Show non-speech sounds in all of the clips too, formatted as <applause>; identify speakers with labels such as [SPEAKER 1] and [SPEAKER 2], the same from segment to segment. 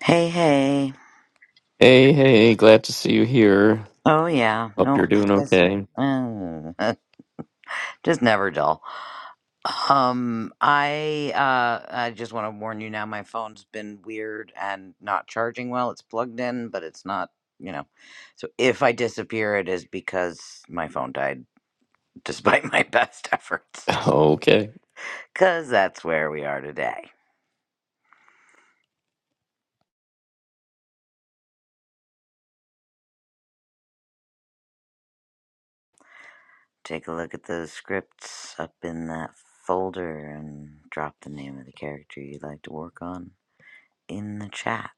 [SPEAKER 1] Hey, hey.
[SPEAKER 2] Hey, hey, glad to see you here.
[SPEAKER 1] Oh, yeah.
[SPEAKER 2] Hope
[SPEAKER 1] No,
[SPEAKER 2] you're doing
[SPEAKER 1] that's,
[SPEAKER 2] okay.
[SPEAKER 1] um, <laughs> just never dull. Um, I, uh, I just want to warn you now, my phone's been weird and not charging well. It's plugged in, but it's not, you know. So if I disappear, it is because my phone died despite <laughs> my best efforts.
[SPEAKER 2] <laughs> Okay.
[SPEAKER 1] Because that's where we are today. Take a look at those scripts up in that folder and drop the name of the character you'd like to work on in the chat.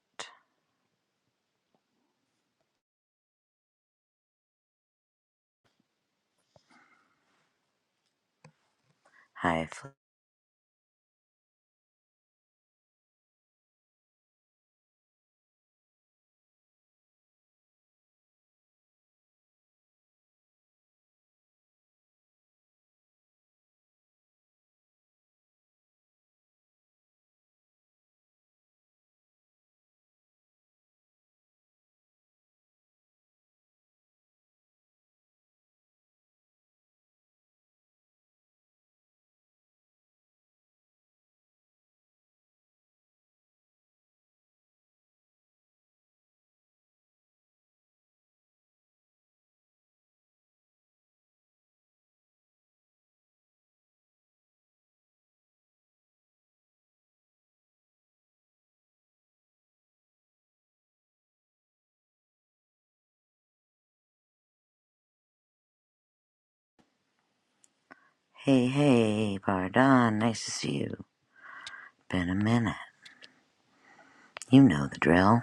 [SPEAKER 1] Hi, Fl- hey, hey, Pardon, nice to see you. Been a minute. You know the drill.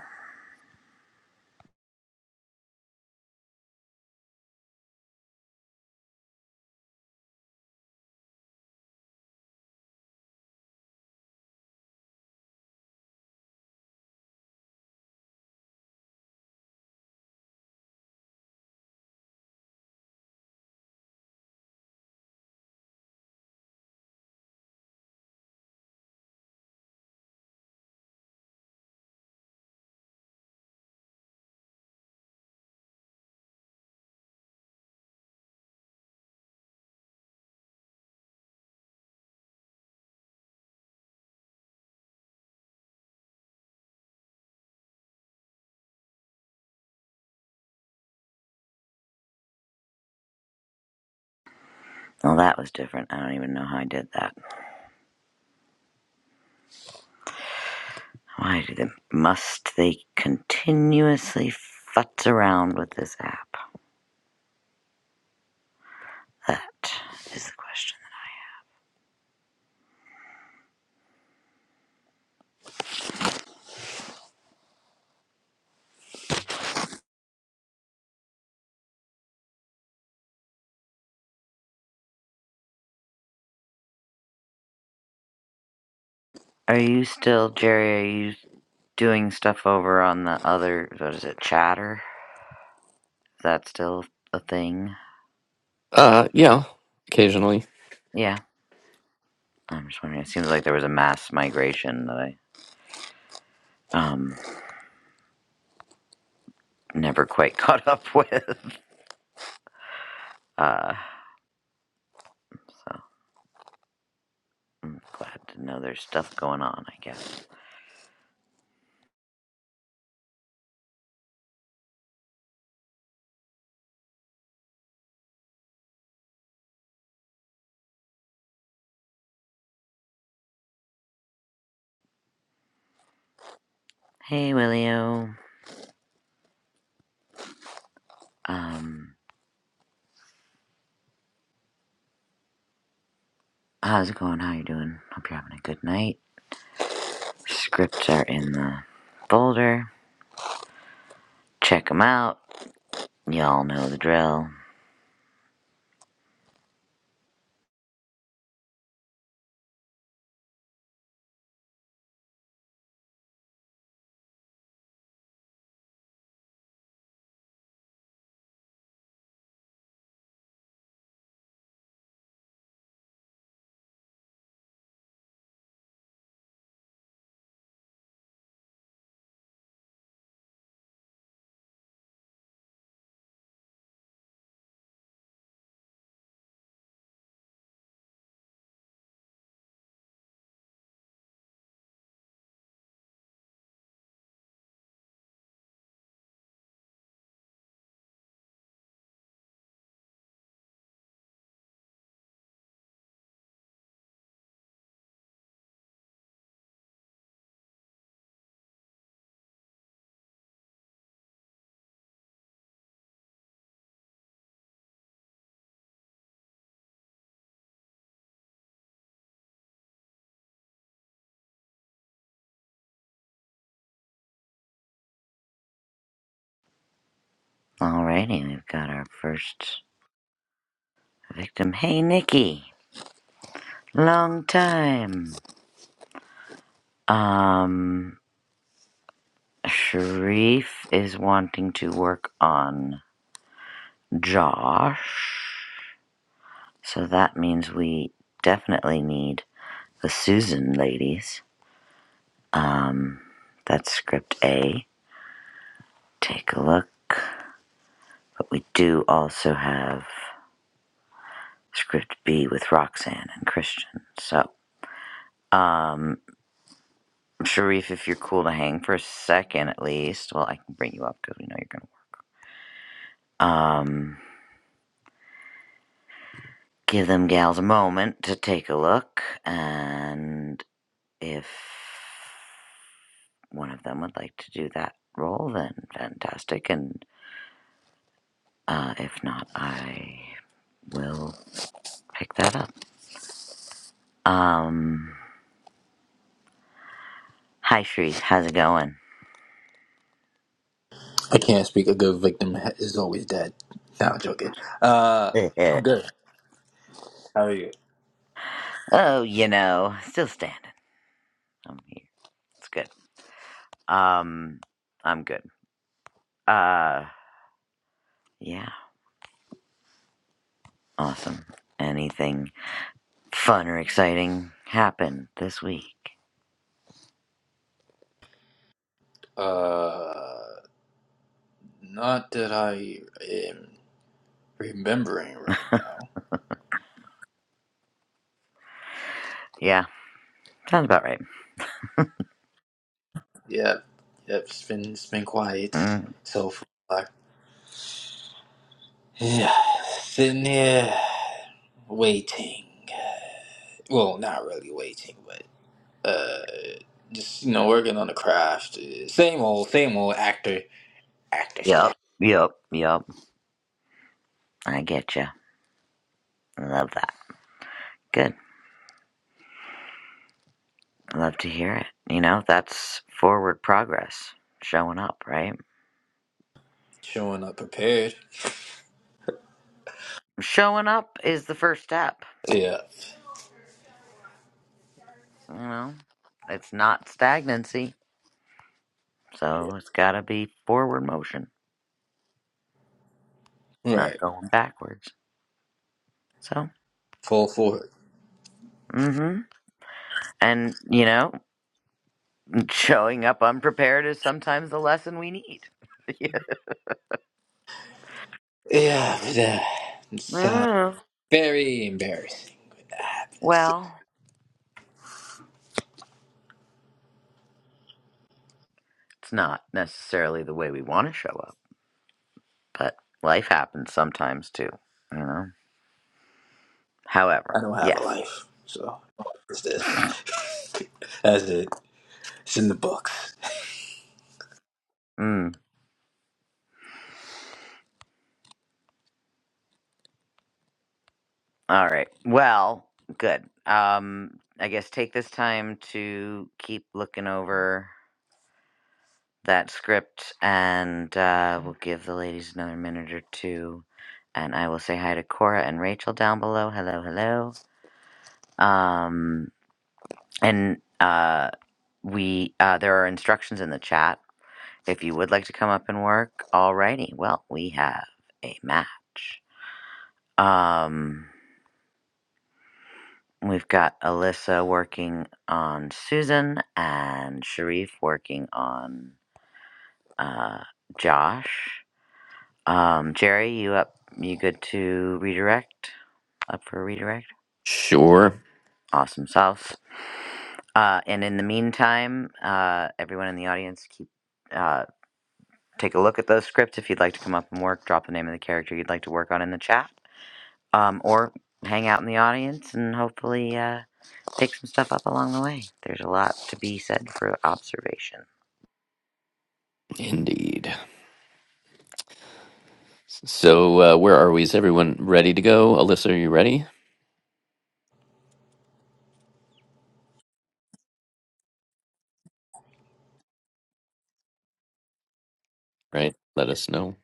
[SPEAKER 1] Well, that was different. I don't even know how I did that. Why do they, must they continuously futz around with this app? That is the question. Are you still, Jerry, are you doing stuff over on the other, what is it, chatter? Is that still a thing?
[SPEAKER 2] Uh, yeah, occasionally.
[SPEAKER 1] Yeah, I'm just wondering. It seems like there was a mass migration that I um never quite <laughs> caught up with. Uh, so I'm glad to know there's stuff going on, I guess. Hey, Willio. Um, how's it going? How you doing? Hope you're having a good night. Scripts are in the folder. Check them out. Y'all know the drill. Alrighty, we've got our first victim. Hey, Nikki. Long time. Um, Sharif is wanting to work on Josh. So that means we definitely need the Susan ladies. Um, that's script A. Take a look. But we do also have script B with Roxanne and Christian. So, um, Sharif, if you're cool to hang for a second at least, well, I can bring you up because we know you're going to. work. Um, give them gals a moment to take a look. And if one of them would like to do that role, then fantastic. And uh, if not, I will pick that up. Um, Hi, Shrees. How's it going?
[SPEAKER 3] I can't speak. A good victim ha- is always dead. No, I'm joking. Uh,
[SPEAKER 1] <laughs>
[SPEAKER 3] I'm good. I,
[SPEAKER 1] oh, you know, still standing. I'm here. It's good. Um, I'm good. Uh, yeah, awesome. Anything fun or exciting happen this week?
[SPEAKER 3] uh, not that I am remembering right now.
[SPEAKER 1] Yeah, sounds about right.
[SPEAKER 3] Yep, yep. It's been it's been quiet
[SPEAKER 1] Mm,
[SPEAKER 3] so far. Yeah, sitting here waiting. Well, not really waiting, but uh, just you know, working on the craft. Same old, same old actor, actor stuff.
[SPEAKER 1] yep, yep, yep. I get you. Love that. Good. Love to hear it. You know, that's forward progress. Showing up, right?
[SPEAKER 3] Showing up prepared.
[SPEAKER 1] Showing up is the first step.
[SPEAKER 3] Yeah,
[SPEAKER 1] You know, it's not stagnancy So it's got to be forward motion. It's not
[SPEAKER 3] right.
[SPEAKER 1] going backwards. So,
[SPEAKER 3] Full force.
[SPEAKER 1] mm hmm and you know, <laughs> showing up unprepared is sometimes the lesson we need. <laughs> yeah.
[SPEAKER 3] Yeah, but, uh, it's uh,
[SPEAKER 1] Mm.
[SPEAKER 3] very embarrassing. It's-
[SPEAKER 1] Well, it's not necessarily the way we want to show up, but life happens sometimes too. You know. However,
[SPEAKER 3] I don't have a
[SPEAKER 1] yes.
[SPEAKER 3] life, so it's this. That's it. It's in the books.
[SPEAKER 1] Mm. All right. Well, good. Um, I guess take this time to keep looking over. that script, and uh, we'll give the ladies another minute or two. And I will say hi to Cora and Rachel down below. Hello, hello. Um, and uh, we uh, there are instructions in the chat if you would like to come up and work. Alrighty, well we have a match. Um, we've got Alyssa working on Susan and Sharif working on uh, Josh. Um, Jerry, you up? You good to redirect? Up for a redirect?
[SPEAKER 2] Sure,
[SPEAKER 1] Awesome sauce. Uh, and in the meantime, uh, everyone in the audience, keep uh, take a look at those scripts if you'd like to come up and work. Drop the name of the character you'd like to work on in the chat, um, or hang out in the audience and hopefully uh, pick some stuff up along the way. There's a lot to be said for observation.
[SPEAKER 2] indeed. So, uh, where are we? Is everyone ready to go? Alyssa, are you ready? Right, let us know.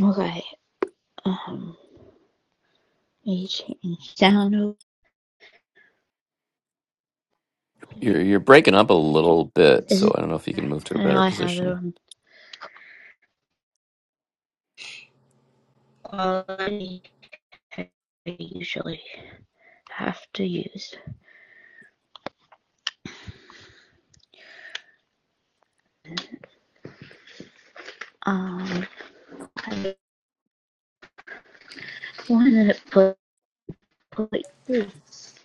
[SPEAKER 4] Okay. Um, you change sound. over it.
[SPEAKER 2] You're you're breaking up a little bit,
[SPEAKER 4] This
[SPEAKER 2] so
[SPEAKER 4] is
[SPEAKER 2] I don't know if you can move to a
[SPEAKER 4] how
[SPEAKER 2] better
[SPEAKER 4] I have it
[SPEAKER 2] position.
[SPEAKER 4] on quality. I usually have to use. Um, I just wanted to put, put this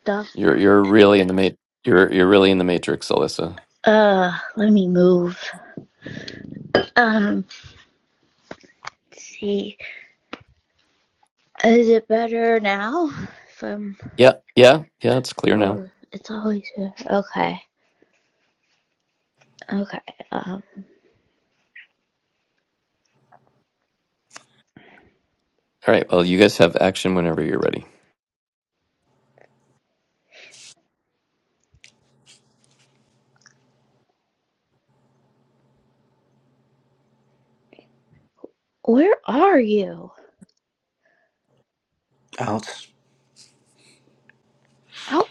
[SPEAKER 4] stuff.
[SPEAKER 2] You're you're really in the ma- you're you're really in the matrix, Alyssa.
[SPEAKER 4] Uh, let me move. Um, let's see. Is it better now? From
[SPEAKER 2] Yeah, yeah, yeah, it's clear now.
[SPEAKER 4] oh, it's always here. Okay. Okay. Um,
[SPEAKER 2] All right, well, you guys have action whenever you're ready.
[SPEAKER 4] where are you?
[SPEAKER 3] Out.
[SPEAKER 4] Oh,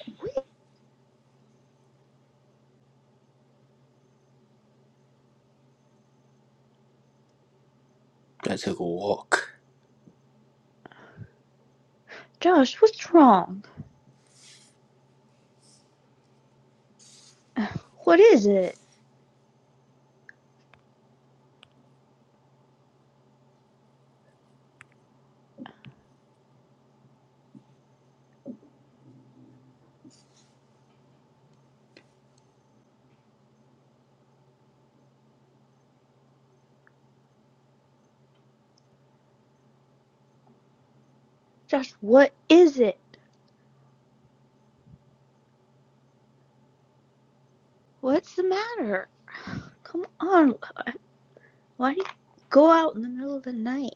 [SPEAKER 3] I took a walk.
[SPEAKER 4] Josh, what's wrong? <sighs> What is it? Josh, what is it? What's the matter? Come on. Why do you go out in the middle of the night?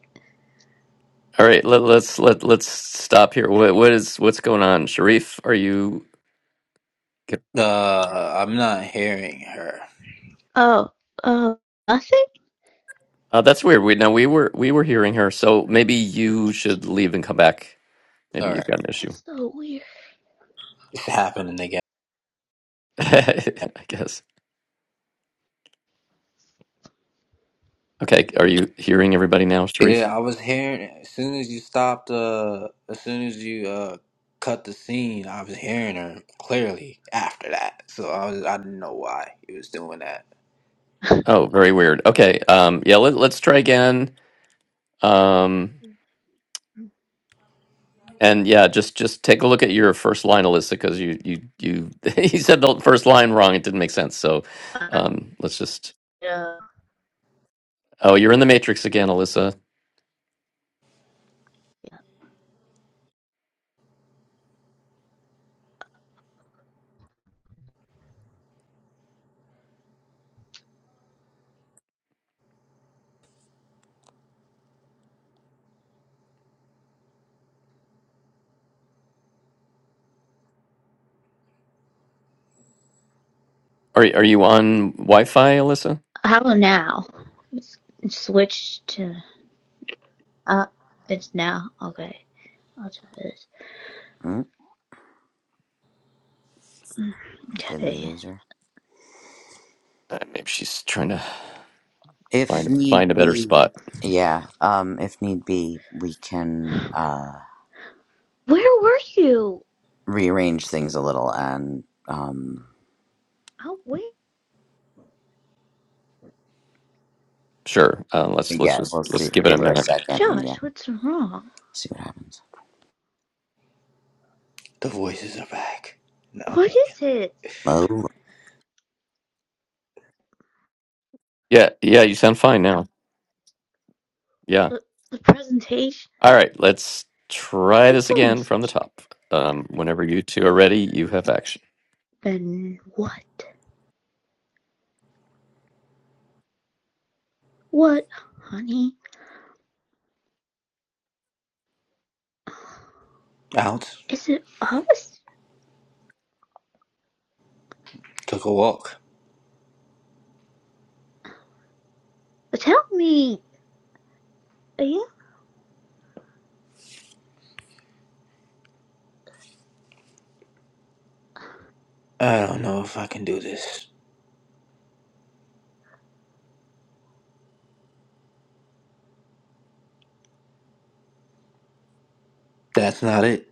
[SPEAKER 2] All right, let, let's let let's stop here. What what is what's going on, Sharif? Are you?
[SPEAKER 3] Uh, I'm not hearing her.
[SPEAKER 4] Oh, uh, nothing?
[SPEAKER 2] Uh, that's weird. We now we were we were hearing her, so maybe you should leave and come back. Maybe
[SPEAKER 3] All
[SPEAKER 2] you've
[SPEAKER 3] right,
[SPEAKER 2] got an issue.
[SPEAKER 4] That's so weird.
[SPEAKER 3] it's happening again.
[SPEAKER 2] <laughs> I guess. Okay, are you hearing everybody now, Sharif?
[SPEAKER 3] Yeah, I was hearing as soon as you stopped. Uh, as soon as you uh cut the scene, I was hearing her clearly after that. So I was I didn't know why he was doing that.
[SPEAKER 4] <laughs>
[SPEAKER 2] Oh, very weird. Okay, um, yeah, let, let's try again. Um, and yeah, just just take a look at your first line, Alyssa, because you you you <laughs> he said the first line wrong. It didn't make sense. So,
[SPEAKER 4] uh,
[SPEAKER 2] um, let's just. Oh, you're in the matrix again, Alyssa. Are are you on Wi-Fi, Alyssa?
[SPEAKER 4] how about now? Let's switch to. Uh, it's now. Okay. I'll try this.
[SPEAKER 1] Mm,
[SPEAKER 4] Mm,
[SPEAKER 1] did we
[SPEAKER 4] Okay.
[SPEAKER 1] lose her?
[SPEAKER 2] Uh, maybe she's trying to
[SPEAKER 1] If
[SPEAKER 2] find find
[SPEAKER 1] need
[SPEAKER 2] a better
[SPEAKER 1] be,
[SPEAKER 2] spot.
[SPEAKER 1] yeah. Um, if need be, we can. Uh,
[SPEAKER 4] Where were you?
[SPEAKER 1] rearrange things a little and um
[SPEAKER 4] Oh, wait.
[SPEAKER 2] Sure. Uh,
[SPEAKER 1] but
[SPEAKER 2] let's let's
[SPEAKER 1] yeah
[SPEAKER 2] just
[SPEAKER 1] we'll
[SPEAKER 2] let's
[SPEAKER 1] see
[SPEAKER 2] give it a
[SPEAKER 1] give her a
[SPEAKER 2] minute.
[SPEAKER 1] second and
[SPEAKER 4] Josh,
[SPEAKER 1] yeah
[SPEAKER 4] what's wrong?
[SPEAKER 1] see what happens
[SPEAKER 3] The voices are back. No, I'm
[SPEAKER 4] What
[SPEAKER 3] joking.
[SPEAKER 4] is it?
[SPEAKER 1] oh
[SPEAKER 2] Yeah, yeah. You sound fine now. Yeah.
[SPEAKER 4] The, the presentation?
[SPEAKER 2] All right. Let's try
[SPEAKER 4] It's
[SPEAKER 2] this again from the
[SPEAKER 4] almost
[SPEAKER 2] top. Um, whenever you two are ready, you have action.
[SPEAKER 4] Then what? What, honey?
[SPEAKER 3] Out.
[SPEAKER 4] Is it us?
[SPEAKER 3] Took a walk.
[SPEAKER 4] Tell me. Yeah,
[SPEAKER 3] I don't know if I can do this. That's not it.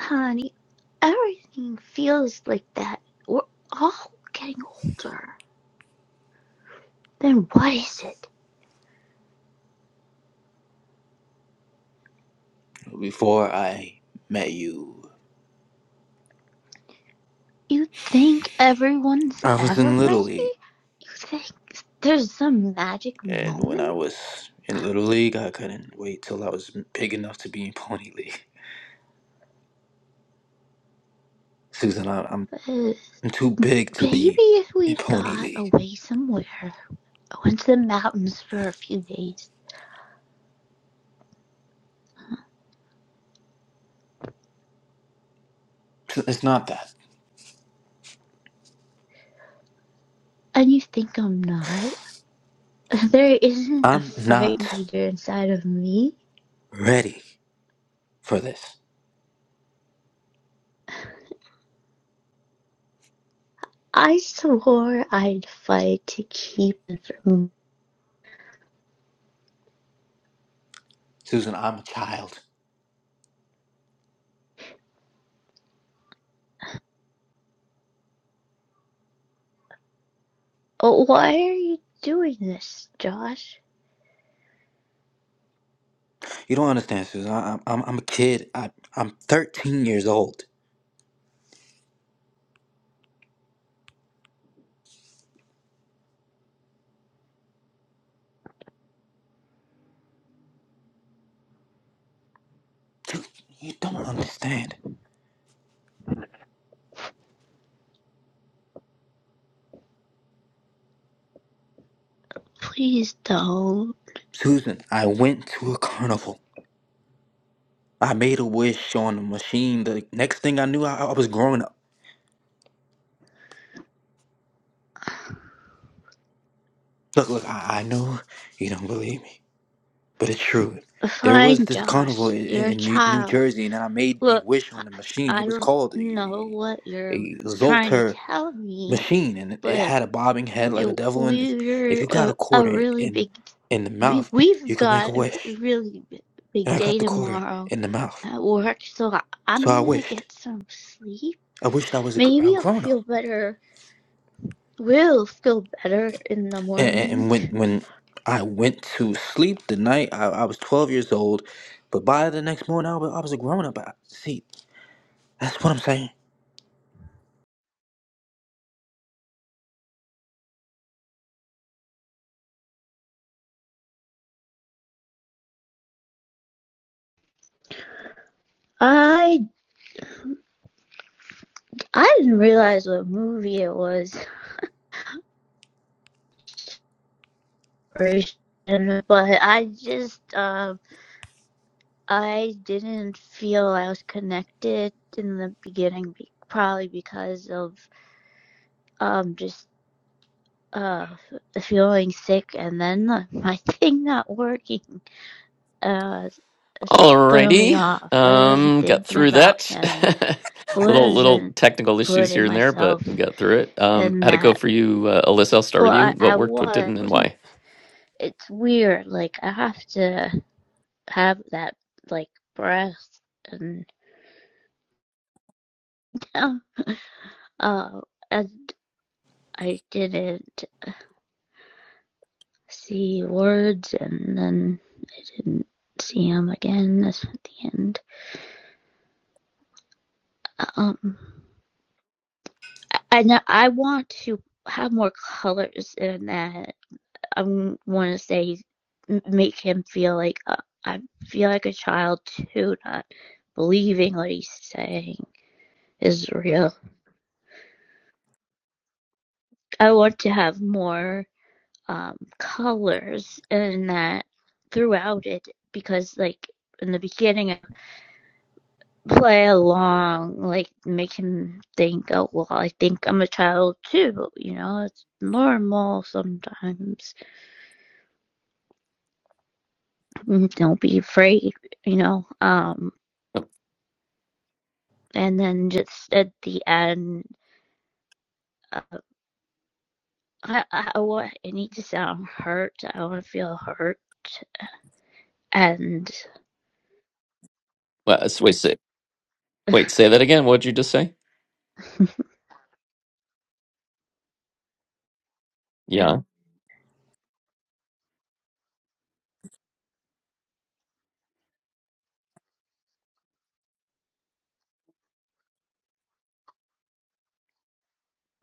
[SPEAKER 4] honey. Everything feels like that. We're all getting older. Then what is it?
[SPEAKER 3] Before I met you,
[SPEAKER 4] You think everyone's
[SPEAKER 3] I was
[SPEAKER 4] ever
[SPEAKER 3] in Little
[SPEAKER 4] ready?
[SPEAKER 3] League.
[SPEAKER 4] You think there's some magic
[SPEAKER 3] And when I
[SPEAKER 4] moment?
[SPEAKER 3] was in Little League, I couldn't wait till I was big enough to be in Pony League. <laughs> Susan, I, I'm,
[SPEAKER 4] Uh,
[SPEAKER 3] I'm too big to
[SPEAKER 4] maybe
[SPEAKER 3] be
[SPEAKER 4] if
[SPEAKER 3] in
[SPEAKER 4] we
[SPEAKER 3] Pony
[SPEAKER 4] got
[SPEAKER 3] League.
[SPEAKER 4] away somewhere, went to the mountains for a few days,
[SPEAKER 3] It's not that.
[SPEAKER 4] and you think I'm not? <laughs> There isn't a
[SPEAKER 3] I'm
[SPEAKER 4] fright
[SPEAKER 3] not
[SPEAKER 4] meter inside of me.
[SPEAKER 3] ready for this.
[SPEAKER 4] I swore I'd fight to keep it from. me.
[SPEAKER 3] Susan, I'm a child.
[SPEAKER 4] Oh, why are you doing this, Josh?
[SPEAKER 3] You don't understand, Susan. I, I'm, I'm a kid. I, I'm 13 years old. You, you don't understand.
[SPEAKER 4] Please don't.
[SPEAKER 3] Susan, I went to a carnival. I made a wish on a machine. The next thing I knew, I, I was growing up. Look, look, I, I know you don't believe me, but it's true. There was
[SPEAKER 4] Fine,
[SPEAKER 3] this carnival
[SPEAKER 4] Josh.
[SPEAKER 3] in,
[SPEAKER 4] You're a
[SPEAKER 3] in New, New
[SPEAKER 4] child.
[SPEAKER 3] Jersey, and I made a
[SPEAKER 4] Look,
[SPEAKER 3] wish
[SPEAKER 4] I
[SPEAKER 3] on the machine. It was
[SPEAKER 4] don't
[SPEAKER 3] called
[SPEAKER 4] know
[SPEAKER 3] a,
[SPEAKER 4] what you're
[SPEAKER 3] a
[SPEAKER 4] trying to
[SPEAKER 3] Zolter
[SPEAKER 4] tell me,
[SPEAKER 3] machine, and it
[SPEAKER 4] but
[SPEAKER 3] had a bobbing head like a
[SPEAKER 4] we
[SPEAKER 3] devil. And if, if you
[SPEAKER 4] were
[SPEAKER 3] got
[SPEAKER 4] a,
[SPEAKER 3] a
[SPEAKER 4] a
[SPEAKER 3] quarter
[SPEAKER 4] really
[SPEAKER 3] in
[SPEAKER 4] big
[SPEAKER 3] in the
[SPEAKER 4] we
[SPEAKER 3] mouth,
[SPEAKER 4] we've
[SPEAKER 3] you could make a
[SPEAKER 4] got a
[SPEAKER 3] wish.
[SPEAKER 4] really
[SPEAKER 3] And
[SPEAKER 4] big
[SPEAKER 3] I got
[SPEAKER 4] day
[SPEAKER 3] the quarter
[SPEAKER 4] tomorrow
[SPEAKER 3] in the mouth,
[SPEAKER 4] at work, so I-
[SPEAKER 3] so I
[SPEAKER 4] I'm gonna
[SPEAKER 3] wished.
[SPEAKER 4] get some sleep.
[SPEAKER 3] I wished I was a, gr- a
[SPEAKER 4] Maybe I'll
[SPEAKER 3] grown up.
[SPEAKER 4] feel better. Will feel better in the
[SPEAKER 3] and, and and
[SPEAKER 4] morning.
[SPEAKER 3] when when I went to sleep the night I, I was 12 years old, but by the next morning I was, I was a grown up. I- See, that's what I'm saying.
[SPEAKER 4] I I didn't realize what movie it was, but I just um I didn't feel I was connected in the beginning, probably because of um just uh feeling sick and then my <laughs> thing not working uh
[SPEAKER 2] All
[SPEAKER 4] threw me
[SPEAKER 2] righty.
[SPEAKER 4] off i wasn't
[SPEAKER 2] Um, got
[SPEAKER 4] thinking
[SPEAKER 2] through
[SPEAKER 4] about
[SPEAKER 2] that.
[SPEAKER 4] him
[SPEAKER 2] <laughs> little little
[SPEAKER 4] wasn't
[SPEAKER 2] technical issues here
[SPEAKER 4] putting
[SPEAKER 2] and there,
[SPEAKER 4] myself
[SPEAKER 2] but we got through it. Um,
[SPEAKER 4] in
[SPEAKER 2] how'd it go
[SPEAKER 4] that
[SPEAKER 2] for you, uh, Alyssa? I'll start
[SPEAKER 4] well
[SPEAKER 2] with you.
[SPEAKER 4] i,
[SPEAKER 2] What
[SPEAKER 4] I
[SPEAKER 2] worked, what
[SPEAKER 4] was
[SPEAKER 2] didn't, and
[SPEAKER 4] wasn't
[SPEAKER 2] why?
[SPEAKER 4] it's weird like i have to have that like breath and <laughs> uh and i didn't see words and then i didn't see him again that's at the end um And I I want to have more colors in that. I want to say, m- make him feel like uh, I feel like a child too, not believing what he's saying is real. I want to have more um, colors in that throughout it because, like, in the beginning, I play along, like, make him think, oh, well, I think I'm a child too, you know, it's normal sometimes Mm, Don't be afraid, you know. Um,
[SPEAKER 2] Oh,
[SPEAKER 4] and then just at the end, uh, I, I want I need to sound hurt. I want to feel hurt, and
[SPEAKER 2] well, s- wait, say, wait, say that again. What'd you just say? Yeah.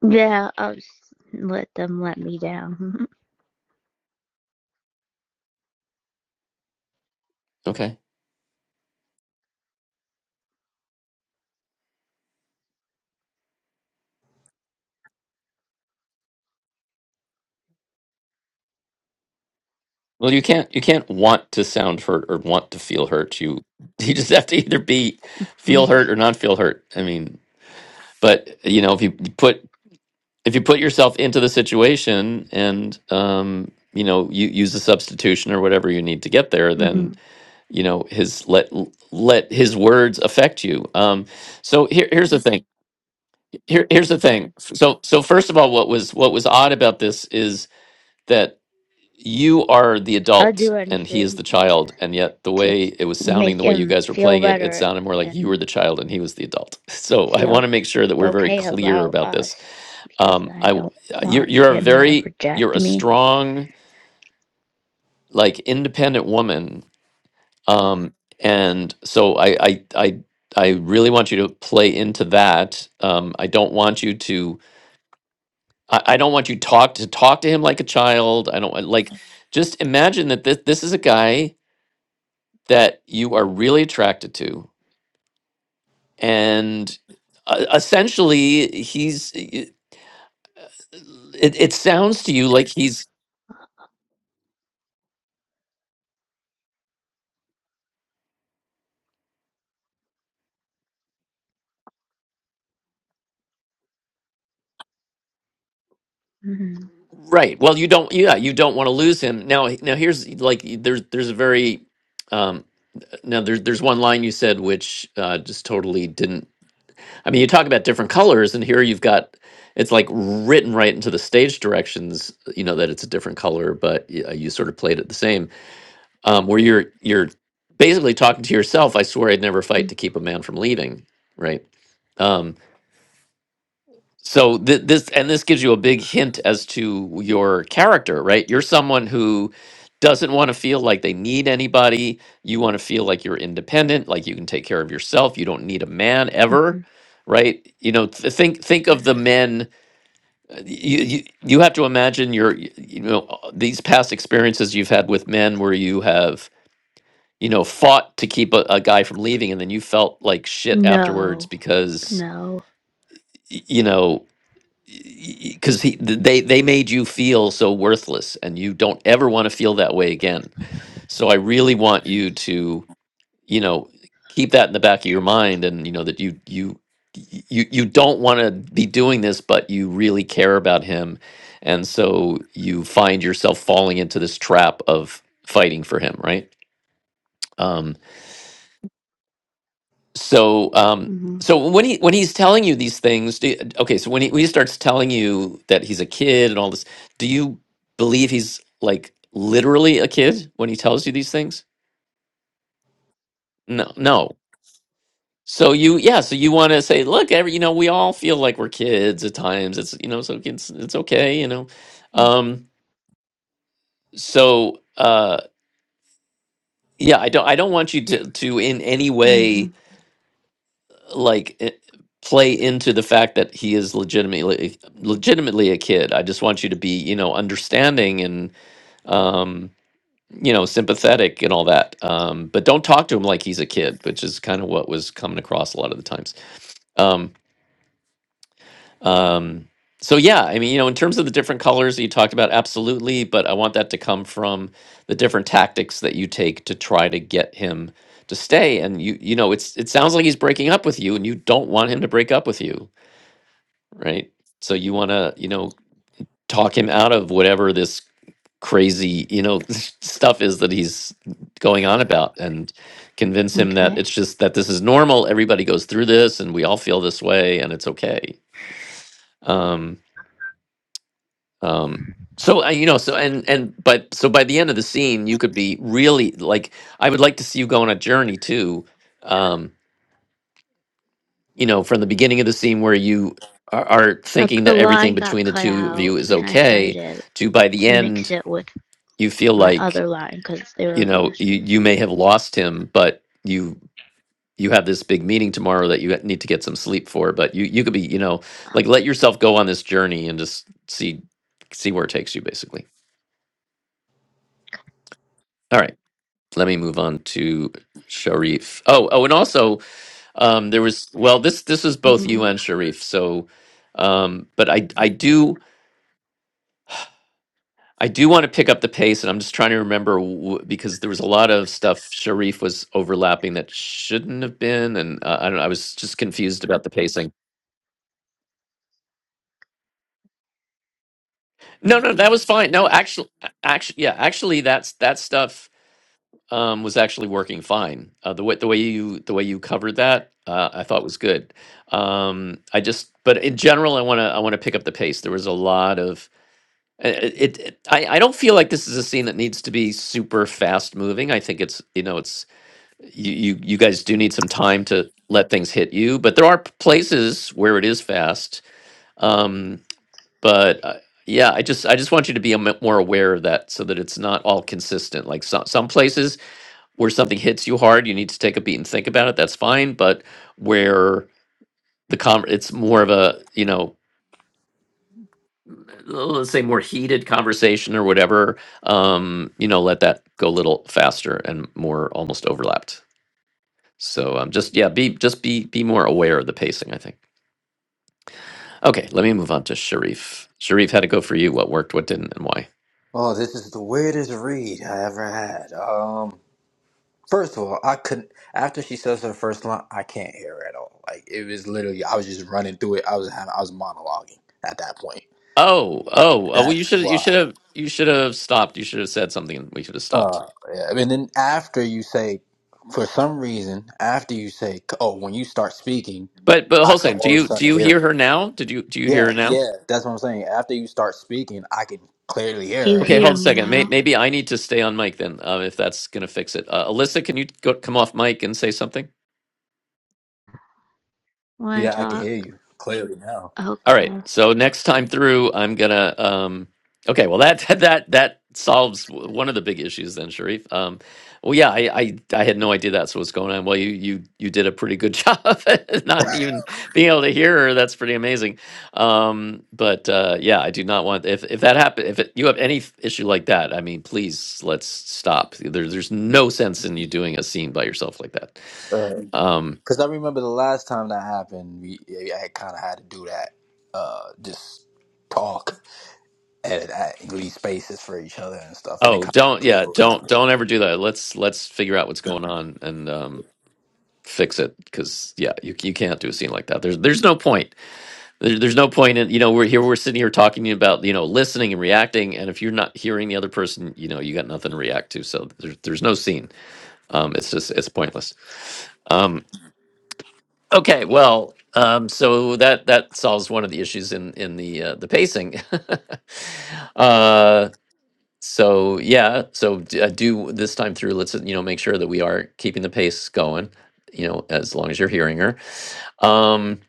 [SPEAKER 4] yeah, I'll just let them let me down.
[SPEAKER 2] Okay. Well, you can't you can't want to sound hurt or want to feel hurt. You <laughs> you just have to either be feel
[SPEAKER 4] <laughs>
[SPEAKER 2] hurt or not feel hurt. I mean, but you know, if you put if you put yourself into the situation and um, you know, you use a substitution or whatever you need to get there,
[SPEAKER 4] hmm
[SPEAKER 2] then you know his let let his words affect you. Um, so here, here's the thing. Here, here's the thing. So so first of all, what was what was odd about this is that you are the
[SPEAKER 4] I'll
[SPEAKER 2] adult
[SPEAKER 4] do
[SPEAKER 2] and he is
[SPEAKER 4] anything
[SPEAKER 2] the
[SPEAKER 4] to
[SPEAKER 2] child and yet the
[SPEAKER 4] to
[SPEAKER 2] way it was sounding
[SPEAKER 4] make
[SPEAKER 2] the way you
[SPEAKER 4] him
[SPEAKER 2] guys were
[SPEAKER 4] feel
[SPEAKER 2] playing it it
[SPEAKER 4] better
[SPEAKER 2] sounded more like you were
[SPEAKER 4] and
[SPEAKER 2] the child and he was the adult <laughs> so i want
[SPEAKER 4] feel
[SPEAKER 2] to make sure that we're very
[SPEAKER 4] okay
[SPEAKER 2] clear
[SPEAKER 4] about
[SPEAKER 2] about
[SPEAKER 4] us
[SPEAKER 2] this
[SPEAKER 4] because
[SPEAKER 2] um i
[SPEAKER 4] I
[SPEAKER 2] w-
[SPEAKER 4] don't
[SPEAKER 2] uh, you're
[SPEAKER 4] want
[SPEAKER 2] you're a
[SPEAKER 4] him to
[SPEAKER 2] very you're
[SPEAKER 4] reject
[SPEAKER 2] a
[SPEAKER 4] me.
[SPEAKER 2] strong like independent woman um and so i i i I really want you to play into that. Um, I don't want you to. I, I don't want you talk to talk to him like a child. I don't like. Just imagine that this this is a guy that you are really attracted to and uh, essentially he's it, it sounds to you like he's
[SPEAKER 4] hmm
[SPEAKER 2] right well you don't yeah you don't want to lose him now now here's like there's there's a very um now there's there's one line you said which uh just totally didn't i mean you talk about different colors and here you've got it's like written right into the stage directions you know that it's a different color but y- uh, you sort of played it the same um, where you're you're basically talking to yourself. I swear I'd never fight to keep a man from leaving, right? Um, so th- this and this gives you a big hint as to your character, right? You're someone who doesn't want to feel like they need anybody. You want to feel like you're independent, like you can take care of yourself. You don't need a man
[SPEAKER 4] hmm
[SPEAKER 2] ever, right? You know, th- think think of the men. uh, You you, you have to imagine your y- you know uh, these past experiences you've had with men where you have you know, fought to keep a, a guy from leaving, and then you felt like shit afterwards
[SPEAKER 4] No.
[SPEAKER 2] because
[SPEAKER 4] No.
[SPEAKER 2] y- you know because he th- they they made you feel so worthless, and you don't ever want to feel that way again. So I really want you to you know keep that in the back of your mind, and you know that you you y- you you don't want to be doing this, but you really care about him, and so you find yourself falling into this trap of fighting for him, right? Um, so um
[SPEAKER 4] Mhm.
[SPEAKER 2] so when he when he's telling you these things do you, okay so when he, when he starts telling you that he's a kid and all this do you believe he's like literally a kid when he tells you these things no no so you yeah so you want to say look every you know we all feel like we're kids at times it's you know so it's it's okay you know
[SPEAKER 4] mm
[SPEAKER 2] um so uh yeah i don't i don't want you to to in any way
[SPEAKER 4] Mhm.
[SPEAKER 2] like it, play into the fact that he is legitimately legitimately a kid. I just want you to be, you know, understanding and um, you know, sympathetic and all that. Um, but don't talk to him like he's a kid, which is kind of what was coming across a lot of the times. Um, um, so yeah, I mean, you know, in terms of the different colors that you talked about, absolutely. But I want that to come from the different tactics that you take to try to get him to stay. And you, you know, it's it sounds like he's breaking up with you, and you don't want him to break up with you right? So you want to, you know, talk him out of whatever this crazy, you know, <laughs> stuff is that he's going on about and convince him that
[SPEAKER 4] Okay.
[SPEAKER 2] it's just that this is normal, everybody goes through this and we all feel this way and it's okay. Um um so uh, you know so and and but so by the end of the scene you could be really like I would like to see you go on a journey too um, you know, from the beginning of the scene where you are, are
[SPEAKER 4] A,
[SPEAKER 2] thinking
[SPEAKER 4] a
[SPEAKER 2] that everything
[SPEAKER 4] line got
[SPEAKER 2] between the
[SPEAKER 4] cut
[SPEAKER 2] two of
[SPEAKER 4] out,
[SPEAKER 2] you is
[SPEAKER 4] and I tried
[SPEAKER 2] okay,
[SPEAKER 4] to
[SPEAKER 2] to by the
[SPEAKER 4] mix
[SPEAKER 2] end
[SPEAKER 4] it with
[SPEAKER 2] you feel
[SPEAKER 4] my
[SPEAKER 2] like
[SPEAKER 4] other line because they
[SPEAKER 2] you
[SPEAKER 4] were real
[SPEAKER 2] know you
[SPEAKER 4] short.
[SPEAKER 2] you may have lost him, but you you have this big meeting tomorrow that you need to get some sleep for. But you you could be you know like let yourself go on this journey and just see see where it takes you basically. All right, let me move on to Sharif. Oh oh, and also um, there was well this this is both you
[SPEAKER 4] Mhm.
[SPEAKER 2] and Sharif. So um, but I I do. I do want to pick up the pace, and I'm just trying to remember w- because there was a lot of stuff Sharif was overlapping that shouldn't have been, and uh, I don't. know, I was just confused about the pacing. No, no, that was fine. No, actually, actually, yeah, actually, that's that stuff um, was actually working fine. Uh, the way the way you the way you covered that, uh, I thought was good. Um, I just, but in general, I want to I want to pick up the pace. There was a lot of uh, it, it I, I don't feel like this is a scene that needs to be super fast moving. I think it's you know it's you, you you guys do need some time to let things hit you but there are p- places where it is fast um but uh, yeah i just i just want you to be a m- more aware of that so that it's not all consistent like some some places where something hits you hard you need to take a beat and think about it that's fine but where the con it's more of a you know let's say more heated conversation or whatever um you know let that go a little faster and more almost overlapped So um, just yeah, be just be be more aware of the pacing. I think. Okay, let me move on to Sharif. Sharif, how'd it go for you? What worked? What didn't? And why?
[SPEAKER 3] Oh, this is the weirdest read I ever had. Um, first of all, I couldn't. After she says her first line, I can't hear her at all. Like it was literally, I was just running through it. I was having, I was monologuing at that point.
[SPEAKER 2] Oh, oh, oh well, you
[SPEAKER 3] That's
[SPEAKER 2] should you
[SPEAKER 3] why.
[SPEAKER 2] should have you should have stopped. You should have said something. and We should have stopped.
[SPEAKER 3] Uh, yeah. And then after you say, for some reason, after you say, oh, when you start speaking,
[SPEAKER 2] But but
[SPEAKER 3] I can
[SPEAKER 2] Hossein, do
[SPEAKER 3] all of a
[SPEAKER 2] you do
[SPEAKER 3] sudden
[SPEAKER 2] you
[SPEAKER 3] hear it.
[SPEAKER 2] hear her now? Did you do you
[SPEAKER 3] Yeah,
[SPEAKER 2] hear her now?
[SPEAKER 3] yeah, that's what I'm saying. After you start speaking, I can clearly
[SPEAKER 4] Do
[SPEAKER 3] hear
[SPEAKER 4] you
[SPEAKER 3] her
[SPEAKER 2] Okay,
[SPEAKER 3] again.
[SPEAKER 4] hear
[SPEAKER 2] hold a
[SPEAKER 4] me
[SPEAKER 2] second. May,
[SPEAKER 4] now
[SPEAKER 2] maybe I need to stay on mic then, uh, if that's gonna fix it. Uh, Alyssa, can you go, come off mic and say something?
[SPEAKER 4] when I
[SPEAKER 3] Yeah, I can
[SPEAKER 4] talk?
[SPEAKER 3] hear you clearly now.
[SPEAKER 2] All right.
[SPEAKER 4] Okay.
[SPEAKER 2] So next time through, I'm gonna. Um, okay. Well, that <laughs> that that solves w- one of the big issues then, Sharif. Um, well, yeah, I, I I had no idea that's what was going on. Well, you you you did a pretty good <laughs> job, not even being able to hear her. That's pretty amazing. Um, but uh, yeah, I do not want if if that happen if it, you have any f- issue like that. I mean, please let's stop. There, there's no sense in you doing a scene by yourself like that.
[SPEAKER 3] Right.
[SPEAKER 2] Um,
[SPEAKER 3] Because I remember the last time that happened, we yeah, I had kind of had to do that, uh, just talk and, and leave spaces for each other and stuff, and it
[SPEAKER 2] Oh,
[SPEAKER 3] kind
[SPEAKER 2] don't
[SPEAKER 3] of
[SPEAKER 2] yeah, don't
[SPEAKER 3] overlapped.
[SPEAKER 2] don't ever do that. Let's let's figure out what's going on and um fix it because yeah, you you can't do a scene like that. There's there's no point. There, there's no point in you know we're here we're sitting here talking about you know listening and reacting, and if you're not hearing the other person, you know you got nothing to react to. So there's there's no scene. Um, it's just it's pointless. Um, okay, well. Um, so that that solves one of the issues in in the uh, the pacing. <laughs> uh, so yeah so d- uh, do this time through let's uh, you know make sure that we are keeping the pace going you know as long as you're hearing her um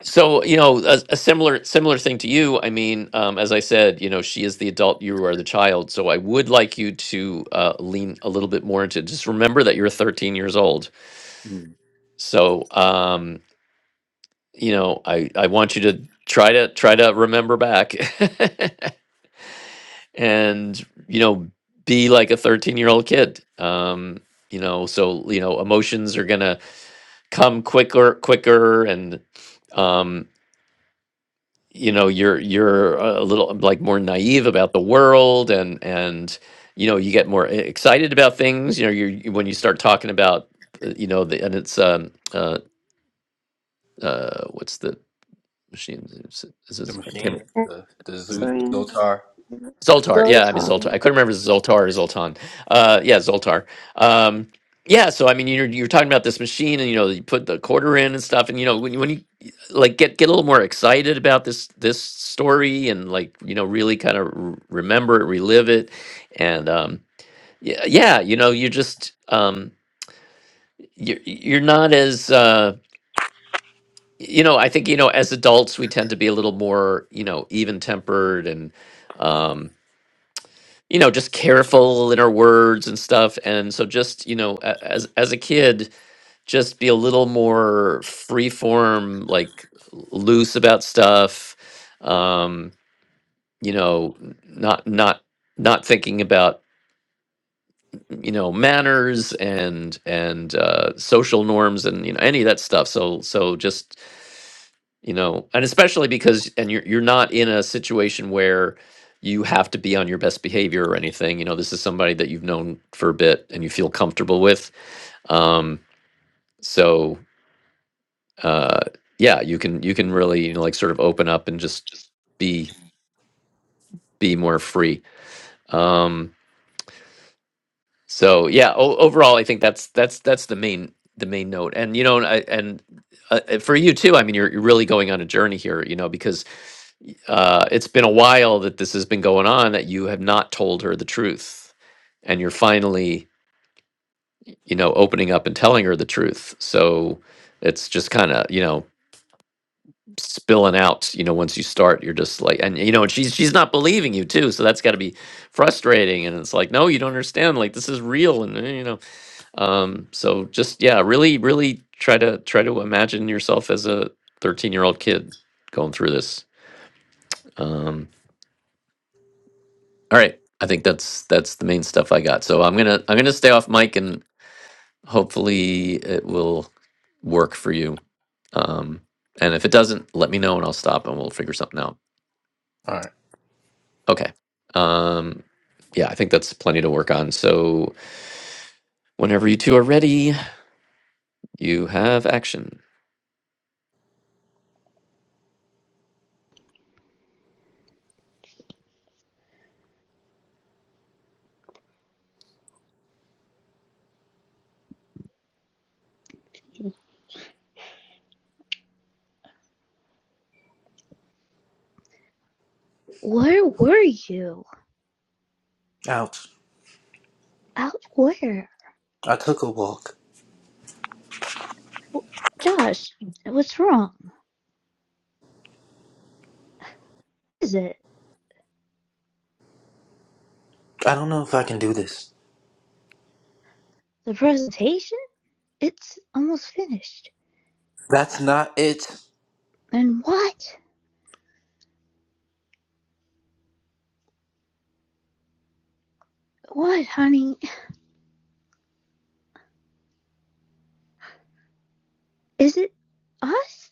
[SPEAKER 2] so you know a, a similar similar thing to you i mean um, as i said you know she is the adult you are the child so i would like you to uh, lean a little bit more into just remember that you're 13 years old
[SPEAKER 3] Mm.
[SPEAKER 2] so um you know i i want you to try to try to remember back <laughs> and you know be like a 13 year old kid um you know so you know emotions are gonna come quicker quicker and um you know you're you're a little like more naive about the world and and you know you get more e- excited about things you know you're you- when you start talking about uh, you know the and it's um uh uh what's the machine is it, is
[SPEAKER 3] The
[SPEAKER 2] it,
[SPEAKER 3] machine, the the zoo, the
[SPEAKER 4] Brian,
[SPEAKER 3] Zotar.
[SPEAKER 2] Zoltar. Yeah, I mean Zoltar.
[SPEAKER 4] Zoltan.
[SPEAKER 2] I couldn't remember if it was Zoltar or Zoltan. Uh, yeah, Zoltar. Um, yeah, so I mean, you're you're talking about this machine, and you know, you put the quarter in and stuff, and you know, when you- when you like get get a little more excited about this this story, and like you know, really kind of r- remember it, relive it, and um, yeah, yeah, you know, you just um, you're you're not as uh, you know, I think you know, as adults, we tend to be a little more you know even tempered and. um, you know just careful in our words and stuff and so just you know a- as as a kid just be a little more free form like loose about stuff um you know n- not not not thinking about you know manners and and uh social norms and you know any of that stuff so so just you know and especially because and you're you're not in a situation where you have to be on your best behavior or anything you know this is somebody that you've known for a bit and you feel comfortable with um so uh yeah you can you can really you know like sort of open up and just be be more free um So yeah, o- overall, I think that's that's that's the main the main note. And you know, and I, and uh, uh, for you too. I mean, you're, you're really going on a journey here. You know, because y- uh, it's been a while that this has been going on that you have not told her the truth, and you're finally you know opening up and telling her the truth. So it's just kind of you know spilling out. You know, once you start, you're just like, and you know, and she's she's not believing you too. So that's got to be frustrating. And it's like, no, you don't understand. Like this is real, and eh, you know um so just yeah really really try to try to imagine yourself as a 13 year old kid going through this um all right i think that's that's the main stuff i got so i'm gonna i'm gonna stay off mic and hopefully it will work for you um and if it doesn't let me know and i'll stop and we'll figure something out
[SPEAKER 3] All right.
[SPEAKER 2] okay um yeah i think that's plenty to work on so whenever you two are ready you have action
[SPEAKER 4] Where were you?
[SPEAKER 3] Ouch!
[SPEAKER 4] Out where?
[SPEAKER 3] I took a walk.
[SPEAKER 4] Josh, what's wrong? What Is it
[SPEAKER 3] I don't know if I can do this.
[SPEAKER 4] the presentation? It's almost finished.
[SPEAKER 3] That's not it.
[SPEAKER 4] And what? What, honey? Is it us?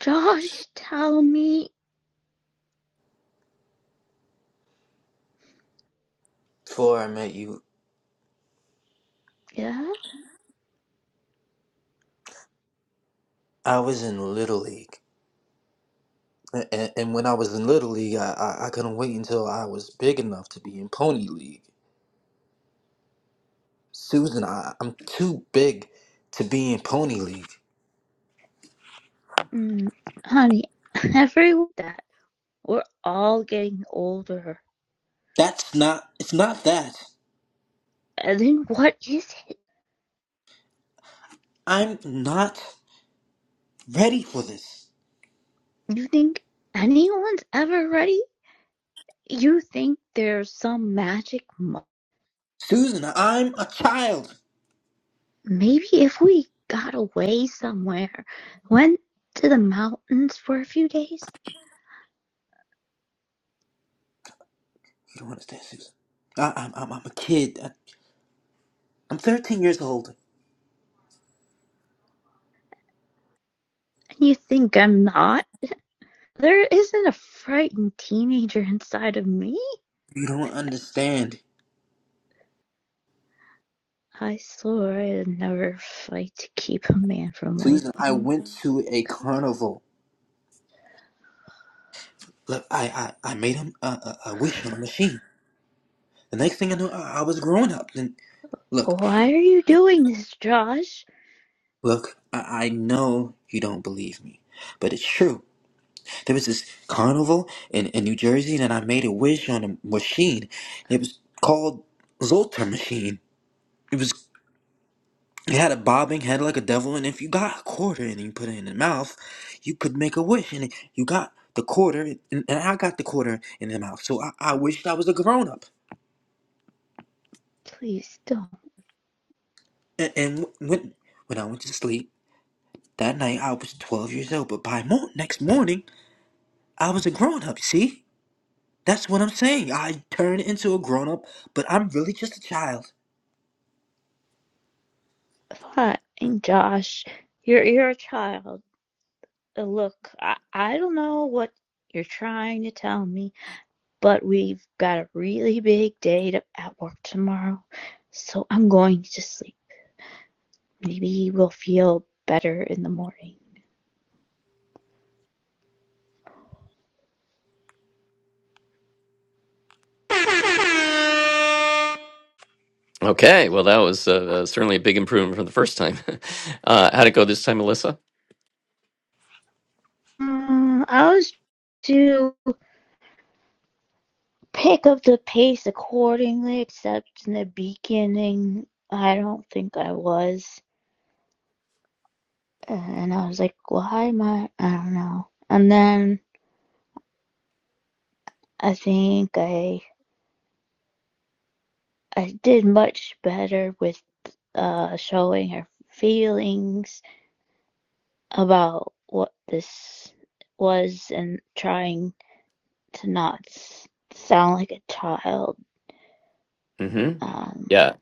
[SPEAKER 4] Josh, tell me,
[SPEAKER 3] Before I met you,
[SPEAKER 4] yeah,
[SPEAKER 3] I was in Little League. A- And, and when I was in Little League, I, I, I couldn't wait until I was big enough to be in Pony League. Susan, I, I'm too big to be in Pony League.
[SPEAKER 4] mm, honey, <laughs> everyone that we're all getting older.
[SPEAKER 3] That's not, it's not that.
[SPEAKER 4] And then what is it?
[SPEAKER 3] I'm not ready for this.
[SPEAKER 4] You think anyone's ever ready? You think there's some magic? Mo-
[SPEAKER 3] Susan, I'm a child.
[SPEAKER 4] Maybe if we got away somewhere, went to the mountains for a few days,
[SPEAKER 3] You don't understand, Susan. I, I'm, I'm, I'm a kid. I, I'm 13 years old.
[SPEAKER 4] and you think I'm not? There isn't a frightened teenager inside of me.
[SPEAKER 3] You don't understand.
[SPEAKER 4] I swore I'd never fight to keep a man from
[SPEAKER 3] Susan, I
[SPEAKER 4] leaving.
[SPEAKER 3] went to a carnival. Look, I, I, I made a, a, a a wish on a machine. The next thing I knew, I, I was grown up. And look,
[SPEAKER 4] Why are you doing this, Josh?
[SPEAKER 3] Look, I, I know you don't believe me, but it's true. There was this carnival in, in New Jersey, and I made a wish on a machine. It was called Zoltar Machine. It was it had a bobbing head like a devil, and if you got a quarter and you put it in the mouth, you could make a wish, and you got the quarter, and, and I got the quarter in the mouth. So I, I wished I was a grown up.
[SPEAKER 4] Please don't.
[SPEAKER 3] And, and when when I went to sleep that night, I was twelve years old, but by mo- next morning, I was a grown up. See? That's what I'm saying. I turn into a grown up, but I'm really just a child.
[SPEAKER 4] Fine, Josh. You're you're a child. Uh, Look, I, I don't know what you're trying to tell me, but we've got a really big day to, at work tomorrow, so I'm going to sleep. Maybe we'll feel better in the morning.
[SPEAKER 2] Okay, well, that was uh, uh, certainly a big improvement from the first time. <laughs> uh, how'd it go this time, Alyssa?
[SPEAKER 4] Mm, I was too pick up the pace accordingly, except in the beginning, I don't think I was. And I was like, why am I? I don't know. And then I think I I did much better with uh, showing her feelings about what this was and trying to not sound like a child.
[SPEAKER 2] hmm
[SPEAKER 4] Um,
[SPEAKER 2] Yeah,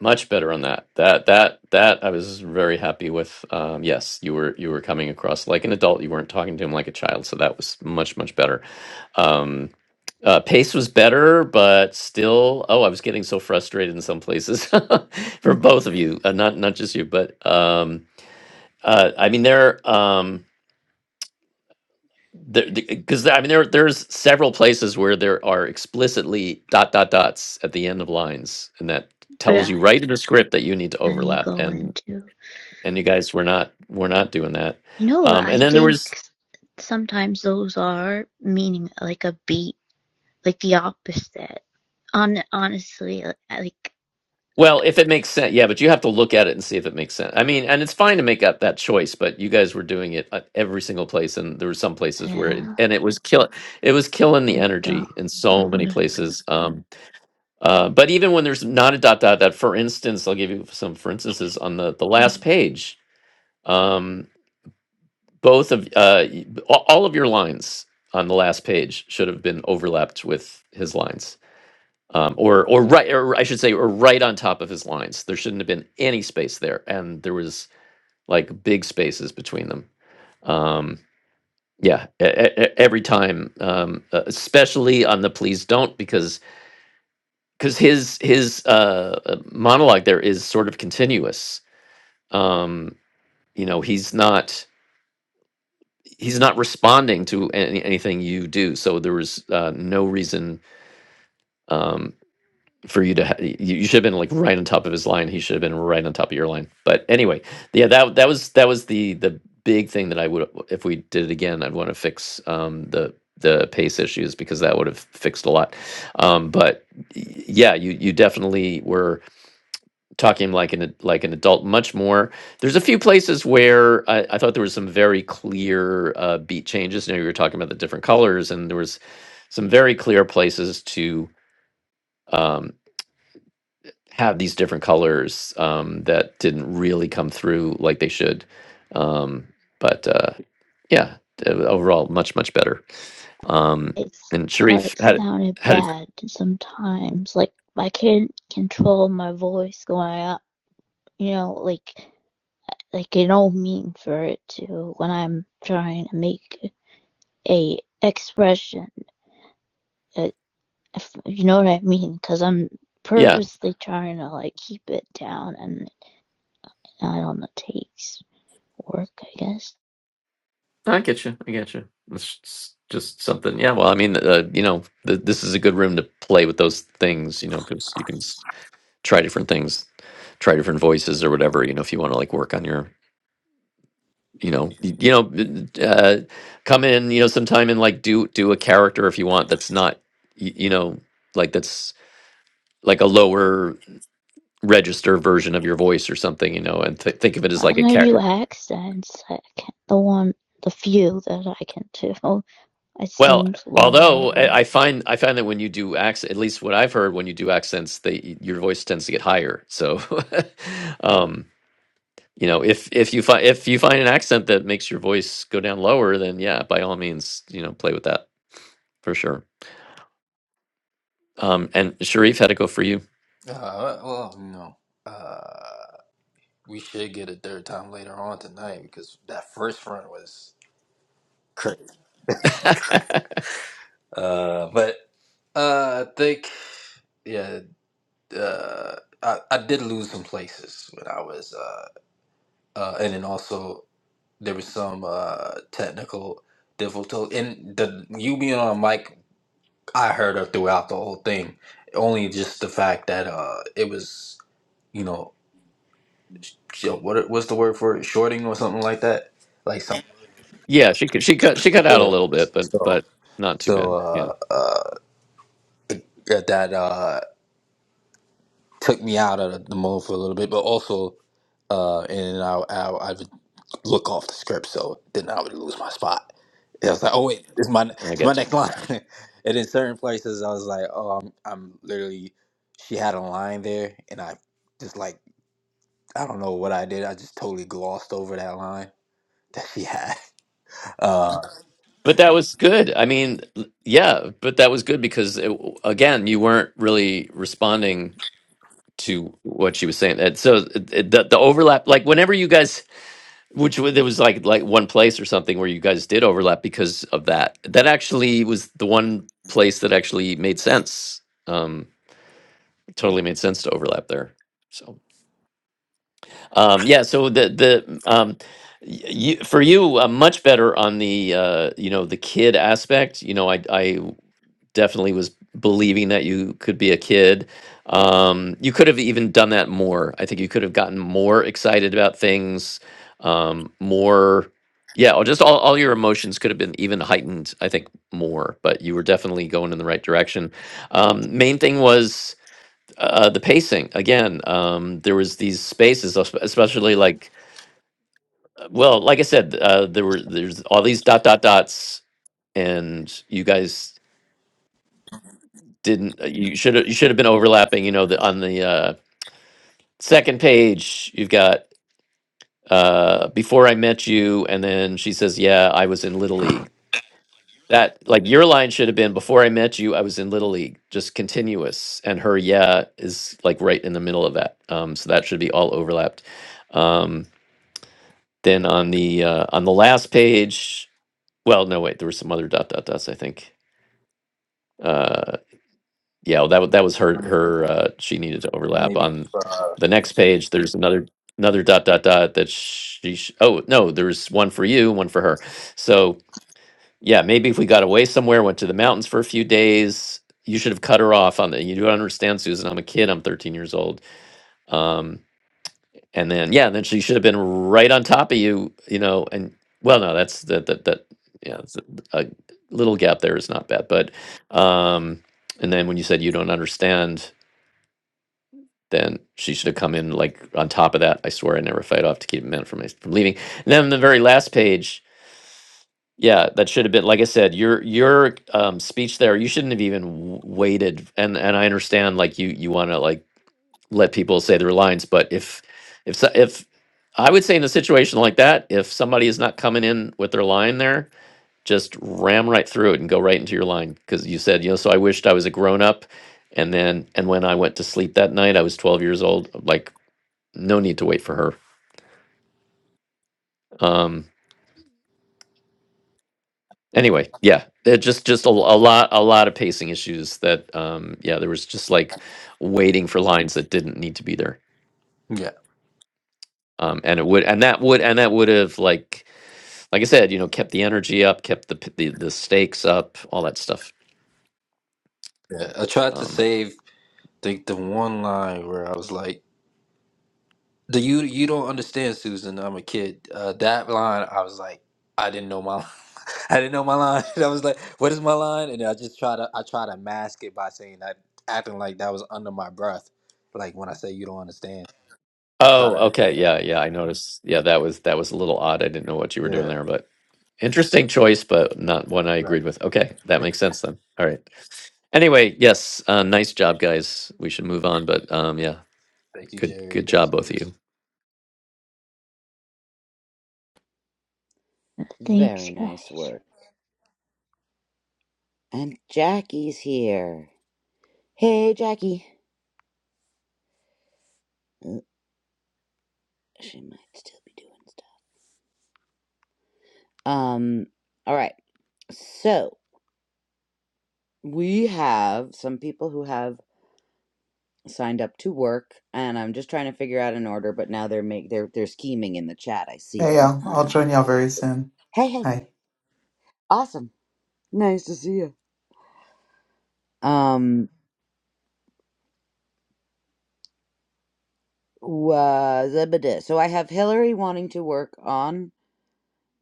[SPEAKER 2] much better on that. That that that I was very happy with. Um, yes, you were you were coming across like an adult. You weren't talking to him like a child, so that was much much better. Um, uh, pace was better, but still, oh, I was getting so frustrated in some places <laughs> for both of you, uh, not not just you, but um, uh, I mean there. Um, There, because I mean there there's several places where there are explicitly dot dot dots at the end of lines, and that tells
[SPEAKER 4] yeah,
[SPEAKER 2] you right in the script that you need to
[SPEAKER 4] and you
[SPEAKER 2] overlap.
[SPEAKER 4] go
[SPEAKER 2] And
[SPEAKER 4] into.
[SPEAKER 2] and you guys were not we're not doing that.
[SPEAKER 4] No,
[SPEAKER 2] Um,
[SPEAKER 4] I
[SPEAKER 2] and then there was
[SPEAKER 4] think sometimes those are meaning like a beat, like the opposite. On honestly, like like,
[SPEAKER 2] well, if it makes sense, yeah, but you have to look at it and see if it makes sense. I mean, and it's fine to make up that choice, but you guys were doing it at every single place, and there were some places where it,
[SPEAKER 4] yeah,
[SPEAKER 2] and it was kill it was killing the
[SPEAKER 4] so dumb.
[SPEAKER 2] energy in so many places. Um, Uh, but even when there's not a dot dot dot, for instance, I'll give you some for instances on the the last page. Um, both of uh, y- all all of your lines on the last page should have been overlapped with his lines, um, or or right, or I should say, or right on top of his lines. There shouldn't have been any space there, and there was like big spaces between them. Um, yeah, e- e- e- every time, um, uh, especially on the please don't, because because his his uh, uh, monologue there is sort of continuous. Um, you know, he's not he's not responding to any, anything you do, so there was uh, no reason um, for you to. Ha- you, you should have been like right on top of his line. He should have been right on top of your line. But anyway, yeah, that that was that was the the big thing that I would if we did it again, I'd want to fix um, the the pace issues because that would have fixed a lot. Um, but y- yeah, you you definitely were talking like an like an adult much more. There's a few places where I, I thought there was some very clear uh, beat changes. You know, you were talking about the different colors, and there was some very clear places to um, have these different colors um, that didn't really come through like they should. Um, but uh, yeah, uh, overall, much much better. Um,
[SPEAKER 4] It's
[SPEAKER 2] and
[SPEAKER 4] thought it
[SPEAKER 2] Sharif had
[SPEAKER 4] sounded
[SPEAKER 2] had
[SPEAKER 4] bad sometimes. Like I can't control my voice going up. You know, like like I don't mean for it to when I'm trying to make a expression. a if you know what I mean, because I'm
[SPEAKER 2] yeah
[SPEAKER 4] purposely trying to like keep it down, and I don't know, takes work, I guess.
[SPEAKER 2] I get you. I get you. It's s- just something. Yeah. Well, I mean, uh, you know, th- this is a good room to play with those things, you know, because you can s- try different things, try different voices or whatever, you know, if you want to like work on your, you know, y- you know, uh, uh, come in, you know, sometime and like do, do a character if you want. That's not, y- you know, like that's like a lower register version of your voice or something, you know, and th- think of it as like a
[SPEAKER 4] And I
[SPEAKER 2] character
[SPEAKER 4] do accents. I can the one, the few that I can do. <laughs> It
[SPEAKER 2] Well,
[SPEAKER 4] seems lower,
[SPEAKER 2] although
[SPEAKER 4] but
[SPEAKER 2] I I find I find that when you do accent, at least what I've heard, when you do accents, they your voice tends to get higher. So, <laughs> um, you know, if if you find if you find an accent that makes your voice go down lower, then yeah, by all means, you know, play with that for sure. Um, and Sharif, how'd it go for you?
[SPEAKER 3] Uh, well, no. Uh, we should get a third time later on tonight because that first run was crazy.
[SPEAKER 2] <laughs>
[SPEAKER 3] Uh, but uh, I think yeah, uh, I, I did lose some places when I was uh, uh, and then also there was some uh technical difficulty and the you being on mic. I heard her throughout the whole thing. Only just the fact that uh, it was. You know, yo, what what's the word for it? Shorting or something like that. Like some
[SPEAKER 2] yeah, she cut- she cut she cut out a
[SPEAKER 3] yeah.
[SPEAKER 2] little bit, but
[SPEAKER 3] So
[SPEAKER 2] but not too
[SPEAKER 3] so
[SPEAKER 2] bad. Yeah,
[SPEAKER 3] uh uh that that, uh took me out of the mode for a little bit, but also uh and I I, I would look off the script, so then I would lose my spot. And I was like, oh wait, this is my
[SPEAKER 2] I
[SPEAKER 3] it's my
[SPEAKER 2] get you.
[SPEAKER 3] next line. <laughs> and in certain places, I was like, oh, I'm I'm literally she had a line there, and I just like I don't know what I did. I just totally glossed over that line that she had. <laughs> Uh,
[SPEAKER 2] But that was good. I mean, yeah, but that was good because it, again, you weren't really responding to what she was saying. And so it, it- the the overlap, like whenever you guys, which wa- there was like like one place or something where you guys did overlap because of that. That actually was the one place that actually made sense. Um, totally made sense to overlap there. So um, yeah, so the the um, you, for you uh, much better on the uh, you know the kid aspect you know I, I definitely was believing that you could be a kid. Um, you could have even done that more. I think you could have gotten more excited about things, um, more, yeah, or just all, all your emotions could have been even heightened, I think, more, but you were definitely going in the right direction. Um, main thing was uh, the pacing. Again, um, there was these spaces, es- especially like, well, like I said, uh, there were, there's all these dot, dot, dots, and you guys didn't uh, you should have you should have been overlapping you know the on the uh second page you've got uh before i met you and then she says yeah i was in little league that like your line should have been before i met you i was in little league just continuous and her yeah is like right in the middle of that um so that should be all overlapped um then on the uh on the last page well no wait there were some other dot dot dots i think Uh, yeah, well, that wa- that was her her uh, she needed to overlap
[SPEAKER 3] maybe.
[SPEAKER 2] on the next page. There's another another dot dot dot that she sh- oh no, there's one for you, one for her. So yeah, maybe if we got away somewhere, went to the mountains for a few days, you should have cut her off on the. You don't understand, Susan. I'm a kid. I'm 13 years old. Um, and then yeah, then she should have been right on top of you. You know, and well, no, that's that that that yeah, it's a, a little gap there is not bad, but um, and then when you said you don't understand. then she should have come in like on top of that. I swear I never fight off to keep men from from leaving. And then the very last page, yeah, that should have been like I said, your your um, speech there. You shouldn't have even w- waited. And and I understand like you you want to like let people say their lines, but if if so- if I would say in a situation like that, if somebody is not coming in with their line there, just ram right through it and go right into your line because you said you know. So I wished I was a grown up and then and when i went to sleep that night i was 12 years old like no need to wait for her. Um, anyway, yeah, it just just a, a lot a lot of pacing issues that um, yeah, there was just like waiting for lines that didn't need to be there. Um, and it would and that would and that would have like like I said, you know, kept the energy up, kept the p- the, the stakes up, all that stuff.
[SPEAKER 3] Yeah, I tried to
[SPEAKER 2] Um,
[SPEAKER 3] save think the one line where I was like, "The you you don't understand, Susan. I'm a kid." Uh, that line, I was like, I didn't know my, <laughs> I didn't know my line. <laughs> And I was like, "What is my line?" And I just try to I try to mask it by saying that, acting like that was under my breath. Like when I say you don't understand, I try
[SPEAKER 2] oh,
[SPEAKER 3] to
[SPEAKER 2] okay,
[SPEAKER 3] yeah
[SPEAKER 2] yeah, yeah, I noticed. Yeah, that was that was a little odd. I didn't know what you were
[SPEAKER 3] yeah
[SPEAKER 2] doing there, but interesting choice, but not one I
[SPEAKER 3] right.
[SPEAKER 2] agreed with. Okay, that makes sense then. All right. Anyway, yes, uh, nice job, guys. We should move on, but um, yeah,
[SPEAKER 3] Thank you,
[SPEAKER 2] good
[SPEAKER 3] Jerry.
[SPEAKER 2] good
[SPEAKER 3] Thank
[SPEAKER 2] job,
[SPEAKER 3] you,
[SPEAKER 2] both of
[SPEAKER 3] Alyssa.
[SPEAKER 2] you.
[SPEAKER 4] thanks,
[SPEAKER 1] very nice
[SPEAKER 4] guys.
[SPEAKER 1] work and jackie's here hey jackie Uh, she might still be doing stuff um all right so we have some people who have signed up to work and i'm just trying to figure out an order but now they're make they're they're scheming in the chat i see
[SPEAKER 5] Hey
[SPEAKER 1] them
[SPEAKER 5] y'all, I'll
[SPEAKER 1] <laughs>
[SPEAKER 5] join y'all very soon.
[SPEAKER 1] hey hey
[SPEAKER 5] Hi.
[SPEAKER 1] awesome nice to see you um was a bit. So I have Hillary wanting to work on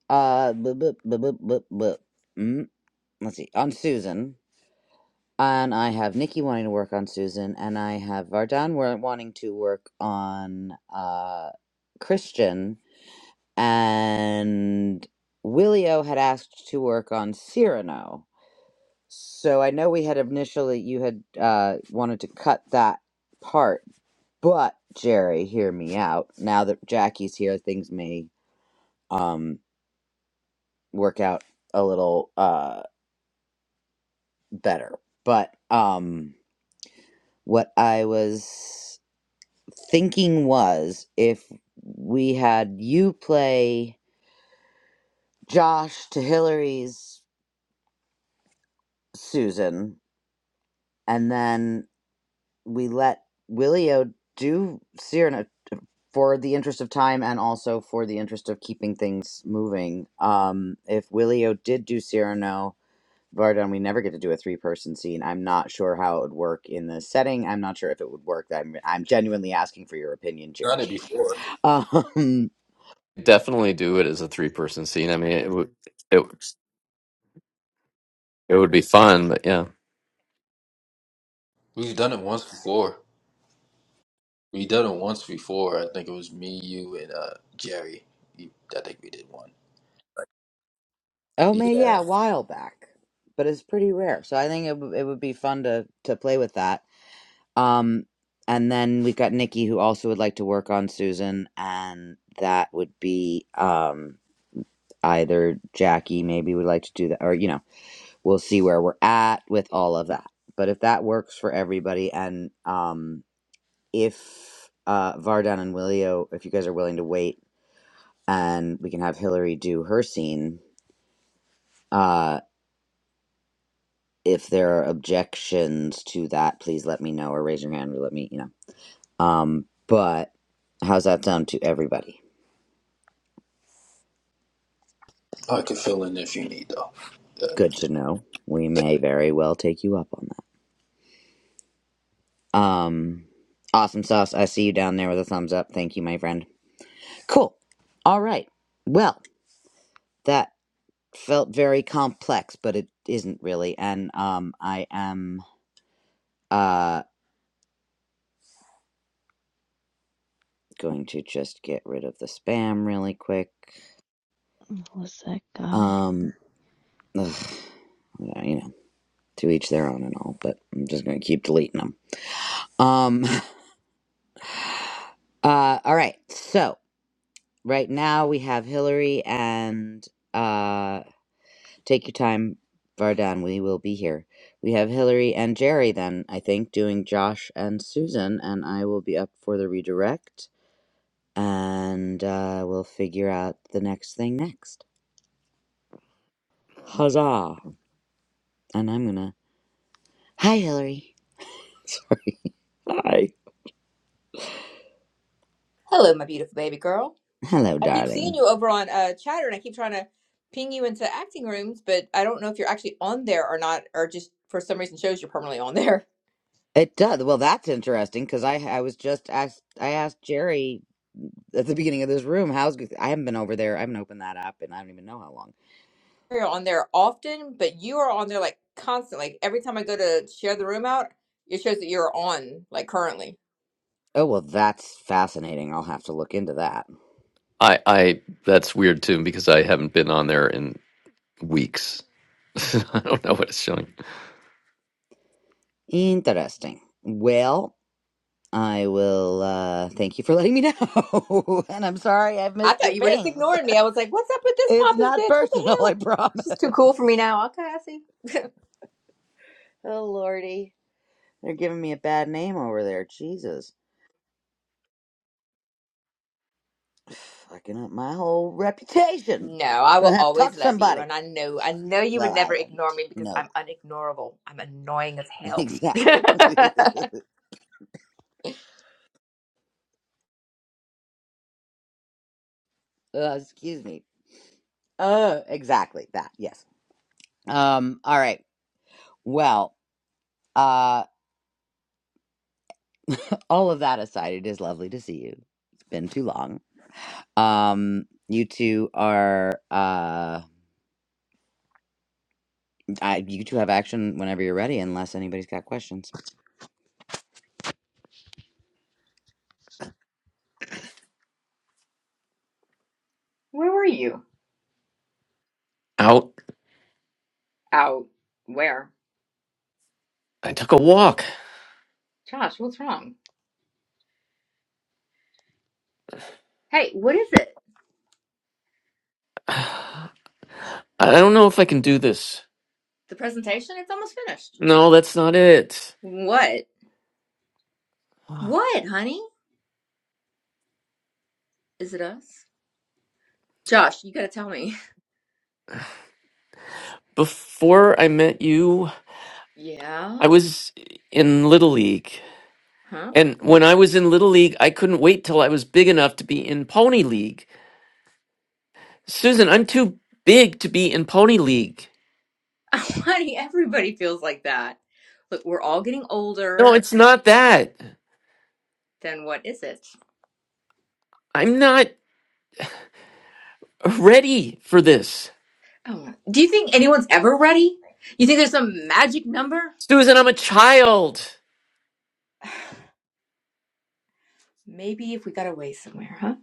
[SPEAKER 1] uh bu- bu- bu- bu- bu- bu- mm, let's see on Susan, and I have Nikki wanting to work on Susan, and I have Vardan wa- wanting to work on uh Christian, and Willio had asked to work on Cyrano. So I know we had initially you had uh wanted to cut that part, but Jerry, hear me out. Now that Jackie's here, things may um, work out a little uh, better. But um, what I was thinking was if we had you play Josh to Hillary's Susan, and then we let Willio do Cyrano for the interest of time and also for the interest of keeping things moving. Um, if Willio did do Cyrano, Vardan, we never get to do a three person scene. I'm not sure how it would work in the setting. I'm not sure if it would work. I'm, I'm genuinely asking for your opinion,
[SPEAKER 3] Done it
[SPEAKER 1] Jerry.
[SPEAKER 3] before.
[SPEAKER 1] <laughs> um,
[SPEAKER 2] Definitely do it as a three person scene. I mean, it would it it would be fun, but yeah,
[SPEAKER 3] We've done it once before. We've done it once before. I think it was me, you, and uh Jerry. You- I think we did one.
[SPEAKER 1] oh, man, yeah,
[SPEAKER 3] Yeah,
[SPEAKER 1] a while back, but it's pretty rare. So I think it, w- it would be fun to, to play with that. Um, and then we've got Nikki, who also would like to work on Susan, and that would be um, either Jackie, maybe would like to do that, or, you know, we'll see where we're at with all of that. But if that works for everybody and, um, if uh, Vardan and Willio, if you guys are willing to wait and we can have Hillary do her scene, uh, if there are objections to that, please let me know or raise your hand or let me, you know. Um, but how's that sound to everybody?
[SPEAKER 3] I can fill in if you need though. Yeah.
[SPEAKER 1] Good to know. We may very well take you up on that. Um, awesome sauce. I see you down there with a thumbs up. Thank you, my friend. Cool. All right. Well, that felt very complex, but it isn't really. And um, I am. Uh, going to just get rid of the spam really quick.
[SPEAKER 4] Who was that guy?
[SPEAKER 1] Um, ugh, yeah, you know, to each their own and all, but I'm just going to keep deleting them. Um, <laughs> uh, all right. So right now we have Hillary and, uh, take your time, Vardan. We will be here. We have Hillary and Jerry then, I think, doing Josh and Susan, and I will be up for the redirect and, uh, we'll figure out the next thing next. Huzzah! And I'm gonna Hi, Hillary. Sorry. Hi.
[SPEAKER 6] Hello, my beautiful baby girl.
[SPEAKER 1] Hello,
[SPEAKER 6] I keep seeing
[SPEAKER 1] darling.
[SPEAKER 6] you over on uh, Chatter, and I keep trying to ping you into acting rooms, but I don't know if you're actually on there or not, or just for some reason shows you're permanently on there.
[SPEAKER 1] It does. Well, that's interesting because I I was just asked. I asked Jerry at the beginning of this room how's I haven't been over there. I haven't opened that up, and I don't even know how long.
[SPEAKER 6] <laughs> You're on there often, but you are on there like constantly. Like, every time I go to share the room out, it shows that you're on like currently.
[SPEAKER 1] Oh well, that's fascinating. I'll have to look into that.
[SPEAKER 2] I I that's weird too because I haven't been on there in weeks. <laughs> I don't know what it's showing.
[SPEAKER 1] Interesting. Well, I will. uh Thank you for <laughs> letting me know, <laughs> and I'm sorry I've
[SPEAKER 6] I
[SPEAKER 1] missed your
[SPEAKER 6] thought you were just
[SPEAKER 1] pings. <laughs>
[SPEAKER 6] ignoring me. I was like, "What's up with this
[SPEAKER 1] It's
[SPEAKER 6] pompous
[SPEAKER 1] not
[SPEAKER 6] bitch? What the
[SPEAKER 1] personal.
[SPEAKER 6] hell?"
[SPEAKER 1] I
[SPEAKER 6] She's too cool for me
[SPEAKER 1] promise.
[SPEAKER 6] now. Okay, I see.
[SPEAKER 1] <laughs> Oh lordy, they're giving me a bad name over there. Jesus. fucking up my whole reputation.
[SPEAKER 6] No, I
[SPEAKER 1] I
[SPEAKER 6] will
[SPEAKER 1] have to talk
[SPEAKER 6] always
[SPEAKER 1] to
[SPEAKER 6] love you,
[SPEAKER 1] somebody.
[SPEAKER 6] and I know I know you would
[SPEAKER 1] Well, I
[SPEAKER 6] never
[SPEAKER 1] love you
[SPEAKER 6] ignore
[SPEAKER 1] too.
[SPEAKER 6] me because
[SPEAKER 1] No,
[SPEAKER 6] I'm unignorable. I'm annoying as
[SPEAKER 1] <laughs>
[SPEAKER 6] hell. <laughs>
[SPEAKER 1] exactly. <laughs>
[SPEAKER 6] Where
[SPEAKER 1] uh, excuse me. Uh, exactly that. Yes. Um. All right. Well. Uh. <laughs> All of that aside, it is lovely to see you. It's been too long. Um. You two are. Uh. I, you two have action whenever you're ready, unless anybody's got questions.
[SPEAKER 6] were you?
[SPEAKER 2] Out.
[SPEAKER 6] Out. Where?
[SPEAKER 2] I took a walk.
[SPEAKER 6] Josh, what's wrong? Hey, what is it?
[SPEAKER 2] I don't know if I can do this.
[SPEAKER 6] The presentation? It's almost finished.
[SPEAKER 2] No, that's not it.
[SPEAKER 6] What?
[SPEAKER 2] <sighs>
[SPEAKER 6] What, honey? Is it us? Josh, you gotta tell me.
[SPEAKER 2] Before I met you,
[SPEAKER 6] Yeah?
[SPEAKER 2] I was in Little League.
[SPEAKER 6] Huh?
[SPEAKER 2] And when I was in Little League, I couldn't wait till I was big enough to be in Pony League. Susan, I'm too big to be in Pony League.
[SPEAKER 6] <laughs> Honey, everybody feels like that. Look, we're all getting
[SPEAKER 2] No,
[SPEAKER 6] older.
[SPEAKER 2] it's not that.
[SPEAKER 6] Then what is it?
[SPEAKER 2] I'm not ready for this.
[SPEAKER 6] Oh, Do you think anyone's ever ready? You think there's some magic number?
[SPEAKER 2] Susan, I'm a child.
[SPEAKER 6] Maybe if we got away somewhere, huh?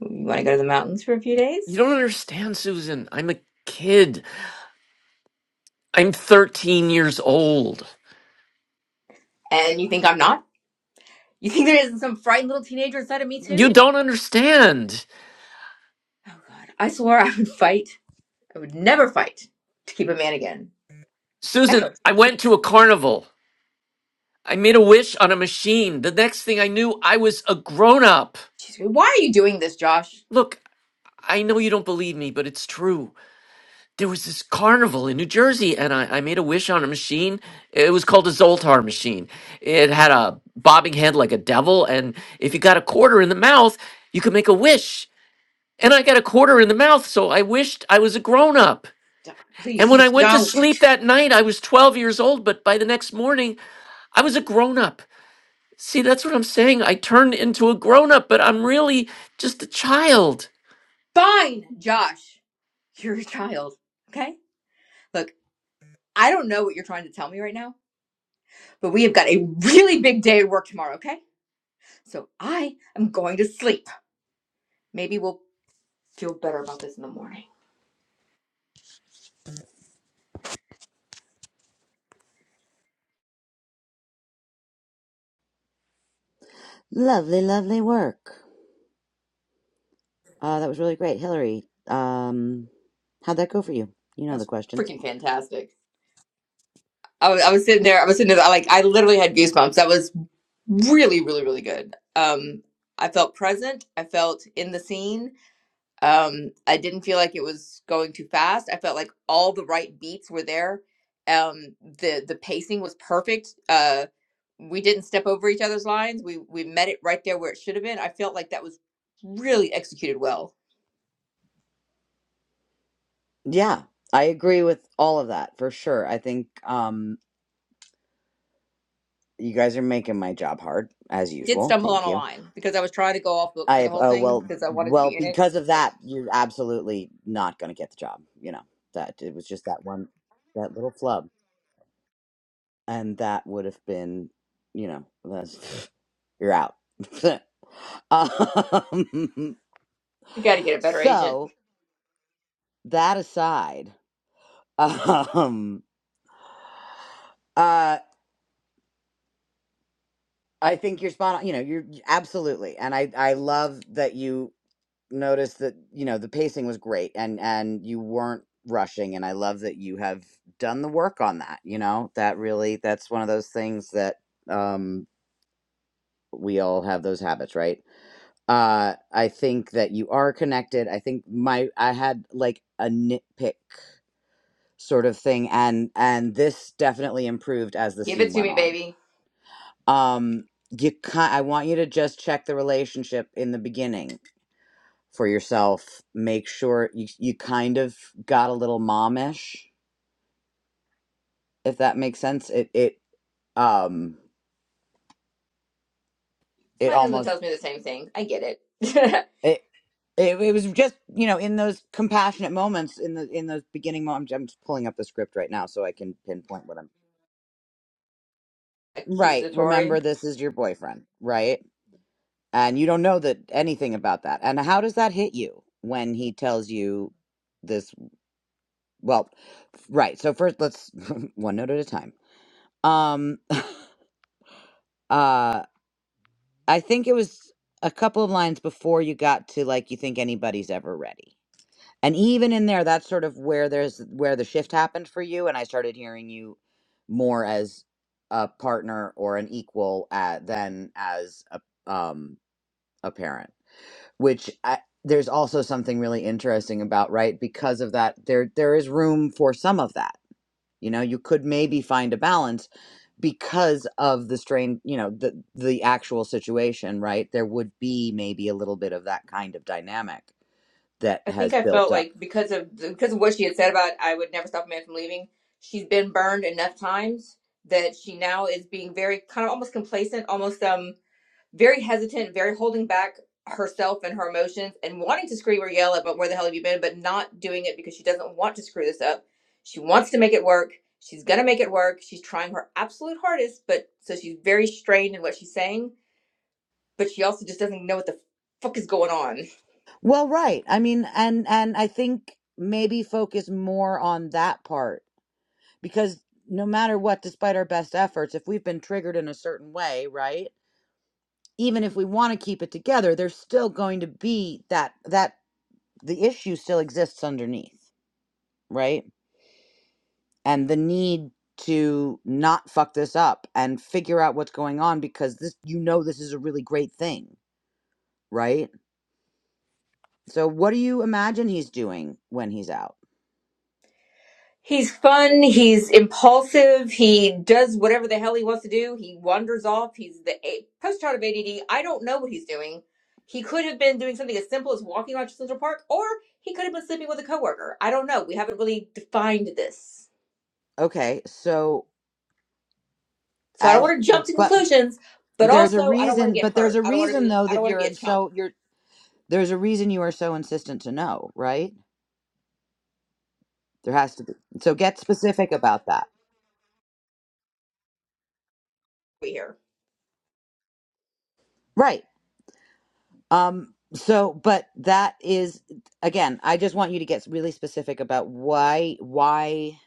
[SPEAKER 6] You want to go to the mountains for a few
[SPEAKER 2] You
[SPEAKER 6] days?
[SPEAKER 2] don't understand, Susan. I'm a kid. I'm 13 years old.
[SPEAKER 6] And you think I'm not? You think there isn't some frightened little teenager inside of me, too?
[SPEAKER 2] You don't understand.
[SPEAKER 6] Oh, God. I swore I would fight. I would never fight to keep a man again.
[SPEAKER 2] Susan,
[SPEAKER 6] Ever.
[SPEAKER 2] I went to a carnival. I made a wish on a machine. The next thing I knew, I was a grown up.
[SPEAKER 6] She's like, Why are you doing this, Josh?
[SPEAKER 2] Look, I know you don't believe me, but it's true. there was this carnival in New Jersey, and I, I made a wish on a machine. It was called a Zoltar machine. It had a bobbing head like a devil, and if you got a quarter in the mouth, you could make a wish. And I got a quarter in the mouth, so I wished I was a grown up.
[SPEAKER 6] do
[SPEAKER 2] And
[SPEAKER 6] Please,
[SPEAKER 2] when
[SPEAKER 6] just
[SPEAKER 2] I went to <laughs>
[SPEAKER 6] don't.
[SPEAKER 2] sleep that night, I was 12 years old, but by the next morning, I was a grown up. See, that's what I'm saying. I turned into a grown up, but I'm really just a child.
[SPEAKER 6] Fine, Josh. You're a child, okay? Look, I don't know what you're trying to tell me right now, but we have got a really big day at work tomorrow, okay? So I am going to sleep. Maybe we'll feel better about this in the morning.
[SPEAKER 1] Lovely, lovely work. Uh, that was really great, Hillary. Um, how'd that go for you? You
[SPEAKER 6] It
[SPEAKER 1] know the
[SPEAKER 6] was
[SPEAKER 1] questions.
[SPEAKER 6] freaking fantastic. I was, I was sitting there. I was sitting there. I like. I literally had goosebumps. That was really, really, really good. Um, I felt present. I felt in the scene. Um, I didn't feel like it was going too fast. I felt like all the right beats were there. Um, the the pacing was perfect. Uh, we didn't step over each other's lines. We we met it right there where it should have been. I felt like that was really executed well.
[SPEAKER 1] Yeah, I agree with all of that for sure. I think um, you guys are making my job hard as
[SPEAKER 6] I did
[SPEAKER 1] usual.
[SPEAKER 6] stumble on
[SPEAKER 1] Thank
[SPEAKER 6] a
[SPEAKER 1] you.
[SPEAKER 6] line because I was trying to go off book for
[SPEAKER 1] I
[SPEAKER 6] the whole
[SPEAKER 1] uh,
[SPEAKER 6] thing
[SPEAKER 1] well,
[SPEAKER 6] because I wanted to
[SPEAKER 1] well,
[SPEAKER 6] be in it.
[SPEAKER 1] because of
[SPEAKER 6] So.
[SPEAKER 1] that, you're absolutely not going to get the job. You know that it was just that one, that little flub, and that would have been, you know, that's, <laughs> you're out. <laughs> um,
[SPEAKER 6] I gotta get
[SPEAKER 1] <laughs>
[SPEAKER 6] a better agent.
[SPEAKER 1] so that aside. Um, uh, I think you're spot on. You know, you're absolutely, and I I love that you noticed that you know the pacing was great, and and you weren't rushing, and I love that you have done the work on that. You know, that really that's one of those things that um we all have those habits, right? Uh, I think that you are connected. I think my I had like a nitpick sort of thing, and and this definitely improved as the
[SPEAKER 6] Give
[SPEAKER 1] scene
[SPEAKER 6] it to
[SPEAKER 1] went
[SPEAKER 6] me,
[SPEAKER 1] on
[SPEAKER 6] baby.
[SPEAKER 1] um you ki- i want you to just check the relationship in the beginning for yourself make sure you, you kind of got a little momish if that makes sense it it um it
[SPEAKER 6] My husband
[SPEAKER 1] almost
[SPEAKER 6] tells me the same thing. I get it.
[SPEAKER 1] it, it it was just you know in those compassionate moments in the in those beginning moments i'm just pulling up the script right now so i can pinpoint what i'm
[SPEAKER 6] <laughs>
[SPEAKER 1] right
[SPEAKER 6] Accusatory.
[SPEAKER 1] remember this is your boyfriend right and you don't know that anything about that and how does that hit you when he tells you this well right so first let's <laughs> one note at a time um <laughs> uh i think it was a couple of lines before you got to like you think anybody's ever ready and even in there that's sort of where there's where the shift happened for you and i started hearing you more as a partner or an equal uh than as a um a parent which I, there's also something really interesting about right because of that there there is room for some of that You know, you could maybe find a balance because of the strain, you know, the the actual situation, right? There would be maybe a little bit of that kind of dynamic that
[SPEAKER 6] I think
[SPEAKER 1] has
[SPEAKER 6] I
[SPEAKER 1] built
[SPEAKER 6] felt
[SPEAKER 1] up.
[SPEAKER 6] like because of because of what she had said about I would never stop a man from leaving. She's been burned enough times that she now is being very kind of almost complacent, almost um very hesitant, very holding back herself and her emotions and wanting to scream or yell at, but where the hell have you been? But not doing it because she doesn't want to screw this up. She wants to make it work. She's going to make it work. She's trying her absolute hardest, but so she's very strained in what she's saying, but she also just doesn't know what the fuck is going on.
[SPEAKER 1] Well, right. I mean, and and I think maybe focus more on that part because no matter what, despite our best efforts, if we've been triggered in a certain way, right? Even if we want to keep it together, there's still going to be that that the issue still exists underneath, right? and the need to not fuck this up and figure out what's going on because this you know this is a really great thing, right? So what do you imagine he's doing when he's out?
[SPEAKER 6] He's fun. He's impulsive. He does whatever the hell he wants to do. He wanders off. He's the a- post-child of ADD. I don't know what he's doing. He could have been doing something as simple as walking around Central Park, or he could have been sleeping with a coworker. I don't know. We haven't really defined this.
[SPEAKER 1] Okay, so
[SPEAKER 6] So I don't
[SPEAKER 1] as
[SPEAKER 6] want to jump to
[SPEAKER 1] but
[SPEAKER 6] conclusions, but
[SPEAKER 1] there's a
[SPEAKER 6] also I don't want to
[SPEAKER 1] reason
[SPEAKER 6] get
[SPEAKER 1] but there's
[SPEAKER 6] hurt.
[SPEAKER 1] a
[SPEAKER 6] I don't want to
[SPEAKER 1] reason
[SPEAKER 6] be
[SPEAKER 1] though
[SPEAKER 6] I don't
[SPEAKER 1] that
[SPEAKER 6] want to
[SPEAKER 1] you're
[SPEAKER 6] be a
[SPEAKER 1] and
[SPEAKER 6] chump.
[SPEAKER 1] so you're there's a reason you are so insistent to know, right? There has to be. So get specific about that.
[SPEAKER 6] We here.
[SPEAKER 1] Right. Um so but that is again, I just want you to get really specific about why why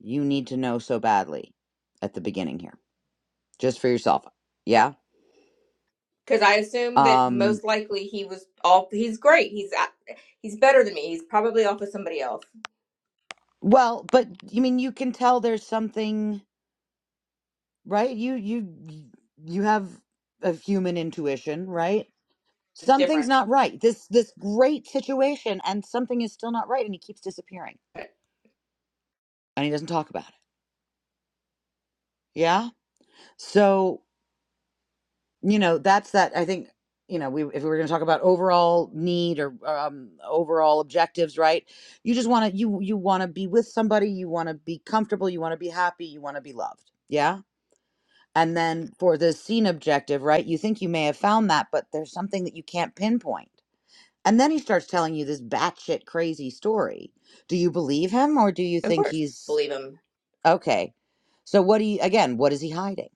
[SPEAKER 1] you need to know so badly at the beginning here, just for yourself. Yeah.
[SPEAKER 6] Because I assume that
[SPEAKER 1] Um
[SPEAKER 6] most likely he was off. he's great. He's at- he's better than me. He's probably off with somebody else.
[SPEAKER 1] well, but you mean you can tell there's something, right? You you you have a human intuition, right?
[SPEAKER 6] It's
[SPEAKER 1] Something's
[SPEAKER 6] different.
[SPEAKER 1] not right. This this great situation and something is still not right and he keeps disappearing and he doesn't talk about it. Yeah? So you know that's that i think you know we if we were going to talk about overall need or um, overall objectives right you just want to you you want to be with somebody you want to be comfortable you want to be happy you want to be loved yeah and then for the scene objective right you think you may have found that but there's something that you can't pinpoint and then he starts telling you this batshit crazy story do you believe him or do you
[SPEAKER 6] Of
[SPEAKER 1] think
[SPEAKER 6] course.
[SPEAKER 1] he's
[SPEAKER 6] Believe him.
[SPEAKER 1] okay so what do you again what is he hiding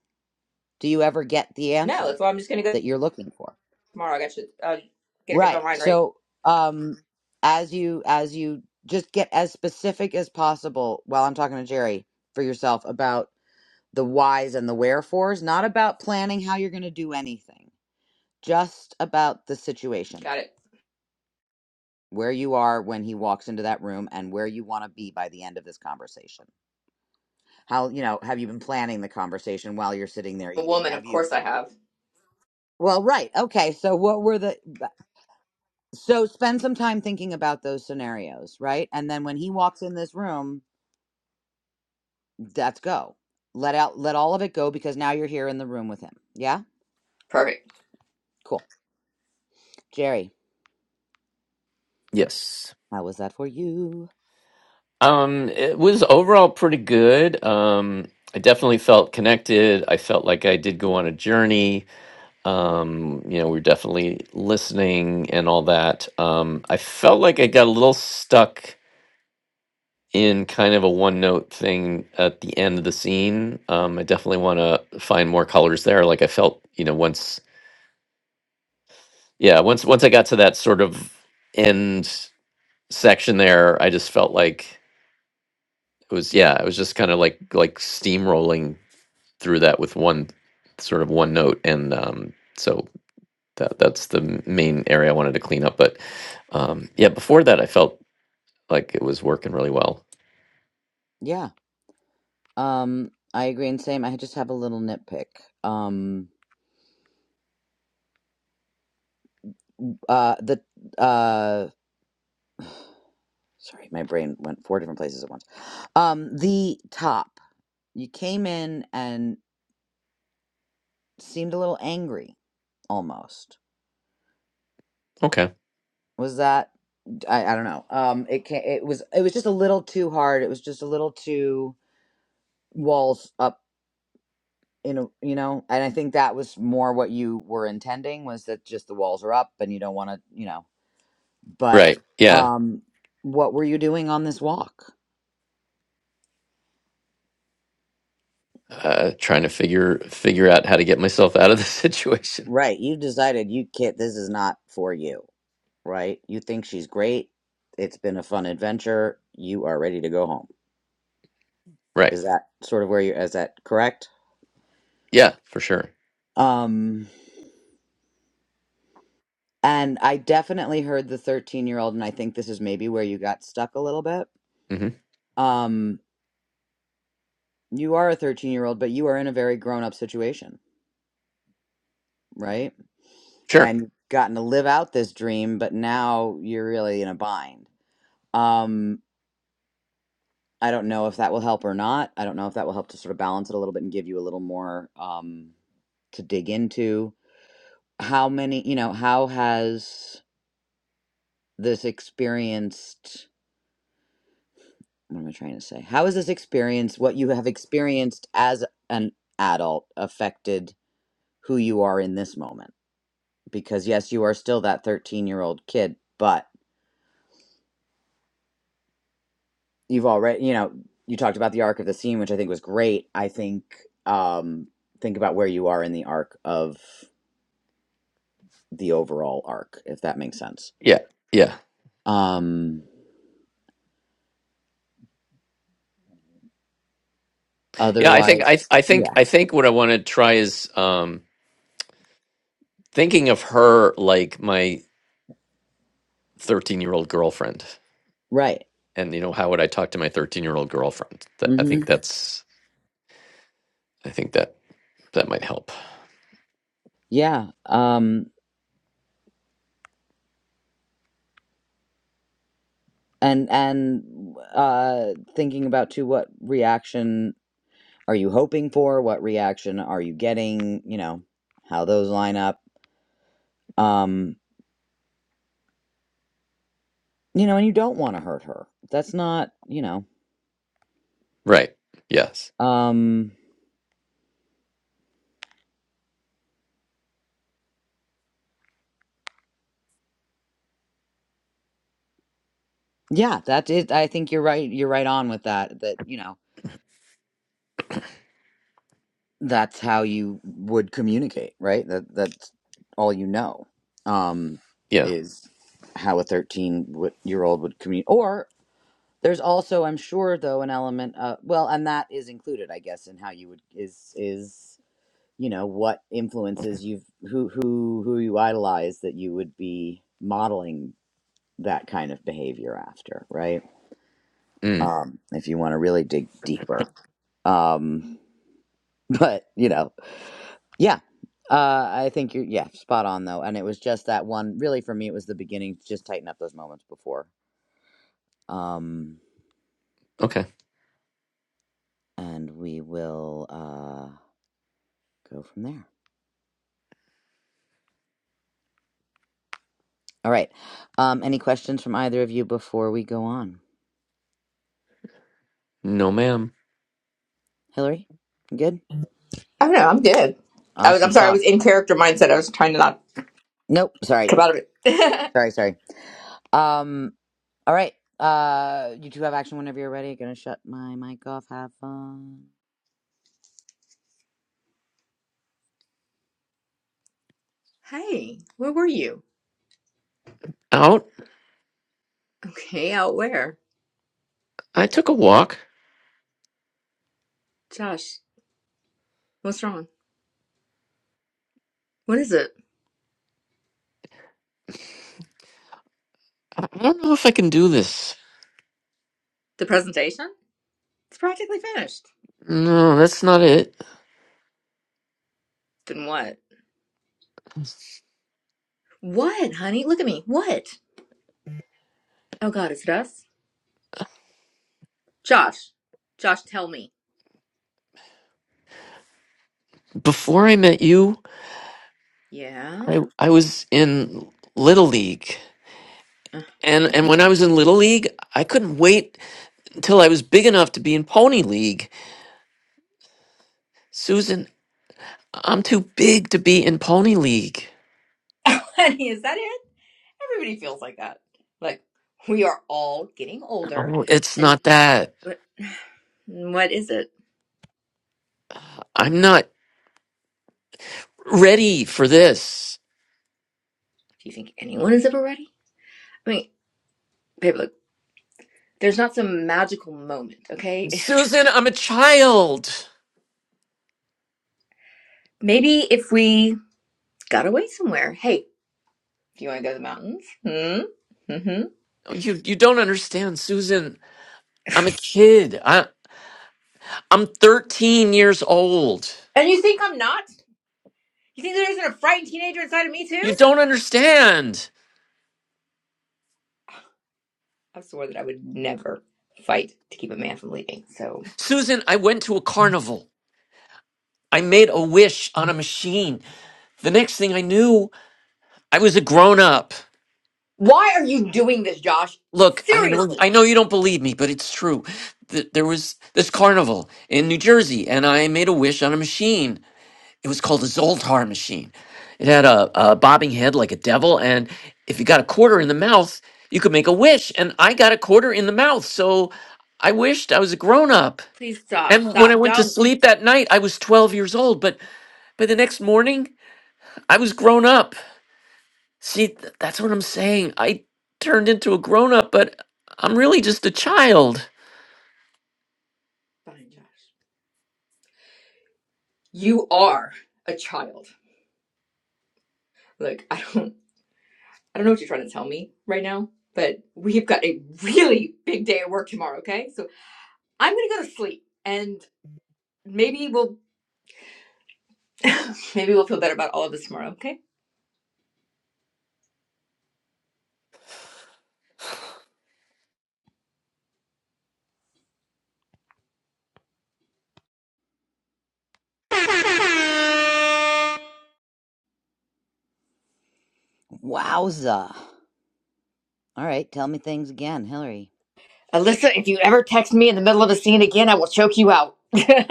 [SPEAKER 1] do you ever get the
[SPEAKER 6] No,
[SPEAKER 1] answer
[SPEAKER 6] that's why I'm just gonna go
[SPEAKER 1] that you're looking for
[SPEAKER 6] tomorrow. I got you. Uh, get it, get my
[SPEAKER 1] Right.
[SPEAKER 6] mind right.
[SPEAKER 1] So, um, as you as you just get as specific as possible while I'm talking to Jerry for yourself about the whys and the wherefores, not about planning how you're going to do anything, just about the situation,
[SPEAKER 6] Got it.
[SPEAKER 1] where you are when he walks into that room and where you want to be by the end of this conversation. How, you know, have you been planning the conversation while you're sitting there
[SPEAKER 6] A
[SPEAKER 1] eating?
[SPEAKER 6] woman,
[SPEAKER 1] Have
[SPEAKER 6] of
[SPEAKER 1] you
[SPEAKER 6] course I have.
[SPEAKER 1] Well, right. Okay. So what were the So spend some time thinking about those scenarios, right? And then when he walks in this room, that's go. Let out let all of it go because now you're here in the room with him. Yeah?
[SPEAKER 6] Perfect.
[SPEAKER 1] Cool. Jerry,
[SPEAKER 2] Yes.
[SPEAKER 1] how was that for you?
[SPEAKER 2] Um, it was overall pretty good. Um, I definitely felt connected. I felt like I did go on a journey. Um, you know, we were definitely listening and all that. Um, I felt like I got a little stuck in kind of a one note thing at the end of the scene. Um, I definitely want to find more colors there. Like I felt, you know, once, yeah, once once I got to that sort of end section there, I just felt like it was, yeah, it was just kind of like like steamrolling through that with one sort of one note, and um, so that that's the m- main area I wanted to clean up. But um, yeah, before that, I felt like it was working really well.
[SPEAKER 1] Yeah. Um I agree and same. I just have a little nitpick. Um uh the uh sorry, my brain went four different places at once. Um the top. You came in and seemed a little angry almost.
[SPEAKER 2] Okay,
[SPEAKER 1] Was that I, I don't know. Um, it can it was it was just a little too hard. It was just a little too walls up in a you know, and I think that was more what you were intending was that just the walls are up and you don't want to you know. But
[SPEAKER 2] right, yeah.
[SPEAKER 1] um, what were you doing on this walk?
[SPEAKER 2] uh, trying to figure figure out how to get myself out of the <laughs> situation.
[SPEAKER 1] Right, you decided you can't. This is not for you. Right, you think she's great. It's been a fun adventure. You are ready to go home.
[SPEAKER 2] Right.
[SPEAKER 1] Is that sort of where you? Is that correct?
[SPEAKER 2] Yeah, for sure.
[SPEAKER 1] Um. And I definitely heard the 13 year old, and I think this is maybe where you got stuck a little bit.
[SPEAKER 2] hmm
[SPEAKER 1] Um, you are a 13 year old, but you are in a very grown up situation, right?
[SPEAKER 2] Sure.
[SPEAKER 1] And you've gotten to live out this dream, but now you're really in a bind. Um, I don't know if that will help or not. I don't know if that will help to sort of balance it a little bit and give you a little more um, to dig into. How many, you know, how has this experienced? what am I trying to say? How has this experience, what you have experienced as an adult, affected who you are in this moment? Because yes, you are still that 13 year old kid, but you've already, you know, you talked about the arc of the scene, which I think was great. I think, um, think about where you are in the arc of the overall arc, if that makes sense.
[SPEAKER 2] Yeah. Yeah.
[SPEAKER 1] Um,
[SPEAKER 2] Yeah. I think
[SPEAKER 1] otherwise,
[SPEAKER 2] I I think
[SPEAKER 1] yeah,
[SPEAKER 2] I think what I want to try is um, thinking of her like my thirteen year old girlfriend,
[SPEAKER 1] right.
[SPEAKER 2] and you know how would I talk to my thirteen year old girlfriend? That, I
[SPEAKER 1] Mm-hmm.
[SPEAKER 2] think that's I think that that might help.
[SPEAKER 1] Yeah. Um. and and uh thinking about too what reaction are you hoping for what reaction are you getting you know how those line up um you know and you don't want to hurt her that's not you know
[SPEAKER 2] Right. Yes.
[SPEAKER 1] um yeah that is i think you're right you're right on with that that you know that's how you would communicate right that that's all you know um
[SPEAKER 2] Yeah.
[SPEAKER 1] is how a 13 year old would communicate or There's also, I'm sure, though, an element uh well, and that is included, I guess, in how you would is is you know what influences you've who who who you idolize that you would be modeling that kind of behavior after, right?
[SPEAKER 2] Mm.
[SPEAKER 1] Um, if you want to really dig deeper, um, <laughs> but you know, yeah, uh, I think you're yeah spot on though, and it was just that one really for me. It was the beginning to just tighten up those moments before, um,
[SPEAKER 2] Okay.
[SPEAKER 1] and we will uh go from there. All right. Um, any questions from either of you before we go on?
[SPEAKER 2] No, ma'am.
[SPEAKER 1] Hillary, you good?
[SPEAKER 6] I don't know. I'm good. I was.
[SPEAKER 1] Awesome
[SPEAKER 6] I'm sorry. I was
[SPEAKER 1] sauce.
[SPEAKER 6] in character mindset. I was trying to not
[SPEAKER 1] Nope. Sorry.
[SPEAKER 6] come out of it. <laughs>
[SPEAKER 1] Sorry. Sorry. Um. All right. Uh, you two have action whenever you're ready. Gonna shut my mic off. Have fun.
[SPEAKER 6] Hey, where were you?
[SPEAKER 2] Out.
[SPEAKER 6] Okay, out where?
[SPEAKER 2] I took a walk.
[SPEAKER 6] Josh, what's wrong? What is it?
[SPEAKER 2] I I don't know if I can do this.
[SPEAKER 6] The presentation? It's practically finished.
[SPEAKER 2] No, that's not it.
[SPEAKER 6] Then what? What, honey? Look at me. What? Oh God, is it us? Josh, Josh, tell me.
[SPEAKER 2] Before I met you,
[SPEAKER 6] Yeah.
[SPEAKER 2] I I was in Little League.
[SPEAKER 6] <laughs>
[SPEAKER 2] And and when I was in Little League, I couldn't wait until I was big enough to be in Pony League. Susan, I'm too big to be in Pony League.
[SPEAKER 6] Honey, is that it? Everybody feels like that. Like, we are all getting older.
[SPEAKER 2] Oh, it's
[SPEAKER 6] And
[SPEAKER 2] not that.
[SPEAKER 6] what, <sighs> what is it?
[SPEAKER 2] I'm not ready for this.
[SPEAKER 6] Do you think anyone is ever ready? I mean, babe, look, there's not some magical moment, okay?
[SPEAKER 2] Susan, I'm a child.
[SPEAKER 6] <laughs> Maybe if we got away somewhere. Hey, do you want to go to the mountains? Hmm? Mm-hmm.
[SPEAKER 2] You you don't understand, Susan. I'm a kid. I I'm 13 years old.
[SPEAKER 6] And you think I'm not? You think there isn't a frightened teenager inside of me,
[SPEAKER 2] You
[SPEAKER 6] too?
[SPEAKER 2] don't understand.
[SPEAKER 6] I swore that I would never fight to keep a man from leaving, so.
[SPEAKER 2] Susan, I went to a carnival. I made a wish on a machine. The next thing I knew, I was a grown up.
[SPEAKER 6] Why are you doing this, Josh?
[SPEAKER 2] Look, I know
[SPEAKER 6] Seriously.
[SPEAKER 2] I know you don't believe me, but it's true. Th- There was this carnival in New Jersey, and I made a wish on a machine. It was called a Zoltar machine. It had a, a bobbing head like a devil, and if you got a quarter in the mouth, you could make a wish. And I got a quarter in the mouth, so I wished I was a grown up.
[SPEAKER 6] Please stop.
[SPEAKER 2] And when I
[SPEAKER 6] Stop.
[SPEAKER 2] went to
[SPEAKER 6] Don't.
[SPEAKER 2] sleep that night, I was 12 years old, but By the next morning, I was grown up. See, th- that's what I'm saying. I turned into a grown up, but I'm really just a child.
[SPEAKER 6] Fine, Josh. You are a child. Look, I don't I don't know what you're trying to tell me right now, but we've got a really big day at work tomorrow, okay? So I'm gonna go to sleep and maybe we'll <laughs> maybe we'll feel better about all of this tomorrow, okay?
[SPEAKER 1] Wowza. All right. Tell me things again, Hillary.
[SPEAKER 6] Alyssa, if you ever text me in the middle of a scene again, I will choke you out. <laughs> it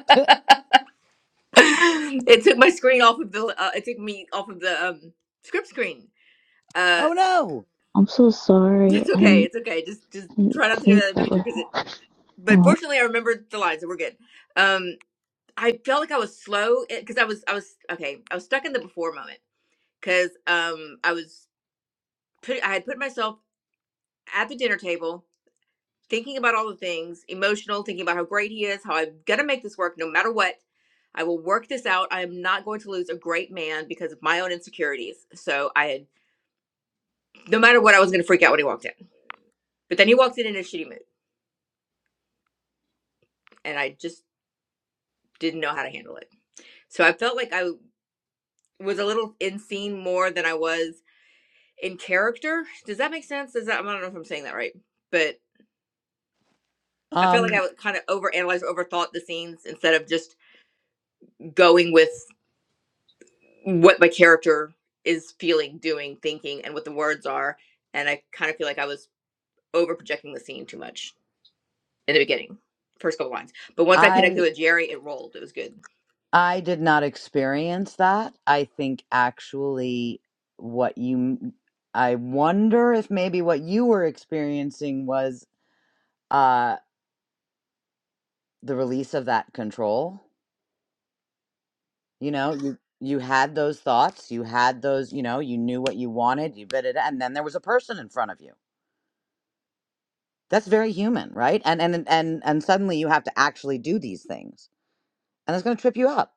[SPEAKER 1] <laughs>
[SPEAKER 6] took my screen off of the. Uh, it took me off of the um, script screen. Uh
[SPEAKER 1] oh no.
[SPEAKER 4] I'm so sorry.
[SPEAKER 6] It's
[SPEAKER 4] I
[SPEAKER 6] okay.
[SPEAKER 4] didn't,
[SPEAKER 6] It's okay. Just just
[SPEAKER 4] I didn't
[SPEAKER 6] try not to do that
[SPEAKER 4] think
[SPEAKER 6] in the
[SPEAKER 4] that
[SPEAKER 6] future
[SPEAKER 4] was.
[SPEAKER 6] because it. But
[SPEAKER 4] Well,
[SPEAKER 6] fortunately, I remembered the line, so we're good. Um, I felt like I was slow because I was I was okay. I was stuck in the before moment because um I was put I had put myself at the dinner table thinking about all the things emotional, thinking about how great he is, how I'm gonna make this work no matter what. I will work this out. I am not going to lose a great man because of my own insecurities. So I had no matter what, I was gonna freak out when he walked in. But then he walked in in a shitty mood, and I just didn't know how to handle it. So I felt like I was a little in scene more than I was in character. Does that make sense? Does that I don't know if I'm saying that right, but I felt like
[SPEAKER 1] Um.
[SPEAKER 6] I was kind of overanalyzed, overthought the scenes instead of just going with what my character is feeling, doing, thinking, and what the words are. And I kind of feel like I was over projecting the scene too much in the beginning, first couple lines. But once I connected
[SPEAKER 1] I
[SPEAKER 6] with Jerry, it rolled. It was good.
[SPEAKER 1] I did not experience that. I think actually, what you I wonder if maybe what you were experiencing was uh the release of that control you know you you had those thoughts you had those you know you knew what you wanted you bit it and then there was a person in front of you that's very human right and and and and suddenly you have to actually do these things and it's going to trip you up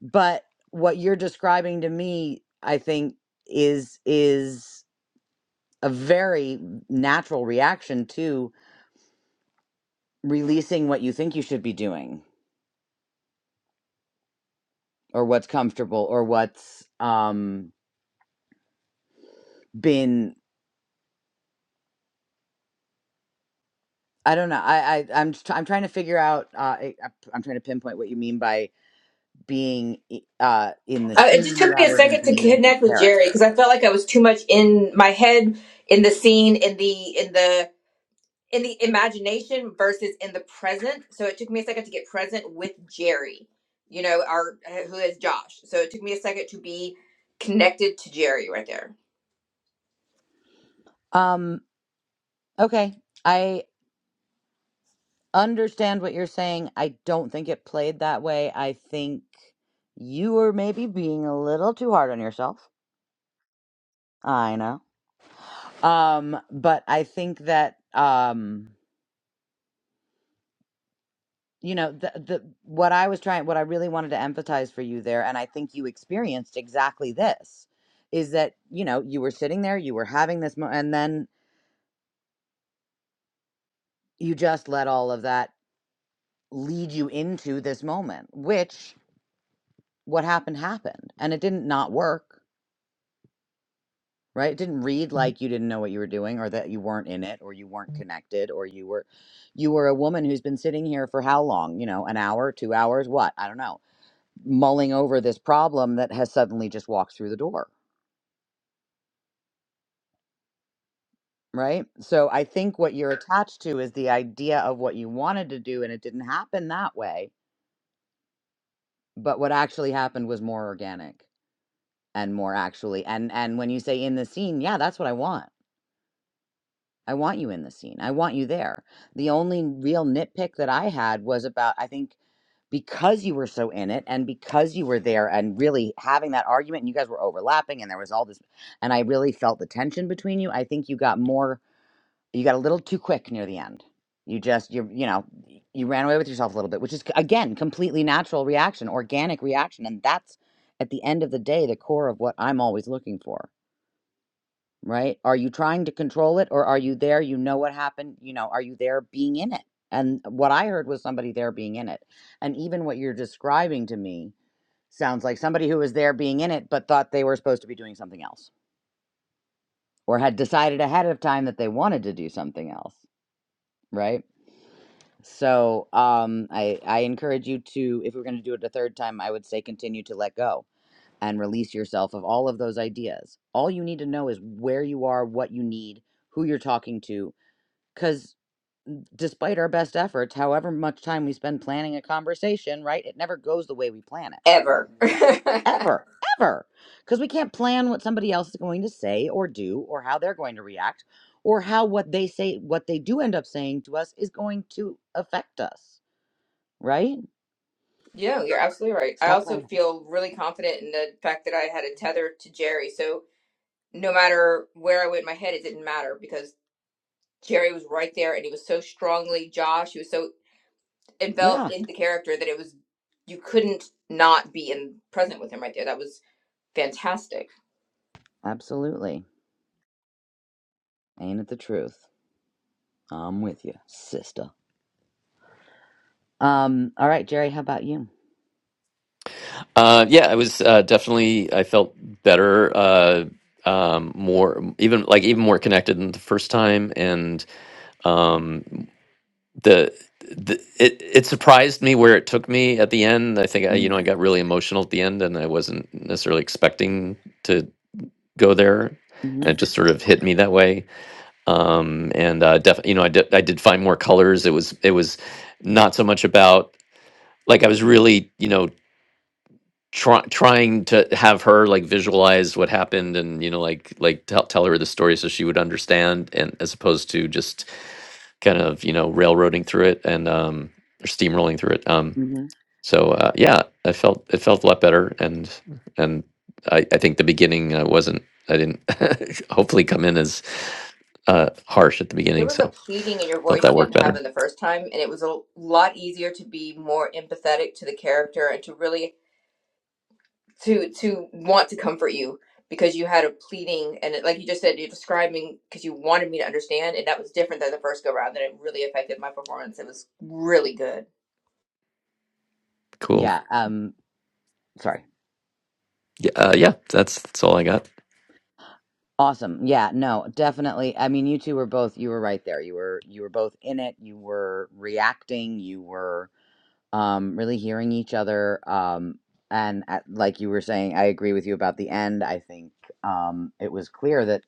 [SPEAKER 1] but what you're describing to me i think is is a very natural reaction to releasing what you think you should be doing or what's comfortable or what's um been I don't know. I, I I'm just, I'm trying to figure out. Uh, I, I'm trying to pinpoint what you mean by being uh in the
[SPEAKER 6] Uh, it just
[SPEAKER 1] scene
[SPEAKER 6] took me a
[SPEAKER 1] rather than
[SPEAKER 6] second to
[SPEAKER 1] being in the
[SPEAKER 6] connect with Jerry
[SPEAKER 1] character.
[SPEAKER 6] because I felt like I was too much in my head, in the scene, in the in the in the imagination versus in the present. So it took me a second to get present with Jerry, you know, our who is Josh. So it took me a second to be connected to Jerry right there.
[SPEAKER 1] Um. Okay. I understand what you're saying. I don't think it played that way. I think you were maybe being a little too hard on yourself. I know. Um. But I think that um. you know the the what I was trying what I really wanted to emphasize for you there and I think you experienced exactly this is that you know you were sitting there you were having this mo- and then you just let all of that lead you into this moment which what happened happened and it didn't not work right it didn't read Mhm. like you didn't know what you were doing or that you weren't in it or you weren't Mhm. connected or you were you were a woman who's been sitting here for how long you know an hour 2 hours what I don't know mulling over this problem that has suddenly just walked through the door, right? So I think what you're attached to is the idea of what you wanted to do, and it didn't happen that way. But what actually happened was more organic and more actually, and and when you say in the scene, yeah, that's what I want. I want you in the scene. I want you there. The only real nitpick that I had was about, I think, because you were so in it and because you were there and really having that argument and you guys were overlapping and there was all this, and I really felt the tension between you. I think you got more, you got a little too quick near the end. You just, you, you know, you ran away with yourself a little bit, which is, again, completely natural reaction, organic reaction. And that's at the end of the day, the core of what I'm always looking for right? Are you trying to control it or are you there? You know what happened. You know, are you there being in it? And what I heard was somebody there being in it. And even what you're describing to me sounds like somebody who was there being in it, but thought they were supposed to be doing something else or had decided ahead of time that they wanted to do something else, right? So um, I, I encourage you to, if we're going to do it a third time, I would say continue to let go and release yourself of all of those ideas. All you need to know is where you are, what you need, who you're talking to, Because despite our best efforts, however much time we spend planning a conversation, right, it never goes the way we plan it.
[SPEAKER 6] Ever. <laughs>
[SPEAKER 1] Like, ever, ever. Because we can't plan what somebody else is going to say or do or how they're going to react or how what they say, what they do end up saying to us is going to affect us, right?
[SPEAKER 6] yeah, you're absolutely right. I
[SPEAKER 1] Stop
[SPEAKER 6] also
[SPEAKER 1] planning.
[SPEAKER 6] feel really confident in the fact that I had a tether to Jerry. So no matter where I went in my head, it didn't matter because Jerry was right there, and he was so strongly Josh. He was so
[SPEAKER 1] Yeah,
[SPEAKER 6] enveloped in the character that it was you couldn't not be in present with him right there. That was fantastic.
[SPEAKER 1] absolutely. Ain't it the truth? I'm with you, sister. Um, all right, Jerry, how about you?
[SPEAKER 2] Uh, yeah, I was uh, definitely. I felt better, uh, um, more even like even more connected than the first time, and um, the. The, it it surprised me where it took me at the end. I think I, you know I got really emotional at the end, and I wasn't necessarily expecting to go there,
[SPEAKER 1] Mm-hmm.
[SPEAKER 2] and it just sort of hit me that way um, and uh, def- you know I did, I did find more colors. It was it was not so much about like I was really you know try, trying to have her like visualize what happened and you know like like tell tell her the story so she would understand and as opposed to just kind of you know railroading through it and um, or steamrolling through it. Um,
[SPEAKER 1] Mm-hmm.
[SPEAKER 2] so uh, yeah, I felt it felt a lot better, and and I, I think the beginning I wasn't I didn't <laughs> hopefully come in as uh, harsh at the
[SPEAKER 6] There
[SPEAKER 2] beginning,
[SPEAKER 6] was a
[SPEAKER 2] so
[SPEAKER 6] pleading in your
[SPEAKER 2] thought
[SPEAKER 6] voice
[SPEAKER 2] that
[SPEAKER 6] you
[SPEAKER 2] worked
[SPEAKER 6] didn't have
[SPEAKER 2] better.
[SPEAKER 6] in the first time, and it was a lot easier to be more empathetic to the character and to really to to want to comfort you because you had a pleading and it, like you just said, you're describing because you wanted me to understand, and that was different than the first go round, and it really affected my performance. It was really good.
[SPEAKER 2] Cool.
[SPEAKER 1] Yeah, um, sorry.
[SPEAKER 2] Yeah, uh, yeah, that's that's all I got.
[SPEAKER 1] Awesome. Yeah, no, definitely. I mean, you two were both you were right there. You were you were both in it. You were reacting. You were um really hearing each other um and at, like you were saying, I agree with you about the end. I think um it was clear that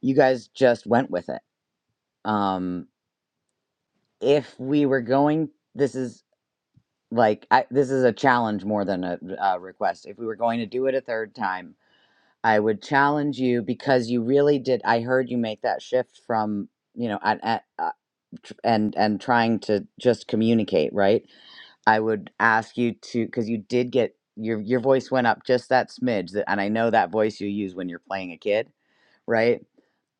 [SPEAKER 1] you guys just went with it. Um if we were going this is like I, this is a challenge more than a, a request. If we were going to do it a third time, I would challenge you because you really did. I heard you make that shift from you know and and uh, tr- and and trying to just communicate, right? I would ask you to because you did get your your voice went up just that smidge, that, and I know that voice you use when you're playing a kid, right?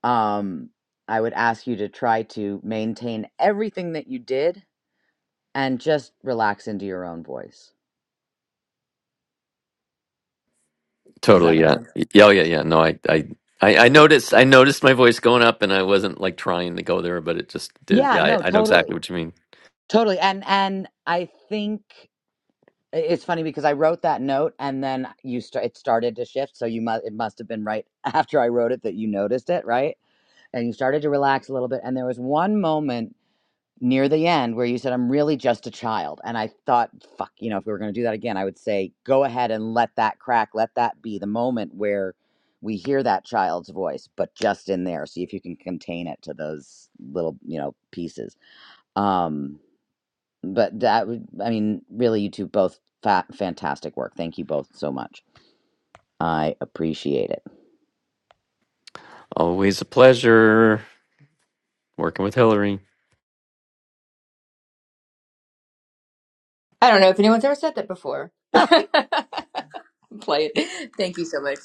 [SPEAKER 1] Um, I would ask you to try to maintain everything that you did and just relax into your own voice. Does that
[SPEAKER 2] Totally.
[SPEAKER 1] make
[SPEAKER 2] Yeah.
[SPEAKER 1] sense?
[SPEAKER 2] Y- Yeah. Oh, yeah. Yeah. No, I, I, I, I noticed. I noticed my voice going up, and I wasn't like trying to go there, but it just did.
[SPEAKER 1] Yeah,
[SPEAKER 2] Yeah, I,
[SPEAKER 1] no,
[SPEAKER 2] I know exactly
[SPEAKER 1] totally.
[SPEAKER 2] what you mean.
[SPEAKER 1] Totally. And and I think It's funny because I wrote that note and then you start it started to shift. So you must it must have been right <laughs> after I wrote it that you noticed it, right? And you started to relax a little bit. And there was one moment near the end where you said, "I'm really just a child," and I thought, "Fuck," you know, if we were going to do that again, I would say, "Go ahead and let that crack. Let that be the moment where." We hear that child's voice, but just in there. See if you can contain it to those little, you know, pieces. Um, but that would i mean really you two both fa fantastic work thank you both so much i appreciate it
[SPEAKER 2] Always a pleasure working with Hillary.
[SPEAKER 6] I don't know if anyone's ever said that before. <laughs>
[SPEAKER 1] Ah!
[SPEAKER 6] Play it. Thank you so much.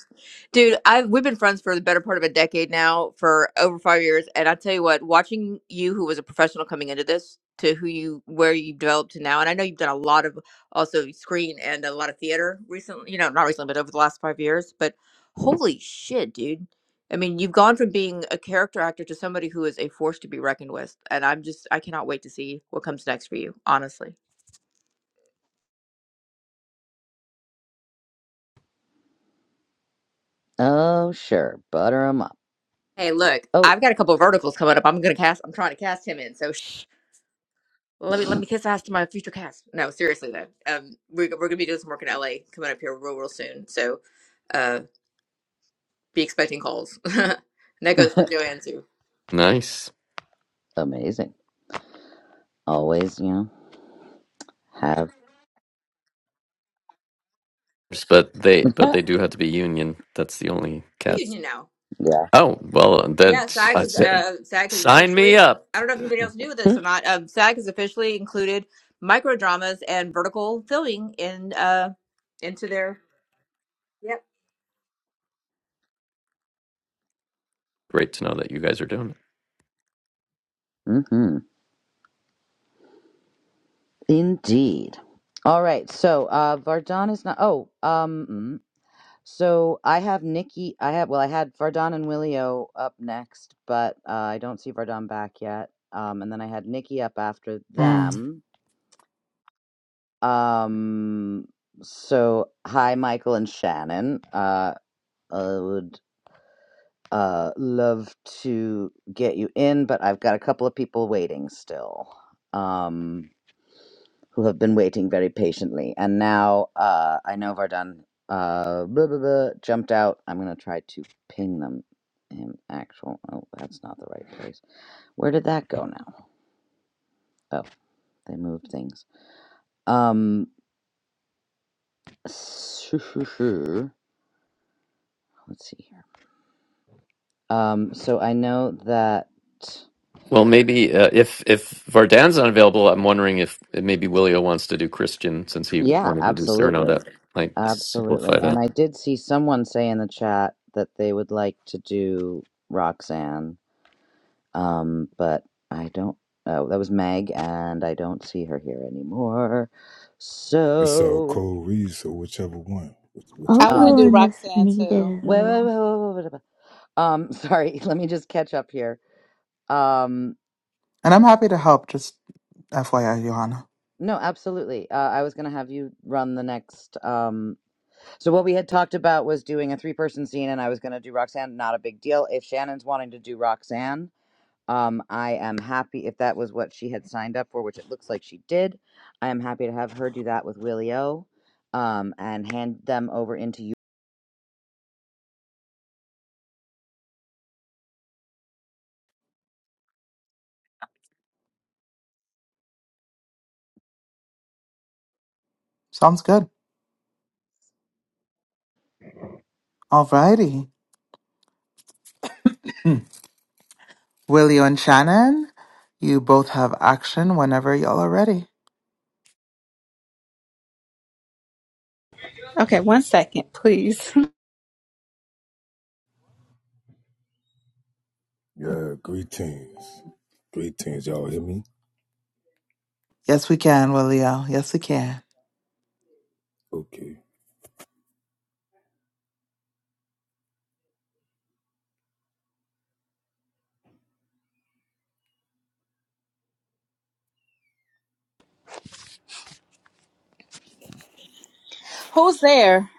[SPEAKER 6] Dude, I we've been friends for the better part of a decade now, for over 5 years, and I tell you what, watching you who was a professional coming into this to who you where you've developed to now, and I know you've done a lot of also screen and a lot of theater recently, you know, not recently, but over the last 5 years, but holy shit, dude. I mean, you've gone from being a character actor to somebody who is a force to be reckoned with, and I'm just I cannot wait to see what comes next for you, honestly.
[SPEAKER 1] oh sure butter 'em up
[SPEAKER 6] Hey, look,
[SPEAKER 1] oh
[SPEAKER 6] I've got a couple of verticals coming up. I'm gonna cast. I'm trying to cast him in. So shh, let me let me kiss ass to my future cast. No, seriously though, um, we're we're gonna be doing some work in LA coming up here real real soon. So, uh, be expecting calls. <laughs> and that goes for Joanne too.
[SPEAKER 2] Nice.
[SPEAKER 1] amazing always you know have
[SPEAKER 2] but they
[SPEAKER 1] <laughs>
[SPEAKER 2] but they do have to be union. That's the only catch.
[SPEAKER 6] Union now.
[SPEAKER 1] yeah
[SPEAKER 2] Oh well, then
[SPEAKER 6] Yeah, SAG
[SPEAKER 2] I
[SPEAKER 6] is
[SPEAKER 2] said,
[SPEAKER 6] uh, SAG is
[SPEAKER 2] sign me
[SPEAKER 6] officially.
[SPEAKER 2] up.
[SPEAKER 6] I don't know if anybody else knew this or not. Um, SAG has officially included micro dramas and vertical filming in uh into their. Yep.
[SPEAKER 2] Great to know that you guys are doing it.
[SPEAKER 1] mm-hmm. indeed all right so uh vardon is not oh um mm. so i have nikki i have well i had vardon and willio up next but uh, i don't see vardon back yet um and then i had nikki up after
[SPEAKER 5] Mm.
[SPEAKER 1] them Um, so hi, Michael and Shannon. Uh, I would uh love to get you in, but I've got a couple of people waiting still. Um, who have been waiting very patiently, and now uh, I know Vardan uh blah, blah, blah, jumped out. I'm gonna try to ping them. Him actual. Oh, that's not the right place. Where did that go now? Oh, they moved things. Um, <laughs> let's see here. Um, so I know that,
[SPEAKER 2] Well, maybe uh, if if Vardan's not available, I'm wondering if maybe Willio wants to do Christian since he
[SPEAKER 1] yeah,
[SPEAKER 2] wanted to do Cyrano.
[SPEAKER 1] absolutely.
[SPEAKER 2] That might
[SPEAKER 1] Absolutely.
[SPEAKER 2] simplify
[SPEAKER 1] And
[SPEAKER 2] that.
[SPEAKER 1] I did see someone say in the chat that they would like to do Roxanne, um, but I don't, oh, that was Meg, and I don't see her here anymore.
[SPEAKER 7] It's our
[SPEAKER 1] So,
[SPEAKER 7] cold reads, so whichever one,
[SPEAKER 4] I'll
[SPEAKER 8] I
[SPEAKER 7] whichever we
[SPEAKER 8] want
[SPEAKER 1] um,
[SPEAKER 4] fill
[SPEAKER 8] to do
[SPEAKER 4] in
[SPEAKER 7] do.
[SPEAKER 4] if
[SPEAKER 8] Roxanne too.
[SPEAKER 4] needed at
[SPEAKER 1] wait, wait,
[SPEAKER 4] all.
[SPEAKER 1] wait, wait, wait, wait, wait. um, <laughs> sorry, let me just catch up here. Um,
[SPEAKER 5] And I'm happy to help, just FYI, Johanna.
[SPEAKER 1] no, absolutely. Uh, I was going to have you run the next, um. So what we had talked about was doing a three-person scene, and I was going to do Roxanne. Not a big deal. If Shannon's wanting to do Roxanne, um, I am happy if that was what she had signed up for, which it looks like she did. I am happy to have her do that with Willie O, um, and hand them over into you.
[SPEAKER 5] Sounds good. Alrighty. Willie and Shannon, you both have action whenever y'all are ready.
[SPEAKER 8] Okay, one second, please.
[SPEAKER 7] Yeah, greetings. Greetings, y'all hear me?
[SPEAKER 5] Yes, we can, Willie. Yes, we can.
[SPEAKER 7] Okay.
[SPEAKER 8] <laughs> Who's there?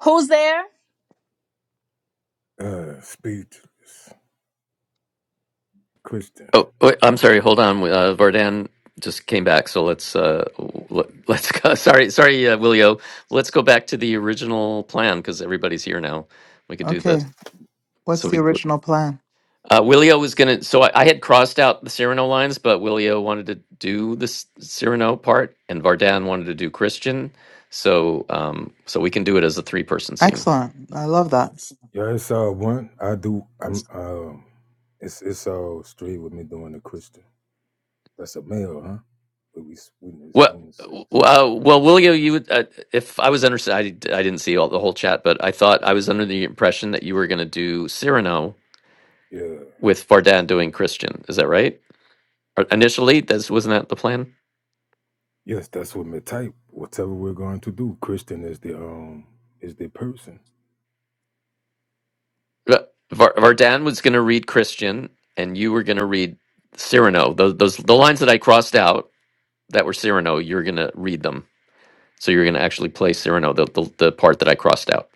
[SPEAKER 8] Who's there?
[SPEAKER 7] Uh, speechless. Christian.
[SPEAKER 2] Oh, wait, I'm sorry. Hold on. Uh, Vardan just came back, so let's uh, let, let's go. <laughs> Sorry, sorry, uh, Willio. Let's go back to the original plan because everybody's here now. We could do this.
[SPEAKER 5] Okay. What's
[SPEAKER 2] So
[SPEAKER 5] the
[SPEAKER 2] we
[SPEAKER 5] original plan?
[SPEAKER 2] Uh, Willio was gonna. So I, I had crossed out the Cyrano lines, but Willio wanted to do the S- Cyrano part, and Vardan wanted to do Christian. So, um, so we can do it as a three-person scene.
[SPEAKER 5] Excellent. I love that.
[SPEAKER 7] Yeah, it's all one. I do,
[SPEAKER 2] Yes.
[SPEAKER 7] I'm, um, it's it's all straight with me doing the Christian. That's a male, huh? But we witness
[SPEAKER 2] Well, w-
[SPEAKER 7] unisex.
[SPEAKER 2] uh, well, Willio, you. would- Uh, if I was under, I, d- I didn't see all the whole chat, but I thought I was under the impression that you were gonna do Cyrano
[SPEAKER 7] Yeah.
[SPEAKER 2] with Vardan doing Christian. Is that right? Or Initially, that's wasn't that the plan?
[SPEAKER 7] Yes, that's what my type. Whatever we're going to do, Christian is the, um, is the person.
[SPEAKER 2] Va- Var- Vardan was going to read Christian, and you were going to read Cyrano. Those, those the lines that I crossed out that were Cyrano. You're going to read them, so you're going to actually play Cyrano, the, the the part that I crossed out.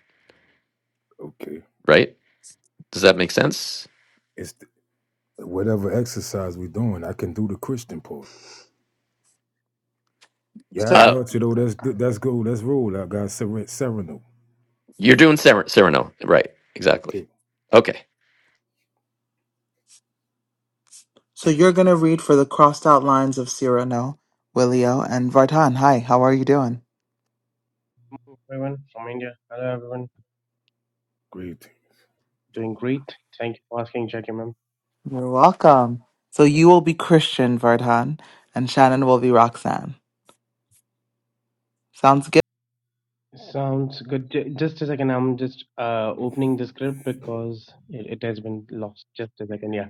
[SPEAKER 7] Okay.
[SPEAKER 2] Right? Does that make sense?
[SPEAKER 7] It's the, whatever exercise we're doing, I can do the Christian part. Yeah, I
[SPEAKER 1] Sorry.
[SPEAKER 2] Uh,
[SPEAKER 7] got you though. That's that's cool. That's rule. I got Seren- Sereno.
[SPEAKER 2] you're doing Cyr- Cyrano, right? Exactly.
[SPEAKER 7] Okay,
[SPEAKER 2] Okay.
[SPEAKER 5] So you're going to read for the crossed out lines of Cyrano, Willio, and Vartan. Hi, how are you doing?
[SPEAKER 9] everyone from India. Hello, everyone.
[SPEAKER 7] great.
[SPEAKER 9] Doing great. Thank you for asking, Jackie, ma'am.
[SPEAKER 5] You're welcome. So you will be Christian, Vartan, and Shannon will be Roxanne. Sounds good.
[SPEAKER 9] Sounds good. Ju- Just a second. I'm just uh, opening the script because it, it has been lost. Just a second. Yeah.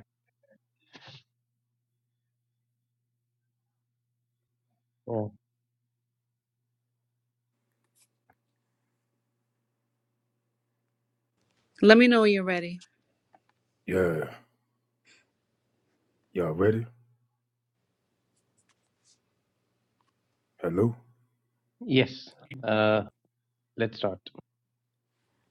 [SPEAKER 9] Oh.
[SPEAKER 8] Let me know when you're ready.
[SPEAKER 7] Yeah, y'all ready? Hello.
[SPEAKER 9] Yes. Uh, let's start.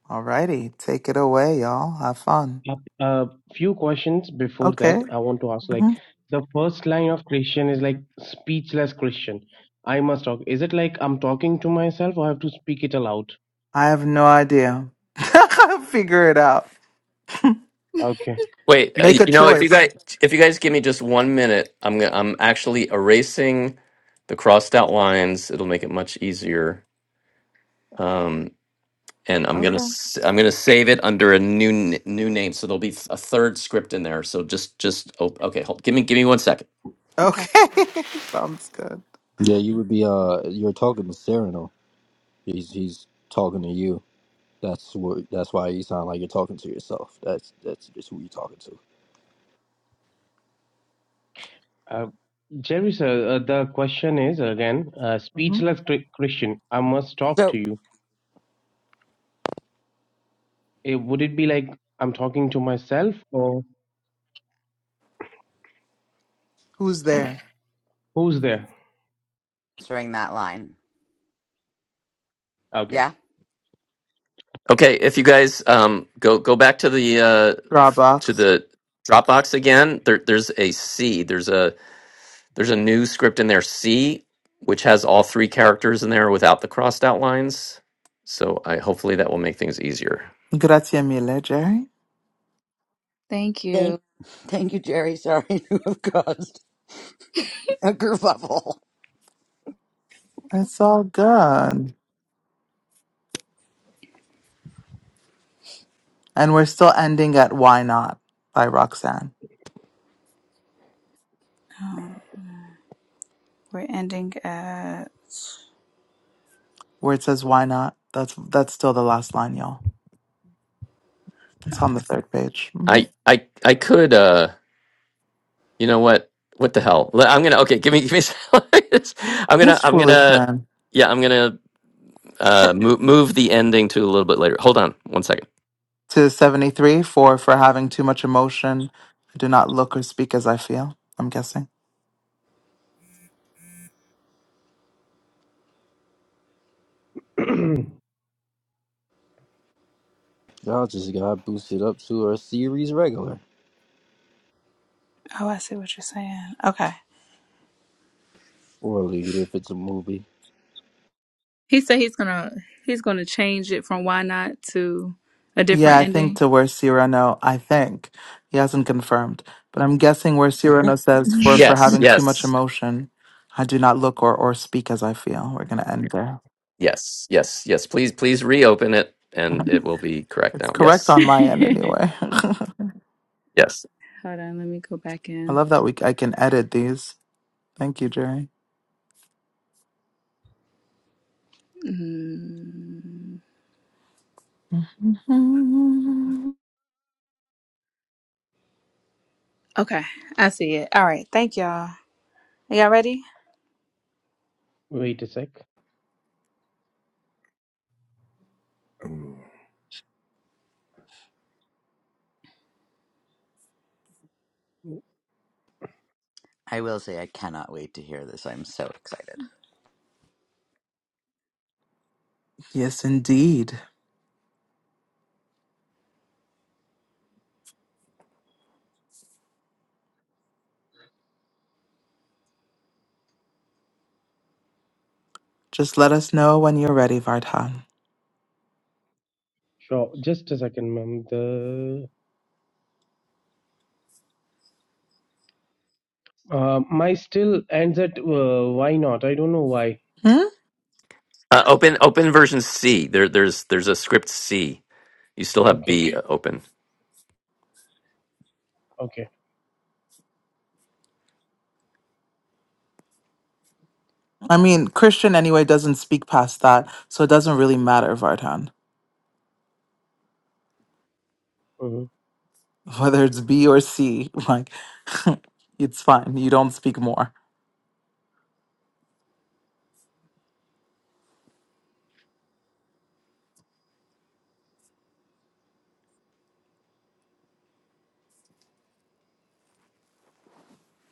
[SPEAKER 5] Alrighty, take it away, y'all. Have fun.
[SPEAKER 9] A uh, few questions before
[SPEAKER 5] Okay.
[SPEAKER 9] that. I want to ask like
[SPEAKER 5] Mhm.
[SPEAKER 9] the first line of Christian is like speechless Christian. I must talk. Is it like I'm talking to myself or I have to speak it aloud?
[SPEAKER 5] I have no idea. <laughs> Figure it out.
[SPEAKER 9] Okay.
[SPEAKER 2] Wait. Uh,
[SPEAKER 5] Make a
[SPEAKER 2] you know, if you
[SPEAKER 5] choice.
[SPEAKER 2] guys if you guys give me just one minute, I'm gonna, I'm actually erasing the crossed out lines. It'll make it much easier. and I'm gonna
[SPEAKER 5] Okay.
[SPEAKER 2] s- I'm gonna save it under a new n- new name. So there'll be th- a third script in there. So just just oh, okay, hold, give me give me one second.
[SPEAKER 8] Okay,
[SPEAKER 5] Okay. <laughs> Sounds good.
[SPEAKER 3] Yeah, you would be. Uh, you're talking to Cyrano. He's he's talking to you. That's what. That's why you sound like you're talking to yourself. That's that's just who you're talking to.
[SPEAKER 9] Uh, Jerry, sir, uh, the question is again, uh,
[SPEAKER 5] hmm
[SPEAKER 9] speechless Chri- Christian, I must talk
[SPEAKER 1] So
[SPEAKER 9] to you. Eh, would it be like I'm talking to myself or
[SPEAKER 5] Who's there?
[SPEAKER 9] who's there?
[SPEAKER 1] answering that line,
[SPEAKER 9] Okay.
[SPEAKER 1] yeah.
[SPEAKER 2] Okay, if you guys um go go back to the uh f- to
[SPEAKER 5] Starbucks.
[SPEAKER 2] the Dropbox again, there there's a C. There's a There's a new script in there, C, which has all three characters in there without the crossed out lines. So I hopefully that will make things easier.
[SPEAKER 5] Grazie mille, Jerry.
[SPEAKER 8] thank
[SPEAKER 1] Thank,
[SPEAKER 8] you.
[SPEAKER 1] thank you, Jerry. Sorry <laughs> to have caused a kerfuffle.
[SPEAKER 5] It's all good. And we're still ending at "Why Not" by Roxanne,
[SPEAKER 8] Um, we're ending at.
[SPEAKER 5] where it says "Why Not." That's that's still the last line, y'all. It's on the third page. hmm
[SPEAKER 2] I I I could uh You know what? What the hell? Le- I'm gonna okay. Give me, give me. <laughs> I'm gonna,
[SPEAKER 5] This
[SPEAKER 2] I'm
[SPEAKER 5] foolish
[SPEAKER 2] gonna,
[SPEAKER 5] man.
[SPEAKER 2] yeah, I'm gonna uh, move move the ending to a little bit later. Hold on, one second.
[SPEAKER 5] to 73 for for having too much emotion. I do not look or speak as I feel. I'm guessing.
[SPEAKER 9] <clears throat>
[SPEAKER 3] Y'all just got to boost it up to a series regular,
[SPEAKER 8] Oh, I see what you're saying. Okay.
[SPEAKER 3] or lead if it's a movie.
[SPEAKER 8] He said he's gonna he's gonna change it from why not to a
[SPEAKER 5] Yeah,
[SPEAKER 8] different
[SPEAKER 5] I think
[SPEAKER 8] ending.
[SPEAKER 5] to where Cyrano, I think he hasn't confirmed, but I'm guessing where Cyrano
[SPEAKER 1] <laughs>
[SPEAKER 5] says for for
[SPEAKER 2] Yes,
[SPEAKER 5] having too much
[SPEAKER 2] yes,
[SPEAKER 5] emotion, I do not look or or speak as I feel. We're gonna end there.
[SPEAKER 2] yes, yes, yes. Please, please reopen it, and it will be correct
[SPEAKER 5] It's
[SPEAKER 2] now.
[SPEAKER 5] correct
[SPEAKER 2] Yes,
[SPEAKER 5] on my end
[SPEAKER 8] <laughs>
[SPEAKER 5] anyway. <laughs>
[SPEAKER 2] yes.
[SPEAKER 8] Hold on, let me go back
[SPEAKER 5] I
[SPEAKER 8] in.
[SPEAKER 5] love that we I can edit these. Thank you, Jerry.
[SPEAKER 8] Mm,
[SPEAKER 5] <laughs>
[SPEAKER 8] okay, I see it. All right. Thank y'all. Y'all ready?
[SPEAKER 9] Wait a sec.
[SPEAKER 7] Mm,
[SPEAKER 1] I will say I cannot wait to hear this. I'm so excited.
[SPEAKER 5] Yes, indeed. Just let us know when you're ready, Vardhan.
[SPEAKER 9] Sure, just a second, ma'am. The uh, my still ends at uh, why not? I don't know why.
[SPEAKER 2] Uh, open, open version C. There, there's, there's a script C. You still have
[SPEAKER 9] Okay,
[SPEAKER 2] B open.
[SPEAKER 9] okay.
[SPEAKER 5] I mean, Christian anyway doesn't speak past that, so it doesn't really matter, Vartan,
[SPEAKER 9] hmm
[SPEAKER 5] <laughs> whether it's B or C. <laughs> Like, <laughs> it's fine. You don't speak more.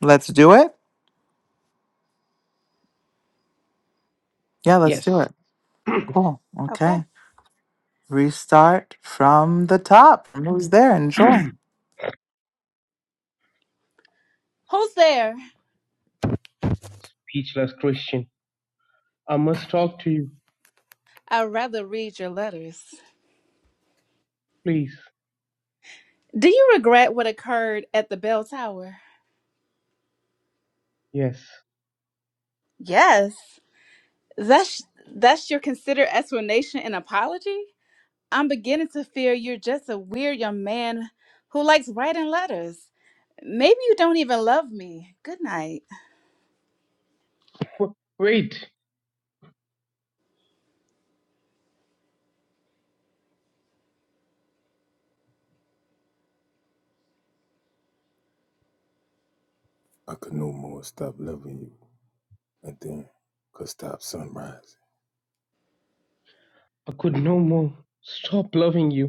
[SPEAKER 5] Let's do it. Yeah, let's do
[SPEAKER 9] Yes.
[SPEAKER 5] it.
[SPEAKER 9] <clears throat>
[SPEAKER 5] Cool.
[SPEAKER 8] Okay.
[SPEAKER 5] Okay. Restart from the top. Who's there? Enjoy.
[SPEAKER 8] Who's there?
[SPEAKER 9] speechless Christian, I must talk to you,
[SPEAKER 8] I'd rather read your letters.
[SPEAKER 9] please.
[SPEAKER 8] Do you regret what occurred at the bell tower?
[SPEAKER 9] Yes.
[SPEAKER 8] Yes. That's that's your considered explanation and apology? I'm beginning to fear you're just a weird young man who likes writing letters. Maybe you don't even love me. Good night.
[SPEAKER 9] Wait,
[SPEAKER 7] I could no more stop loving you, and then could stop sunrise.
[SPEAKER 9] I could no more. Stop loving you.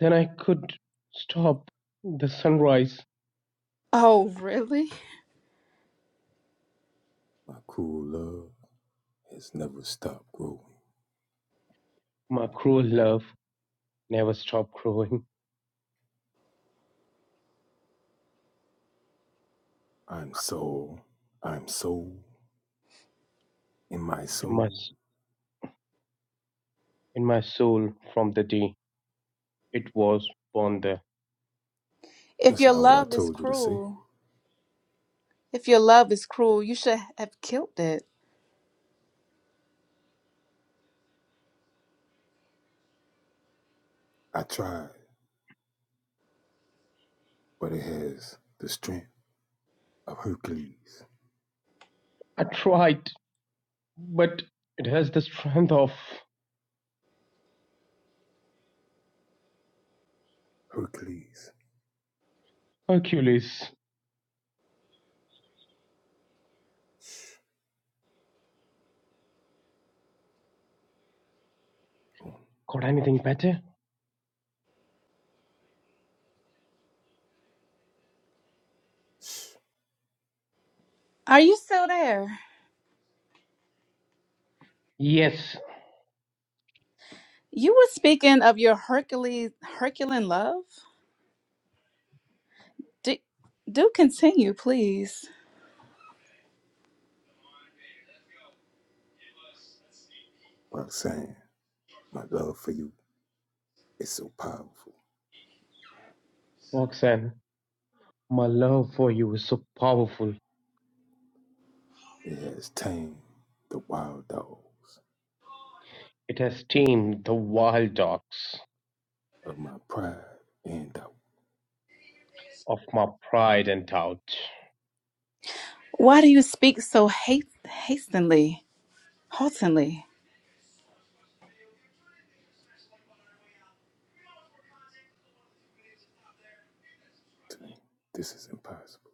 [SPEAKER 9] Then I could stop the sunrise.
[SPEAKER 8] Oh, really?
[SPEAKER 7] My cool love has never stopped growing.
[SPEAKER 9] My cruel love never stopped growing
[SPEAKER 7] I'm so, I'm so in my
[SPEAKER 9] in my
[SPEAKER 7] soul.
[SPEAKER 9] in my soul from the day it was born there.
[SPEAKER 8] If
[SPEAKER 7] That's
[SPEAKER 8] your
[SPEAKER 7] not what I
[SPEAKER 8] love is
[SPEAKER 7] told you to say.
[SPEAKER 8] cruel, if your love is cruel, you should have killed it.
[SPEAKER 7] I tried, but it has the strength of Hercules.
[SPEAKER 9] I tried, but it has the strength of
[SPEAKER 7] Hercules.
[SPEAKER 9] Hercules.
[SPEAKER 7] Mm.
[SPEAKER 9] Got anything better?
[SPEAKER 7] Shh.
[SPEAKER 8] Are you still there?
[SPEAKER 9] Yes,
[SPEAKER 8] You were speaking of your Hercules Herculean love? Do, do continue, please.
[SPEAKER 7] Roxanne, my love for you It's so powerful.
[SPEAKER 9] Roxanne. My love for you is so powerful.
[SPEAKER 7] It has tamed the wild dogs
[SPEAKER 9] It has tamed the wild dogs
[SPEAKER 7] of my pride and doubt.
[SPEAKER 9] of my pride and doubt.
[SPEAKER 8] Why do you speak so hast- hastily, haltingly?
[SPEAKER 7] this is impossible.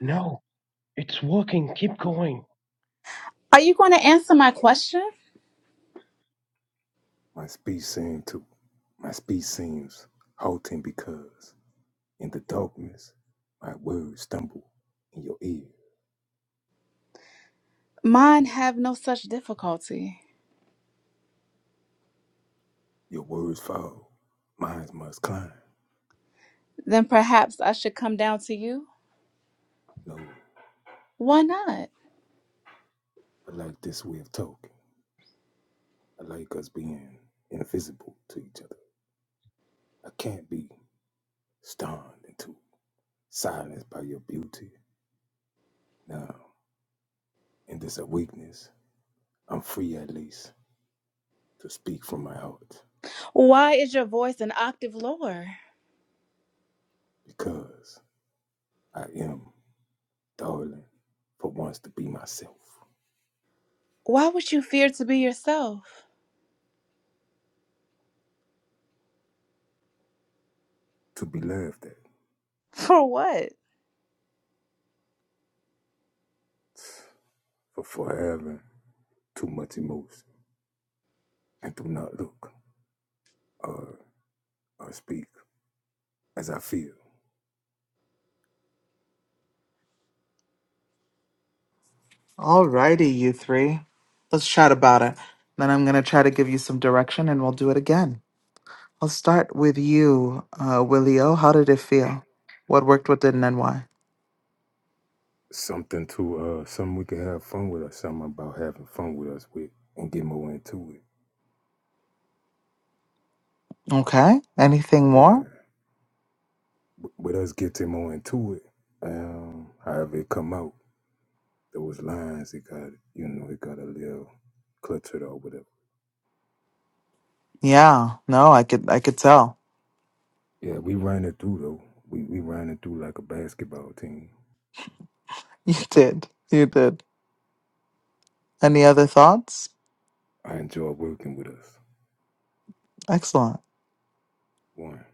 [SPEAKER 9] No, it's working. Keep going.
[SPEAKER 8] Are you going to answer my question?
[SPEAKER 7] My speech seemed to my speech seems halting because in the darkness my words stumble in your ear.
[SPEAKER 8] Mine have no such difficulty.
[SPEAKER 7] Your words fall. Mine must climb.
[SPEAKER 8] Then perhaps I should come down to you?
[SPEAKER 7] No, I
[SPEAKER 8] Why not?
[SPEAKER 7] like this way of talking. I like us being invisible to each other. I can't be stunned into silence by your beauty. Now, in this awakeness, I'm free at least to speak from my heart
[SPEAKER 8] Why is your voice an octave lower?
[SPEAKER 7] because I am darling for once to be myself,
[SPEAKER 8] Why would you fear to be yourself?
[SPEAKER 7] to be laughed at
[SPEAKER 8] <laughs> For what?
[SPEAKER 7] for for having too much emotion and do not look or, or speak as I feel.
[SPEAKER 5] Alrighty, you three. Let's chat about it. Then I'm gonna try to give you some direction, and we'll do it again. I'll start with you, uh, Willio. How did it feel? What worked, what didn't, and why?
[SPEAKER 7] Something to uh, something we can have fun with or something about having fun with us with and get more into it.
[SPEAKER 5] Okay. Anything more?
[SPEAKER 7] Yeah, w- with us getting more into it, um, however it come out, those lines it got you know it got a little cluttered or whatever
[SPEAKER 5] Yeah, no, I could I could tell.
[SPEAKER 7] Yeah, we ran it through though. We we ran it through like a basketball team.
[SPEAKER 5] <laughs> You did. You did. Any other thoughts?
[SPEAKER 7] I enjoy working with us.
[SPEAKER 5] Excellent.
[SPEAKER 7] One.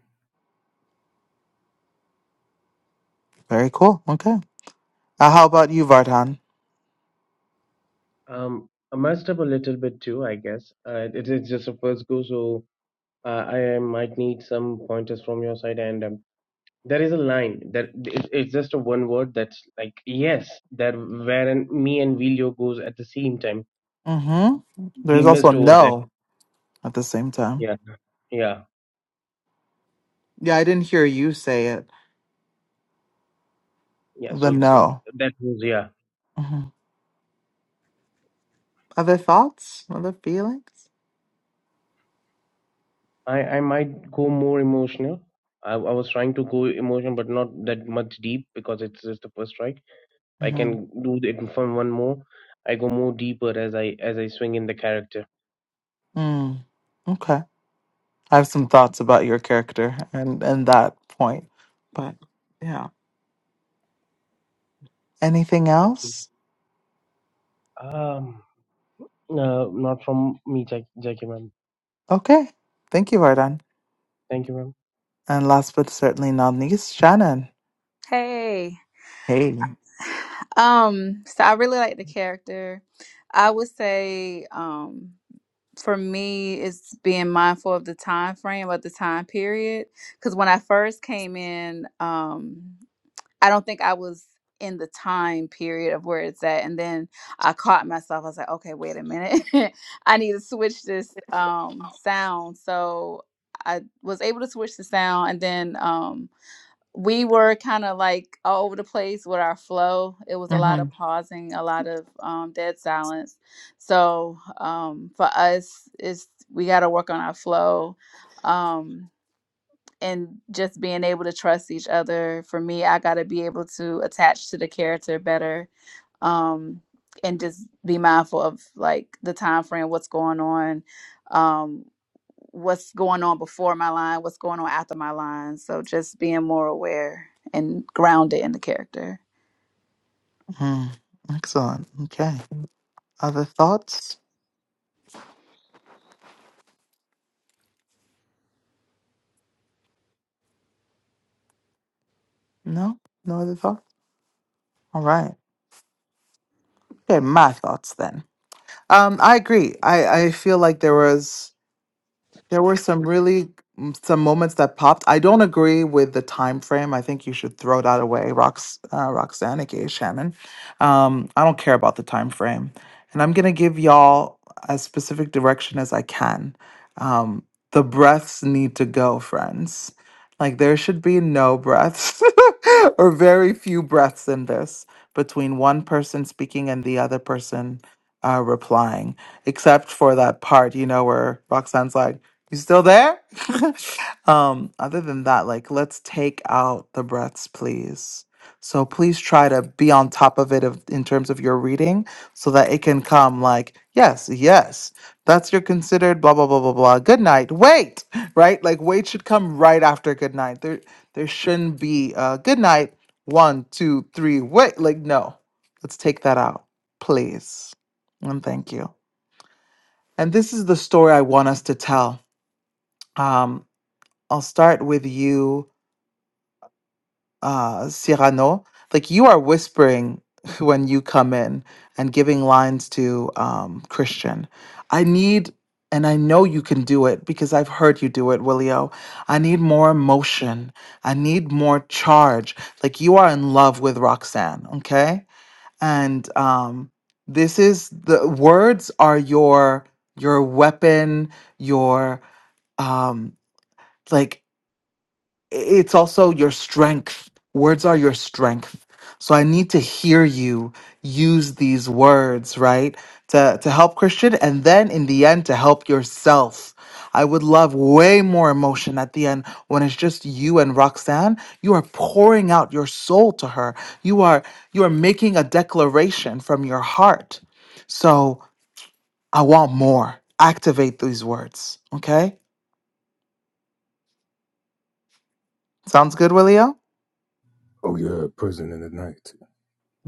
[SPEAKER 5] Very cool. Okay. Uh, how about you, Vardhan?
[SPEAKER 9] Um, I messed up a little bit too, I guess. Uh, it is just a first go, so uh, I might need some pointers from your side. And um, there is a line that it, it's just a one word that's like yes, that wherein me and Vilio goes at the same time.
[SPEAKER 5] Mm-hmm.
[SPEAKER 9] We
[SPEAKER 5] There's also
[SPEAKER 9] missed over there.
[SPEAKER 5] no at the same time.
[SPEAKER 9] Yeah, yeah,
[SPEAKER 5] Yeah, I didn't hear you say it.
[SPEAKER 9] yeah.
[SPEAKER 5] The
[SPEAKER 9] So
[SPEAKER 5] no.
[SPEAKER 9] that was yeah.
[SPEAKER 5] hmm Other thoughts? Other feelings?
[SPEAKER 9] I I might go more emotional. I, I was trying to go emotional, but not that much deep because it's just the first try I
[SPEAKER 5] Mm-hmm.
[SPEAKER 9] can do it from one more. I go more deeper as I as I swing in the character.
[SPEAKER 5] Mm. Okay. I have some thoughts about your character and and that point, but yeah. Anything
[SPEAKER 9] Thank you.
[SPEAKER 5] else?
[SPEAKER 9] Um, no, not from me, Jack, Jackie, ma'am.
[SPEAKER 5] Okay. Thank you, Vardhan.
[SPEAKER 9] Thank you, ma'am.
[SPEAKER 5] And last but certainly not least, Shannon.
[SPEAKER 8] Hey.
[SPEAKER 5] Hey.
[SPEAKER 8] Um, so I really like the character. I would say, um, for me it's being mindful of the time frame of the time period because when i first came in um i don't think i was in the time period of where it's at and then i caught myself i was like okay wait a minute <laughs> i need to switch this um sound so i was able to switch the sound and then um we were kind of like all over the place with our flow. It was a lot
[SPEAKER 5] hmm
[SPEAKER 8] of pausing, a lot of um, dead silence. So um, for us, is we got to work on our flow um, and just being able to trust each other. For me, I got to be able to attach to the character better um and just be mindful of like the time frame what's going on um what's going on before my line what's going on after my line so just being more aware and grounded in the character
[SPEAKER 5] hmm Excellent. Okay. Other thoughts? No? No other thoughts? All right. Okay, my thoughts then. Um, I agree. I, I feel like there was There were some really mm, some moments that popped. I don't agree with the time frame. I think you should throw that away, Rox, uh, Roxanna Gay Shannon. Um, I don't care about the time frame, and I'm gonna give y'all as specific direction as I can. Um, the breaths need to go, friends. Like there should be no breaths <laughs> or very few breaths in this between one person speaking and the other person uh, replying, except for that part, you know, where Roxanne's like. You still there? <laughs> um, other than that, like let's take out the breaths, please. So please try to be on top of it of, in terms of your reading so that it can come like, yes, yes, that's your considered blah blah blah blah blah. Good night. Wait, <laughs> right? Like wait should come right after good night. There there shouldn't be uh good night, one, two, three, wait. Like, no. Let's take that out, please. And thank you. And this is the story I want us to tell. Um, I'll start with you, uh, Cyrano. Like you are whispering <laughs> when you come in and giving lines to um, Christian. I need, and I know you can do it because I've heard you do it, Willio. I need more emotion. I need more charge. Like you are in love with Roxanne, okay? And um, this is the words are your your weapon, your um, like it's also your strength. Words are your strength. So I need to hear you use these words, right? To to help Christian and then in the end to help yourself. I would love way more emotion at the end when it's just you and Roxanne. You are pouring out your soul to her. You are you are making a declaration from your heart. So I want more. Activate these words. Okay? Sounds good, Willio?
[SPEAKER 7] Oh yeah, prison in the night.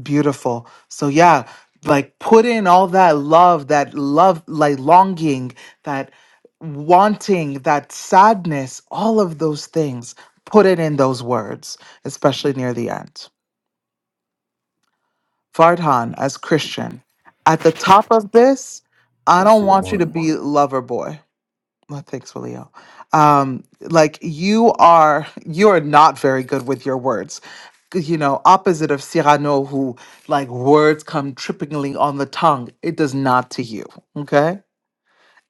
[SPEAKER 5] Beautiful. So yeah, like put in all that love, that love, like longing, that wanting, that sadness, all of those things. Put it in those words, especially near the end. Fardhan, as Christian, at the top of this, I
[SPEAKER 7] That
[SPEAKER 5] don't
[SPEAKER 7] shit
[SPEAKER 5] want you to
[SPEAKER 7] one.
[SPEAKER 5] be lover boy. My thanks, Willio. Um, like you are, you are not very good with your words, You know, opposite of Cyrano, who like words come trippingly on the tongue. It does not to you, okay?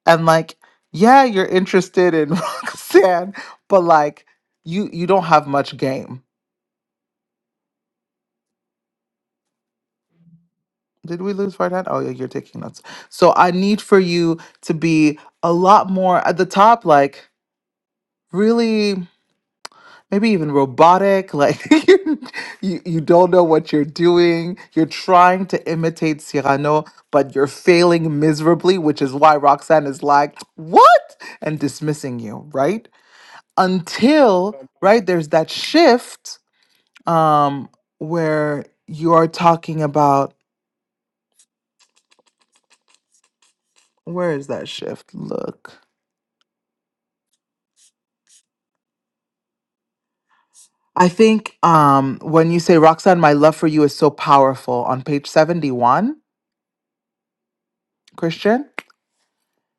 [SPEAKER 5] And like, yeah, you're interested in <laughs> Roxanne, but like, you you don't have much game. Did we lose Vardan? Oh yeah, you're taking notes. So I need for you to be a lot more at the top, like really. maybe even robotic like <laughs> you, you you don't know what you're doing you're trying to imitate cyrano but you're failing miserably which is why roxanne is like what and dismissing you right until
[SPEAKER 9] Um,
[SPEAKER 5] right there's that shift um where you are talking about where is that shift look i think um when you say roxanne my love for you is so powerful on page 71 christian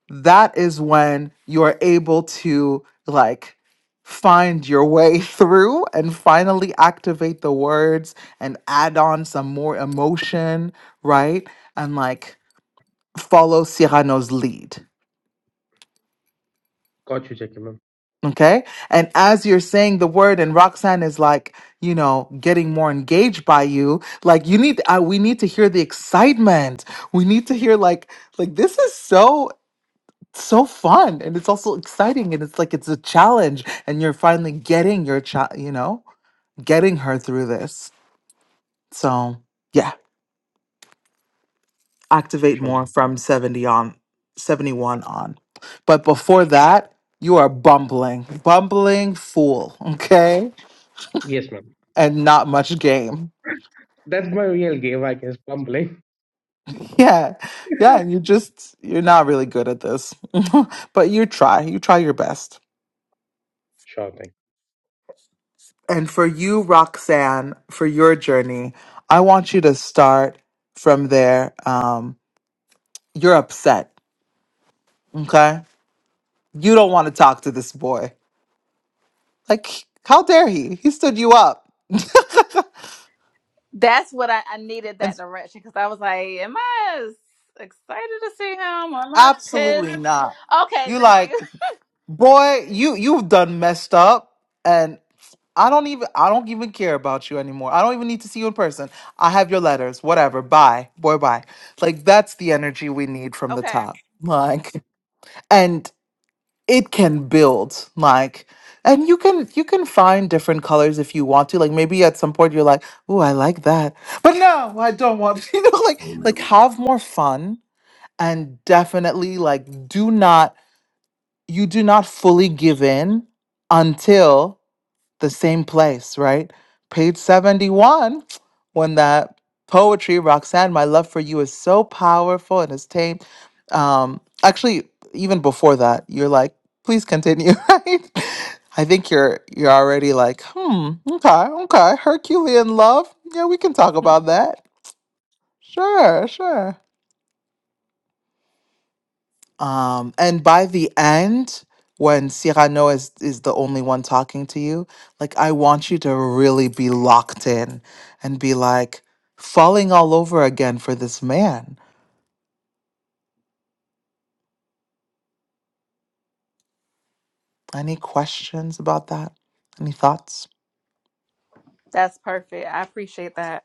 [SPEAKER 5] that is when you're able to like find your way <laughs> through and finally activate the words and add on some more emotion, right? And like follow Cyrano's lead.
[SPEAKER 9] Got you, Jackie, ma'am.
[SPEAKER 5] Okay. And as you're saying the word and Roxanne is like, you know, getting more engaged by you, like you need, uh, we need to hear the excitement. We need to hear like, like this is so so fun and it's also exciting and it's like it's a challenge and you're finally getting your child you know getting her through this so yeah activate
[SPEAKER 9] Sure,
[SPEAKER 5] more
[SPEAKER 9] ma'am.
[SPEAKER 5] from 70 on 71 on but before that you are bumbling bumbling fool <laughs> okay
[SPEAKER 9] Yes, ma'am.
[SPEAKER 5] and not much game
[SPEAKER 9] That's my real game, I guess. Bumbling.
[SPEAKER 5] <laughs> yeah yeah and you just you're not really good at this <laughs> but you try you try your best
[SPEAKER 9] <laughs> sure thing.
[SPEAKER 5] And for you, Roxanne, for your journey, I want you to start from there. Um, you're upset, okay? You don't want to talk to this boy. Like, how dare he? He stood you up,
[SPEAKER 8] that's what i, I needed that
[SPEAKER 5] and
[SPEAKER 8] direction because i was like am I as excited to see him or am i pissed
[SPEAKER 5] absolutely not.
[SPEAKER 8] okay
[SPEAKER 5] You
[SPEAKER 8] thank
[SPEAKER 5] like,
[SPEAKER 8] you
[SPEAKER 5] boy, you you've done messed up, and I don't even I don't even care about you anymore. I don't even need to see you in person. I have your letters, whatever. Bye, boy, bye. Like that's the energy we need
[SPEAKER 8] <laughs>
[SPEAKER 5] from the
[SPEAKER 8] okay
[SPEAKER 5] top. Like. and. it can build like and you can you can find different colors if you want to like maybe at some point you're like "Ooh, i like that but no i don't want <laughs> you know like
[SPEAKER 7] Made Me man
[SPEAKER 5] like
[SPEAKER 7] we
[SPEAKER 5] have more fun and definitely like do not you do not fully give in until the same place, right? Page 71, when that poetry, Roxanne, my love for you is so powerful and is tame. Um, actually, even before that, you're like, please continue, <laughs> right? I think you're you're already like, hmm, okay, okay, Herculean love. Yeah, we can talk about that. Sure, sure. Um, and by the end, when Cyrano is, is the only one talking to you, like I want you to really be locked in and be like falling all over again for this man. Any questions about that? Any thoughts?
[SPEAKER 8] that's perfect i appreciate that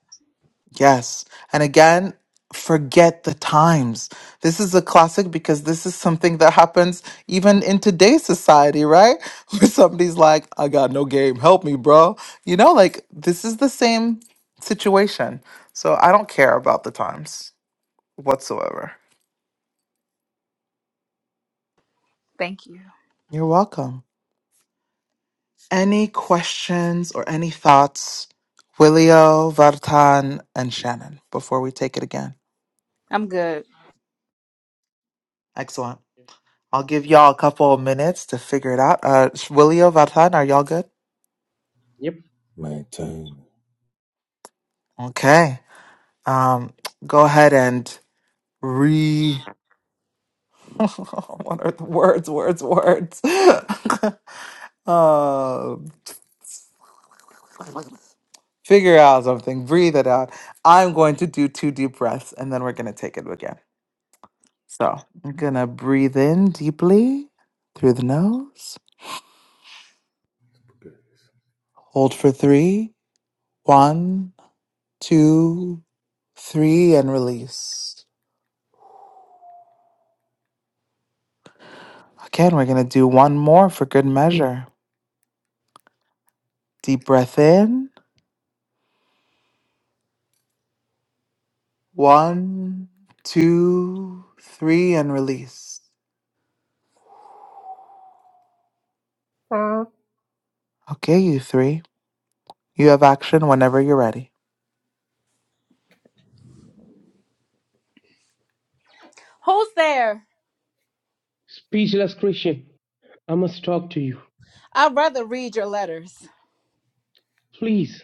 [SPEAKER 5] Yes. And again, forget the times. This is a classic because this is something that happens even in today's society, right? <laughs> Where somebody's like, I got no game. Help me, bro. You know, like this is the same situation. So I don't care about the times whatsoever.
[SPEAKER 8] thank you
[SPEAKER 5] You're welcome. Any questions or any thoughts? Willio, Vartan, and Shannon before we take it again.
[SPEAKER 8] i'm good
[SPEAKER 5] Excellent. I'll give y'all a couple of minutes to figure it out. Uh, Willio, Vatan, are y'all good?
[SPEAKER 9] Yep.
[SPEAKER 7] maintain.
[SPEAKER 5] Okay. Um, go ahead and re. <laughs> what are the words? Words? Words? <laughs> Um figure out something. Breathe it out. I'm going to do two deep breaths, and then we're gonna take it again. So I'm gonna breathe in deeply through the nose.
[SPEAKER 7] Yes.
[SPEAKER 5] Hold for three. One, two. Three and release. Again, we're going to do one more for good measure. Deep breath in. One, two, three, and release. Okay, you three. You have action whenever you're ready.
[SPEAKER 8] who's there
[SPEAKER 9] Speechless Christian, I must talk to you.
[SPEAKER 8] i'd rather read your letters
[SPEAKER 9] Please.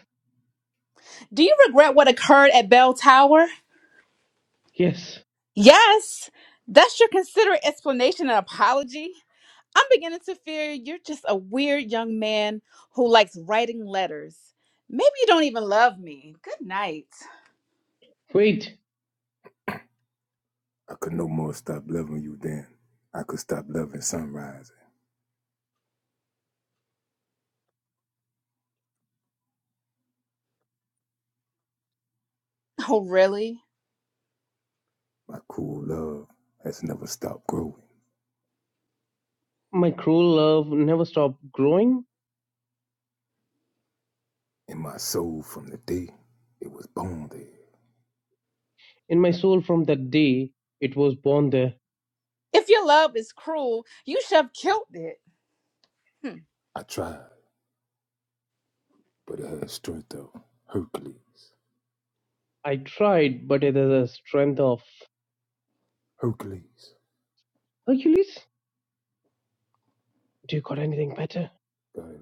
[SPEAKER 8] Do you regret what occurred at Bell Tower?
[SPEAKER 9] Yes.
[SPEAKER 8] Yes. That's your considerate explanation and apology. I'm beginning to fear you're just a weird young man who likes writing letters. Maybe you don't even love me. Good night. <laughs>
[SPEAKER 9] Wait.
[SPEAKER 7] I could no more stop loving you than I could stop loving sunrise.
[SPEAKER 8] Oh, really?
[SPEAKER 7] My cool love has never stopped growing.
[SPEAKER 9] My cruel love never stopped growing
[SPEAKER 7] In my soul from the day it was born there.
[SPEAKER 9] in my soul from that day it was born there.
[SPEAKER 8] If your love is cruel, you should have killed it. Hmm.
[SPEAKER 7] I tried, but it had strength of Hercules.
[SPEAKER 9] I tried, but it is a strength of
[SPEAKER 7] Hercules.
[SPEAKER 9] Hercules? Do you got anything better?
[SPEAKER 7] Got it.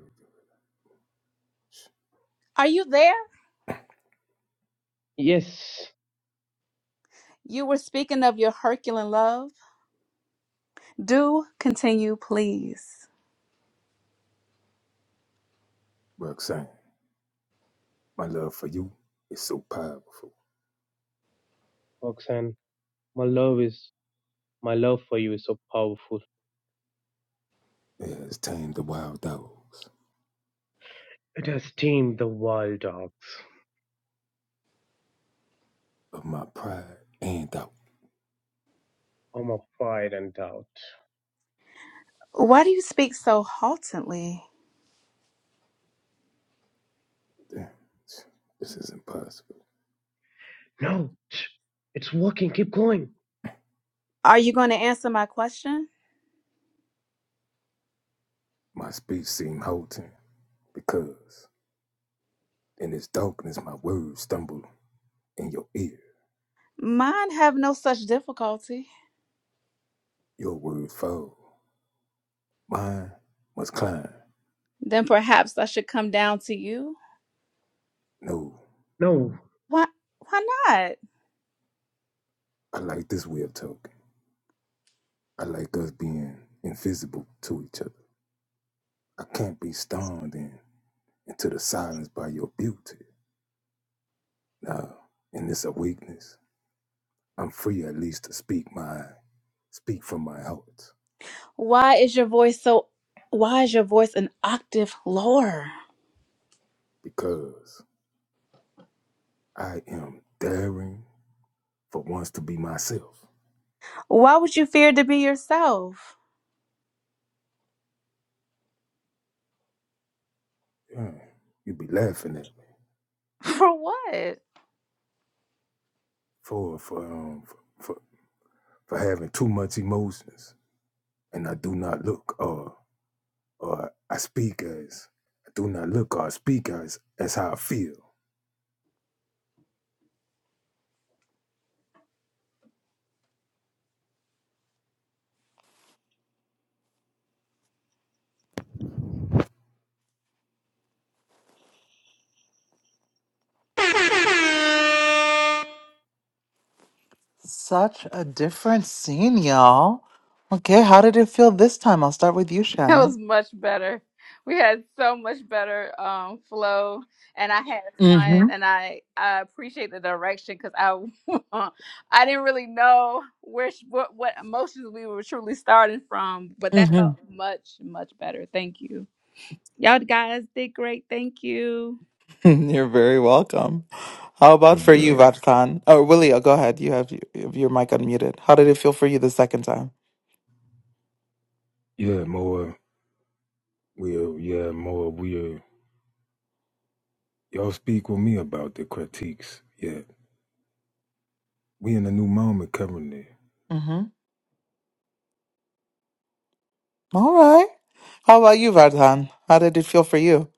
[SPEAKER 8] Are you there?
[SPEAKER 9] Yes,
[SPEAKER 8] You were speaking of your Herculean love. Do continue, please.
[SPEAKER 7] Roxanne. My love for you is so powerful.
[SPEAKER 9] Roxanne. My love is my love for you is so powerful.
[SPEAKER 7] It has tamed the wild dogs
[SPEAKER 9] It has tamed the wild dogs.
[SPEAKER 7] of my pride and doubt.
[SPEAKER 9] All my pride and doubt.
[SPEAKER 8] Why do you speak so haltingly?
[SPEAKER 7] Damn, this is impossible.
[SPEAKER 9] No, shh, it's working. Keep going.
[SPEAKER 8] Are you going to answer my question?
[SPEAKER 7] My speech seemed halting because in its darkness my words stumble in your ear.
[SPEAKER 8] Mine have no such difficulty.
[SPEAKER 7] Your words fall. Mine must climb.
[SPEAKER 8] Then perhaps I should come down to you.
[SPEAKER 7] No,
[SPEAKER 9] No.
[SPEAKER 8] Why why not?
[SPEAKER 7] I like this way of talking. I like us being invisible to each other. I can't be stormed in into the silence by your beauty. Now, in this awakeness. I'm free at least to speak my speak from my heart
[SPEAKER 8] Why is your voice so why is your voice an octave lower?
[SPEAKER 7] because I am daring for once to be myself.
[SPEAKER 8] Why would you fear to be yourself?
[SPEAKER 7] Yeah, you'd be laughing at me
[SPEAKER 8] <laughs> For what?
[SPEAKER 7] for for um for, for for having too much emotions, and I do not look or or I speak as I do not look or speak as as how I feel.
[SPEAKER 5] Such a different scene, y'all. Okay, how did it feel this time? I'll start with you,
[SPEAKER 8] That
[SPEAKER 5] Shannon.
[SPEAKER 8] was much better. We had so much better um, flow, and I had
[SPEAKER 5] Mm
[SPEAKER 8] fun, and I I appreciate the direction because I <laughs> I didn't really know where sh- what what emotions we were truly starting from, but that
[SPEAKER 5] hmm.
[SPEAKER 8] felt much much better. Thank you, y'all guys did great. Thank you,
[SPEAKER 5] <laughs> You're very welcome. How
[SPEAKER 7] Oh
[SPEAKER 5] about for you,
[SPEAKER 7] yeah,
[SPEAKER 5] Vatkan? Oh, Willie, oh, go ahead. You have y- your mic unmuted. How did it feel for you the second time?
[SPEAKER 7] yeah, more will yeah more will y'all speak with me about the critiques. Yeah, we in a new moment currently.
[SPEAKER 5] Mm-hmm. All right. How about you, Vardhan? How did it feel for you? <laughs>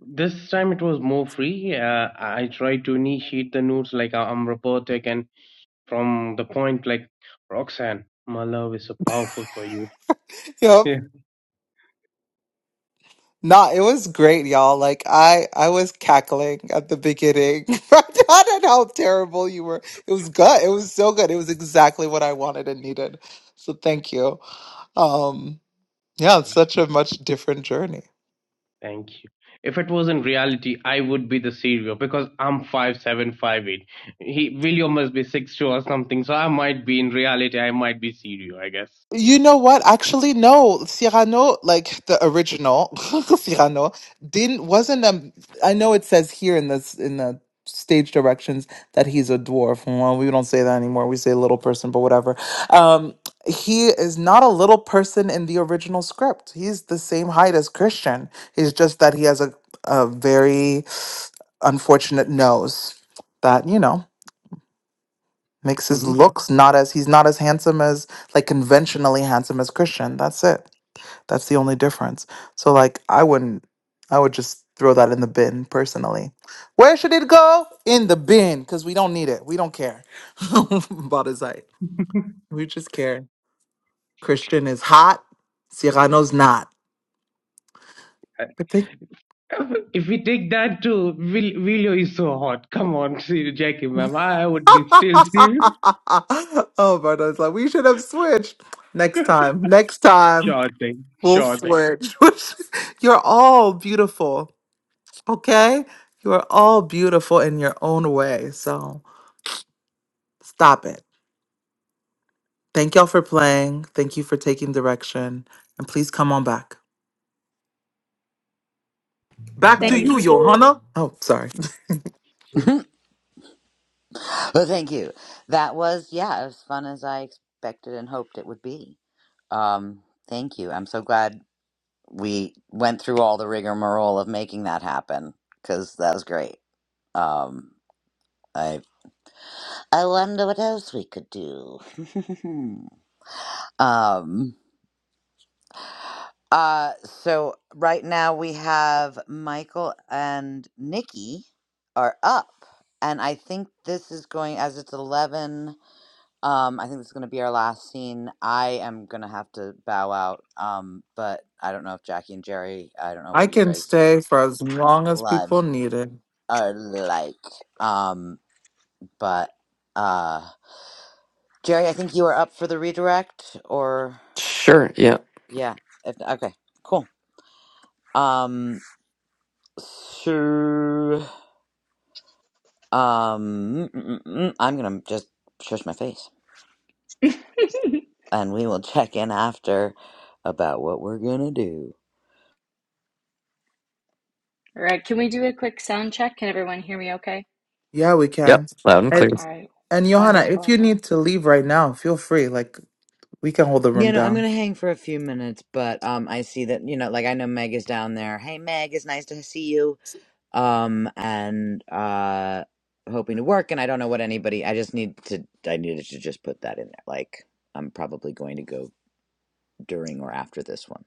[SPEAKER 9] This time it was more free. Uh, I tried to initiate the notes like I'm robotic and from the point like Roxanne, my love is so powerful for you.
[SPEAKER 5] Yep.
[SPEAKER 9] <laughs>
[SPEAKER 5] Nah, it was great, y'all. Like I, I was cackling at the beginning. <laughs> Vardhan, and how terrible you were. It was good. It was so good. It was exactly what I wanted and needed. So thank you. Um, yeah, it's such a much different journey.
[SPEAKER 9] Thank you. If it was in reality, I would be the serial because I'm five seven, five eight. He William must be six two or something. So I might be in reality. I might be serial, I guess.
[SPEAKER 5] You know what? Actually, no. Cyrano, like the original <laughs> Cyrano, didn't wasn't a. I know it says here in this in the stage directions that he's a dwarf. Well, we don't say that anymore. We say little person, but whatever. Um, he is not a little person in the original script. He's the same height as Christian. It's just that he has a a very unfortunate nose that you know Makes his
[SPEAKER 9] hmm
[SPEAKER 5] looks not as he's not as handsome as like conventionally handsome as Christian. That's it. That's the only difference. So like I wouldn't I would just throw that in the bin personally. Where should it go? In the bin, because we don't need it. We don't care <laughs> about his height. We just care. Christian is hot. Cyrano's not. But they
[SPEAKER 9] <laughs> If we take that too, Will William is so hot. Come on, <laughs> see Jackie, ma'am. I would be still serial.
[SPEAKER 5] <laughs> oh, Bardo's like, we should have switched. Next time, next time,
[SPEAKER 9] Sure thing.
[SPEAKER 5] we'll
[SPEAKER 9] Sure thing.
[SPEAKER 5] switch. <laughs> You're all beautiful. Okay? You are all beautiful in your own way. So stop it. Thank y'all for playing. Thank you for taking direction. And please come on back. Back
[SPEAKER 7] Now
[SPEAKER 8] thank
[SPEAKER 5] to you,
[SPEAKER 7] it's
[SPEAKER 8] you.
[SPEAKER 5] Johanna. Oh, sorry.
[SPEAKER 1] Well, thank you. That was, yeah, as fun as I expected and hoped it would be. Um, thank you. I'm so glad we went through all the rigmarole of making that happen because that was great. Um, I I wonder what else we could do. <laughs> um, uh, so right now we have Michael and Nikki are up, and I think this is going as it's eleven. Um, I think this is gonna be our last scene. I am gonna have to bow out. Um, but I don't know if Jackie and Jerry, I don't
[SPEAKER 5] <laughs>
[SPEAKER 1] know
[SPEAKER 5] I
[SPEAKER 1] what your
[SPEAKER 5] can
[SPEAKER 1] guys'
[SPEAKER 5] stay for as long as people
[SPEAKER 1] lives
[SPEAKER 5] need it.
[SPEAKER 1] are like. Um, but uh, Jerry, I think you are up for the redirect, or
[SPEAKER 2] Sure. Yeah.
[SPEAKER 1] yeah, if okay, cool. Um, so um, mm, mm, mm, I'm gonna just shush my face,
[SPEAKER 10] <laughs>
[SPEAKER 1] and we will <laughs> check in after about what we're gonna do.
[SPEAKER 10] All right, can we do a quick sound check? Can everyone hear me okay?
[SPEAKER 5] Yeah, we
[SPEAKER 2] Yep.
[SPEAKER 5] can.
[SPEAKER 2] Loud and
[SPEAKER 5] And,
[SPEAKER 2] clear.
[SPEAKER 10] All right,
[SPEAKER 5] and Johanna, if you
[SPEAKER 10] wonderful.
[SPEAKER 5] need to leave right now, feel free. Like, we can hold the room
[SPEAKER 1] You know, I'm
[SPEAKER 5] down.
[SPEAKER 1] gonna hang for a few minutes, but um, I see that you know, like I know Meg is down there. Hey, Meg, it's nice to see you. Um, and uh, hoping to work, and I don't know what anybody. I just need to. I needed to just put that in there. Like, I'm probably going to go during or after this one,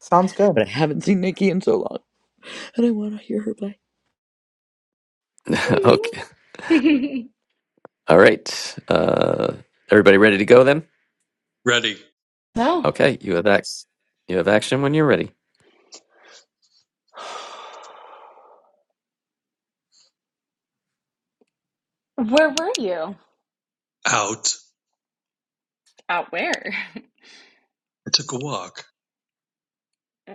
[SPEAKER 5] Sounds good.
[SPEAKER 1] but I haven't seen Nikki in so long, and I want to hear her play.
[SPEAKER 2] <laughs> okay.
[SPEAKER 10] <laughs>
[SPEAKER 2] All right. Uh, everybody ready to go then?
[SPEAKER 11] Ready.
[SPEAKER 10] Well,
[SPEAKER 2] Okay. You have ac You have action when you're ready.
[SPEAKER 10] where were you?
[SPEAKER 11] Out.
[SPEAKER 10] Out where?
[SPEAKER 11] I took a walk.
[SPEAKER 10] Uh,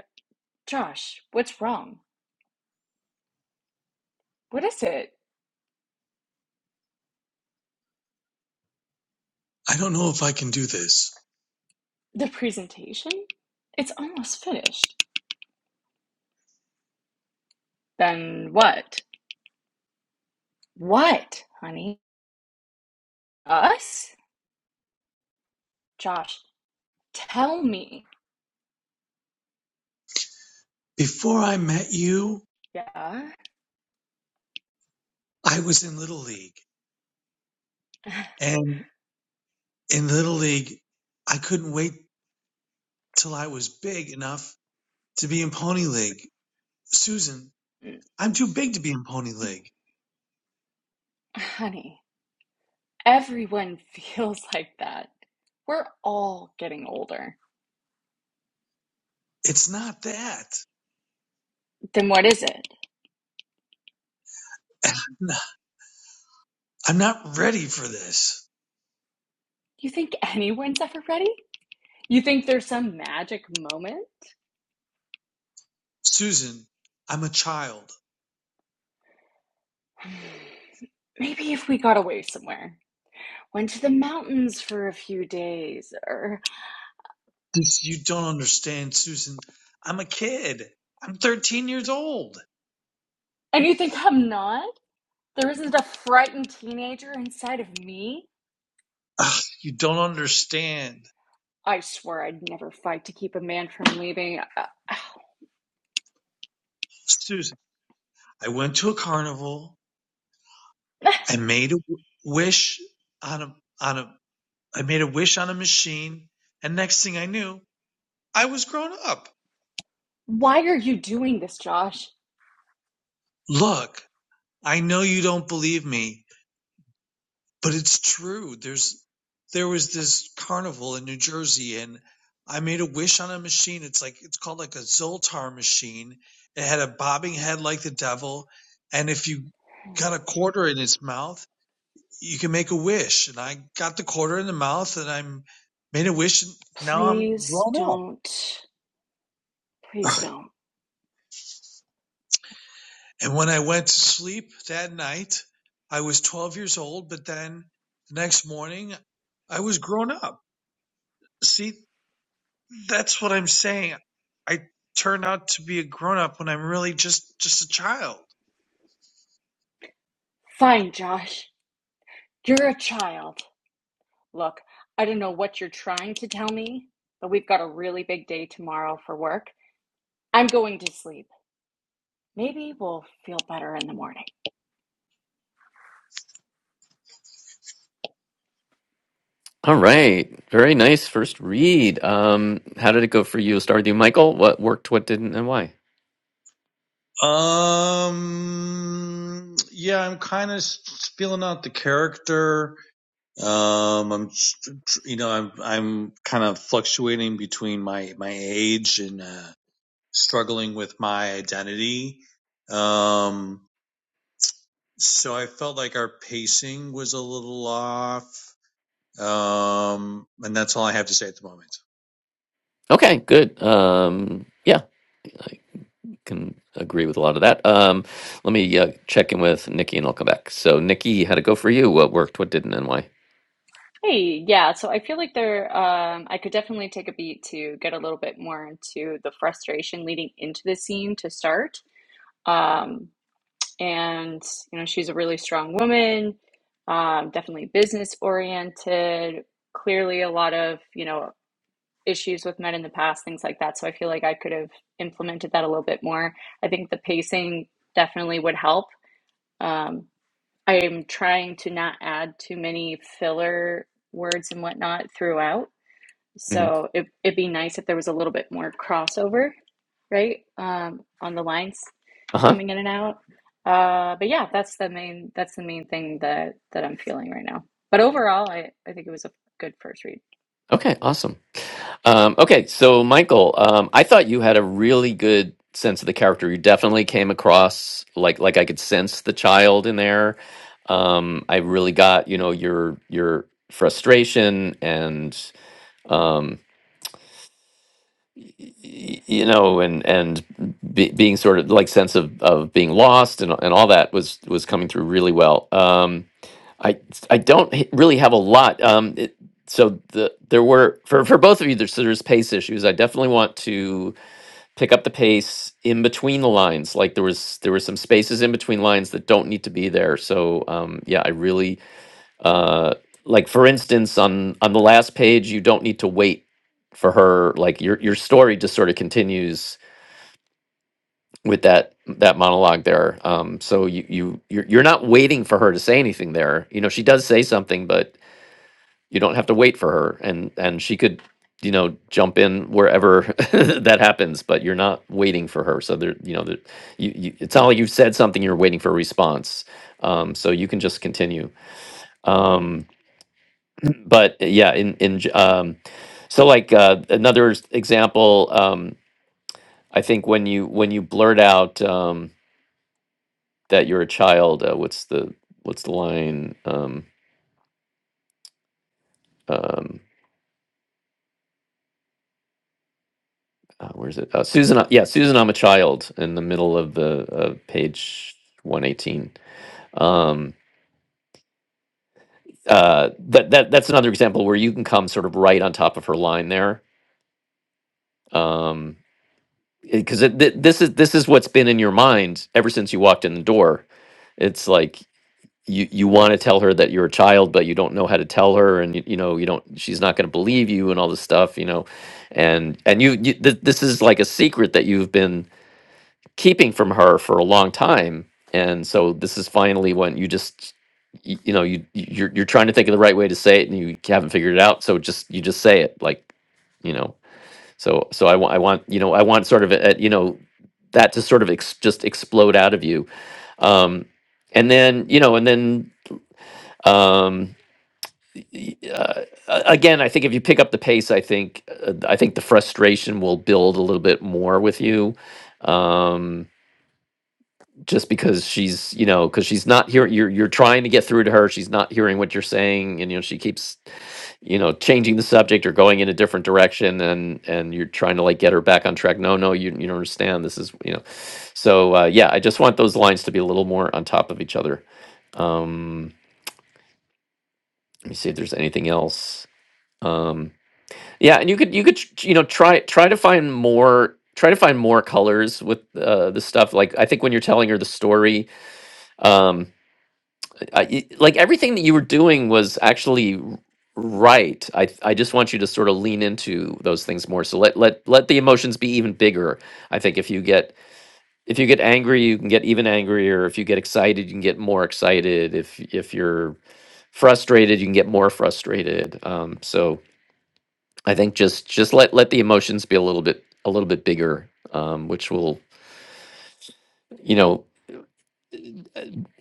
[SPEAKER 10] Josh, what's wrong? What is it?
[SPEAKER 11] I don't know if I can do this.
[SPEAKER 10] The presentation? It's almost finished. Then what? What, honey? Us? Josh, tell me.
[SPEAKER 11] Before I met you,
[SPEAKER 10] Yeah?
[SPEAKER 11] I was in Little League. And in Little League, I couldn't wait till I was big enough to be in Pony League. Susan,
[SPEAKER 10] <sighs>
[SPEAKER 11] I'm too big to be in Pony League.
[SPEAKER 10] <laughs> Honey, everyone feels like that. We're all getting older.
[SPEAKER 11] It's not that.
[SPEAKER 10] Then what is it?
[SPEAKER 11] <laughs> I'm not I'm not ready for this.
[SPEAKER 10] Do you think anyone's ever ready? You think there's some magic moment?
[SPEAKER 11] Susan, I'm a child.
[SPEAKER 10] <sighs> Maybe if we got away somewhere, went to the mountains for a few days, or.
[SPEAKER 11] If you don't understand, Susan, I'm a kid. I'm 13 years old.
[SPEAKER 10] And you think I'm not? There isn't a frightened teenager inside of me?
[SPEAKER 11] Ugh, you don't understand.
[SPEAKER 10] I swear I'd never fight to keep a man from leaving. <sighs>
[SPEAKER 11] Susan, I went to a carnival.
[SPEAKER 10] Uh,
[SPEAKER 11] I made a w- wish on a on a I made a wish on a machine, and next thing I knew, I was grown up.
[SPEAKER 10] Why are you doing this, Josh?
[SPEAKER 11] Look, I know you don't believe me, but it's true. There's there was this carnival in New Jersey, and I made a wish on a machine. It's like it's called like a Zoltar machine. It had a bobbing head like the devil, and if you got a quarter in its mouth you can make a wish. And I got the quarter in the mouth and I made a wish. And now I'm
[SPEAKER 10] Please
[SPEAKER 11] grown up.
[SPEAKER 10] don't. Please don't.
[SPEAKER 11] And when I went to sleep that night, I was 12 years old, but then the next morning I was grown up. See, that's what I'm saying. I turn out to be a grown up when I'm really just, just a child.
[SPEAKER 10] Fine, Josh. You're a child. Look, I don't know what you're trying to tell me, but we've got a really big day tomorrow for work. I'm going to sleep. Maybe we'll feel better in the morning.
[SPEAKER 2] All right. Very nice first read. Um, how did it go for you? Start with you, Michael. What worked, what didn't, and why?
[SPEAKER 11] Um, yeah, I'm kind of feeling out the character Um, I'm, you know, I'm, I'm kind of fluctuating between my, my age and, uh, struggling with my identity. Um, so I felt like our pacing was a little off. Um, and that's all I have to say at the moment.
[SPEAKER 2] Okay, good. Um, yeah, I can agree with a lot of that. Um, let me uh, check in with Nikki and I'll come back. So, Nikki, how'd it go for you? What worked, what didn't, and why?
[SPEAKER 10] Hey, yeah, so I feel like there, um, I could definitely take a beat to get a little bit more into the frustration leading into the scene to start. Um, and, you know, she's a really strong woman, um, definitely business oriented, clearly a lot of, you know, issues with men in the past, things like that. So I feel like I could have implemented that a little bit more. I think the pacing definitely would help. Um, I'm trying to not add too many filler words and whatnot throughout.
[SPEAKER 2] hmm
[SPEAKER 10] So it, it'd be nice if there was a little bit more crossover, right? Um, on the lines
[SPEAKER 2] Uh huh.
[SPEAKER 10] coming in and out. Uh, but yeah, that's the main that's the main thing that that I'm feeling right now. But overall, I I think it was a good first read.
[SPEAKER 2] Okay, awesome. Um, okay, so Michael, um, I thought you had a really good sense of the character. You definitely came across like like I could sense the child in there. Um, I really got you know your your frustration and um, y- you know and and be, being sort of like sense of of being lost and and all that was was coming through really well. Um, I I don't h- really have a lot. Um, it, so the there were for for both of you. There's there's pace issues. I definitely want to pick up the pace in between the lines like there was there were some spaces in between lines that don't need to be there so um yeah i really uh like for instance on on the last page you don't need to wait for her like your your story just sort of continues with that that monologue there um so you you you're, you're not waiting for her to say anything there you know she does say something but you don't have to wait for her and and she could you know jump in wherever <laughs> that happens but you're not waiting for her so there you know that you, you it's not like you've said something you're waiting for a response um so you can just continue um but uh, yeah in in j- um so like uh another s- example um i think when you when you blurt out um that you're a child uh, what's the what's the line um um, uh, where's it? Uh, Susan, yeah, Susan, I'm a child in the middle of the of page 118. Um, uh, that that that's another example where you can come sort of right on top of her line there, um, because it, th- this is this is what's been in your mind ever since you walked in the door. It's like you you want to tell her that you're a child, but you don't know how to tell her, and you, you know you don't. She's not going to believe you, and all this stuff, you know, and and you, you th- this is like a secret that you've been keeping from her for a long time and so this is finally when you just you, you know you you- you're you're trying to think of the right way to say it and you haven't figured it out so just you just say it like you know so so i want i want you know i want sort of a, a- you know that to sort of ex- just explode out of you um and then you know and then um y- uh, a- again i think if you pick up the pace i think uh, i think the frustration will build a little bit more with you um just because she's you know because she's not hearing you're you're trying to get through to her she's not hearing what you're saying and you know she keeps you know changing the subject or going in a different direction and and you're trying to like get her back on track no no you, you don't understand this is you know so uh, yeah i just want those lines to be a little more on top of each other um let me see if there's anything else um yeah and you could you could tr- tr- you know try try to find more try to find more colors with uh, the stuff like i think when you're telling her the story um, uh, y- like everything that you were doing was actually r- right. I th- I just want you to sort of lean into those things more. So let let let the emotions be even bigger. I think if you get if you get angry, you can get even angrier. If you get excited, you can get more excited. If if you're frustrated, you can get more frustrated. Um, so I think just just let let the emotions be a little bit a little bit bigger, um, which will you know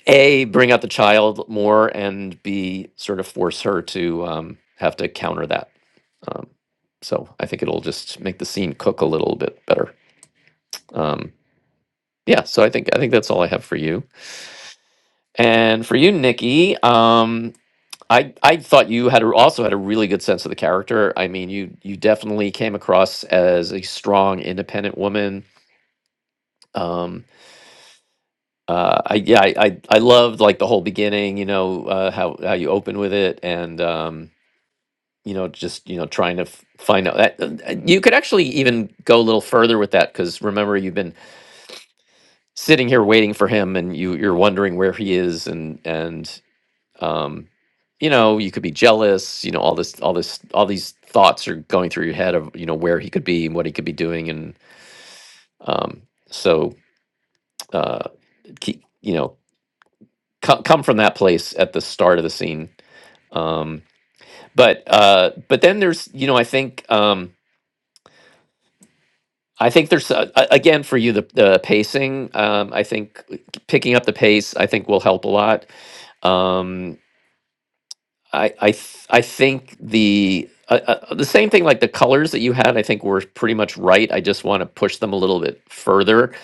[SPEAKER 2] a bring out the child more and b sort of force her to um, have to counter that um, so i think it'll just make the scene cook a little bit better um, yeah so i think i think that's all i have for you and for you nikki um, I, I thought you had a, also had a really good sense of the character. I mean, you you definitely came across as a strong, independent woman. Um, uh, I yeah, I, I I loved like the whole beginning. You know uh, how how you open with it, and um, you know just you know trying to f- find out that uh, uh, you could actually even go a little further with that because remember you've been sitting here waiting for him and you you're wondering where he is and and um you know you could be jealous you know all this all this all these thoughts are going through your head of you know where he could be and what he could be doing and um so uh keep you know co- come from that place at the start of the scene um but uh but then there's you know i think um I think there's uh, a- again for you the, the pacing. Um, I think picking up the pace I think will help a lot. Um, I I th- I think the uh, uh, the same thing like the colors that you had I think were pretty much right. I just want to push them a little bit further.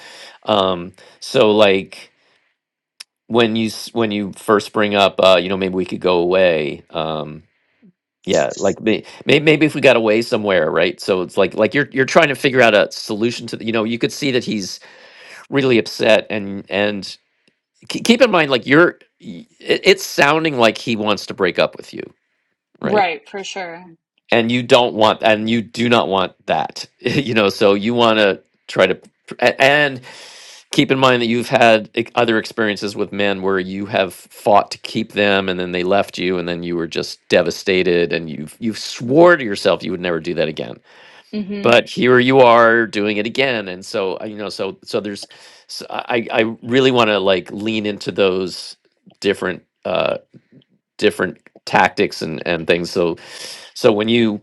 [SPEAKER 2] Um, so like when you s- when you first bring up uh, you know maybe we could go away. Um, yeah, like may, may- maybe if we got away somewhere, right? So it's like like you're you're trying to figure out a solution to the, you know you could see that he's really upset and and ke- keep in mind like you're y- it- it's sounding like he wants to break up with you right
[SPEAKER 10] Right, for sure.
[SPEAKER 2] and you don't want and you do not want that <laughs> you know so you want to try to a- and keep in mind that you've had ex- other experiences with men where you have fought to keep them and then they left you and then you were just devastated and you've you've swore to yourself you would never do that again
[SPEAKER 10] Mm-hmm.
[SPEAKER 2] but here you are doing it again and so uh, you know so so there's so i i really want to like lean into those different uh different tactics and and things so so when you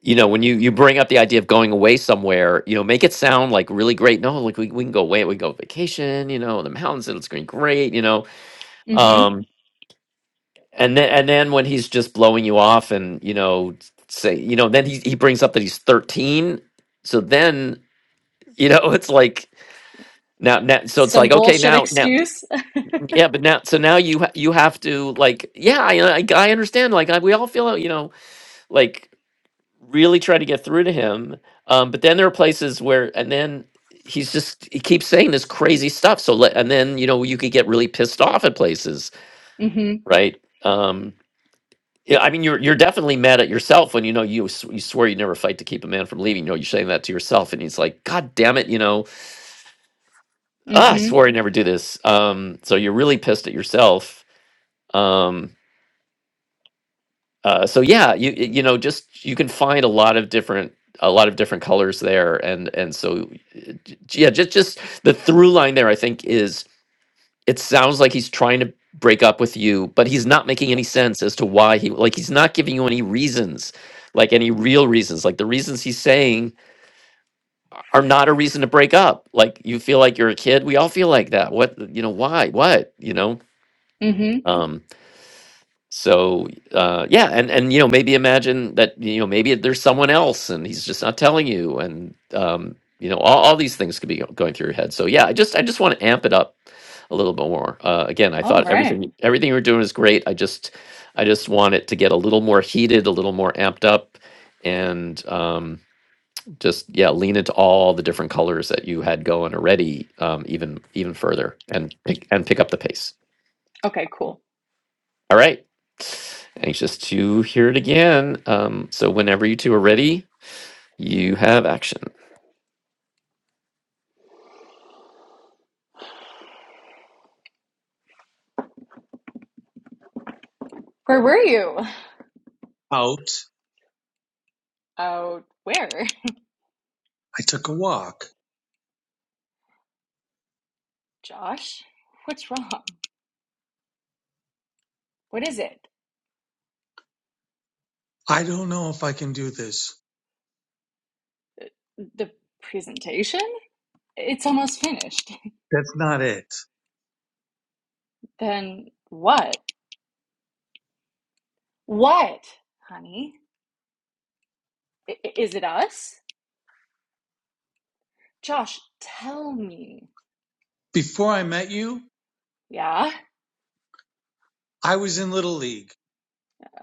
[SPEAKER 2] you know when you you bring up the idea of going away somewhere you know make it sound like really great no like we, we can go away we go vacation you know in the mountains it's going to be great you know
[SPEAKER 10] Mm-hmm.
[SPEAKER 2] um and then and then when he's just blowing you off and you know say you know then he, he brings up that he's 13 so then you know it's like now, now so it's
[SPEAKER 10] Some
[SPEAKER 2] like okay
[SPEAKER 10] bullshit
[SPEAKER 2] now now
[SPEAKER 10] excuse. <laughs>
[SPEAKER 2] yeah but now so now you ha- you have to like yeah i i, I understand like I, we all feel it, you know like really try to get through to him um but then there are places where and then he's just he keeps saying this crazy stuff so let and then you know you could get really pissed off at places
[SPEAKER 10] Mm-hmm.
[SPEAKER 2] right um yeah, I mean, you're you're definitely mad at yourself when you know you sw- you swear you never fight to keep a man from leaving. You know, you're saying that to yourself, and he's like, "God damn it!" You know, ah, I
[SPEAKER 10] Mm-hmm.
[SPEAKER 2] swore I'd never do this. Um, so you're really pissed at yourself. Um, uh, so yeah, you y- you know, just you can find a lot of different a lot of different colors there, and and so uh, j- yeah, just just the through line there. I think is it sounds like he's trying to break up with you, but he's not making any sense as to why he like he's not giving you any reasons. Like any real reasons, like the reasons he's saying are not a reason to break up. Like you feel like you're a kid. We all feel like that. What you know? Why? What you know?
[SPEAKER 10] Mm-hmm.
[SPEAKER 2] Um. so uh yeah and and you know maybe imagine that you know maybe there's someone else and he's just not telling you and um you know all, all these things could be go- going through your head so yeah i just i just want to amp it up a little bit more uh again i
[SPEAKER 10] All
[SPEAKER 2] thought
[SPEAKER 10] right.
[SPEAKER 2] everything everything you were doing is great i just i just want it to get a little more heated a little more amped up and um just yeah lean into all the different colors that you had going already um even even further and pick and pick up the pace
[SPEAKER 10] Okay, cool.
[SPEAKER 2] all right. Anxious to hear it again. Um, so whenever you two are ready, you have action.
[SPEAKER 10] Where were you?
[SPEAKER 11] Out.
[SPEAKER 10] Oh, where?
[SPEAKER 11] I took a walk.
[SPEAKER 10] Josh? What's wrong? What is it?
[SPEAKER 11] I don't know if I can do this.
[SPEAKER 10] The presentation? It's almost finished. <laughs>
[SPEAKER 11] That's not it.
[SPEAKER 10] Then what? What, honey? I- is it us? Josh, tell me.
[SPEAKER 11] Before I met you,
[SPEAKER 10] Yeah?
[SPEAKER 11] I was in Little League.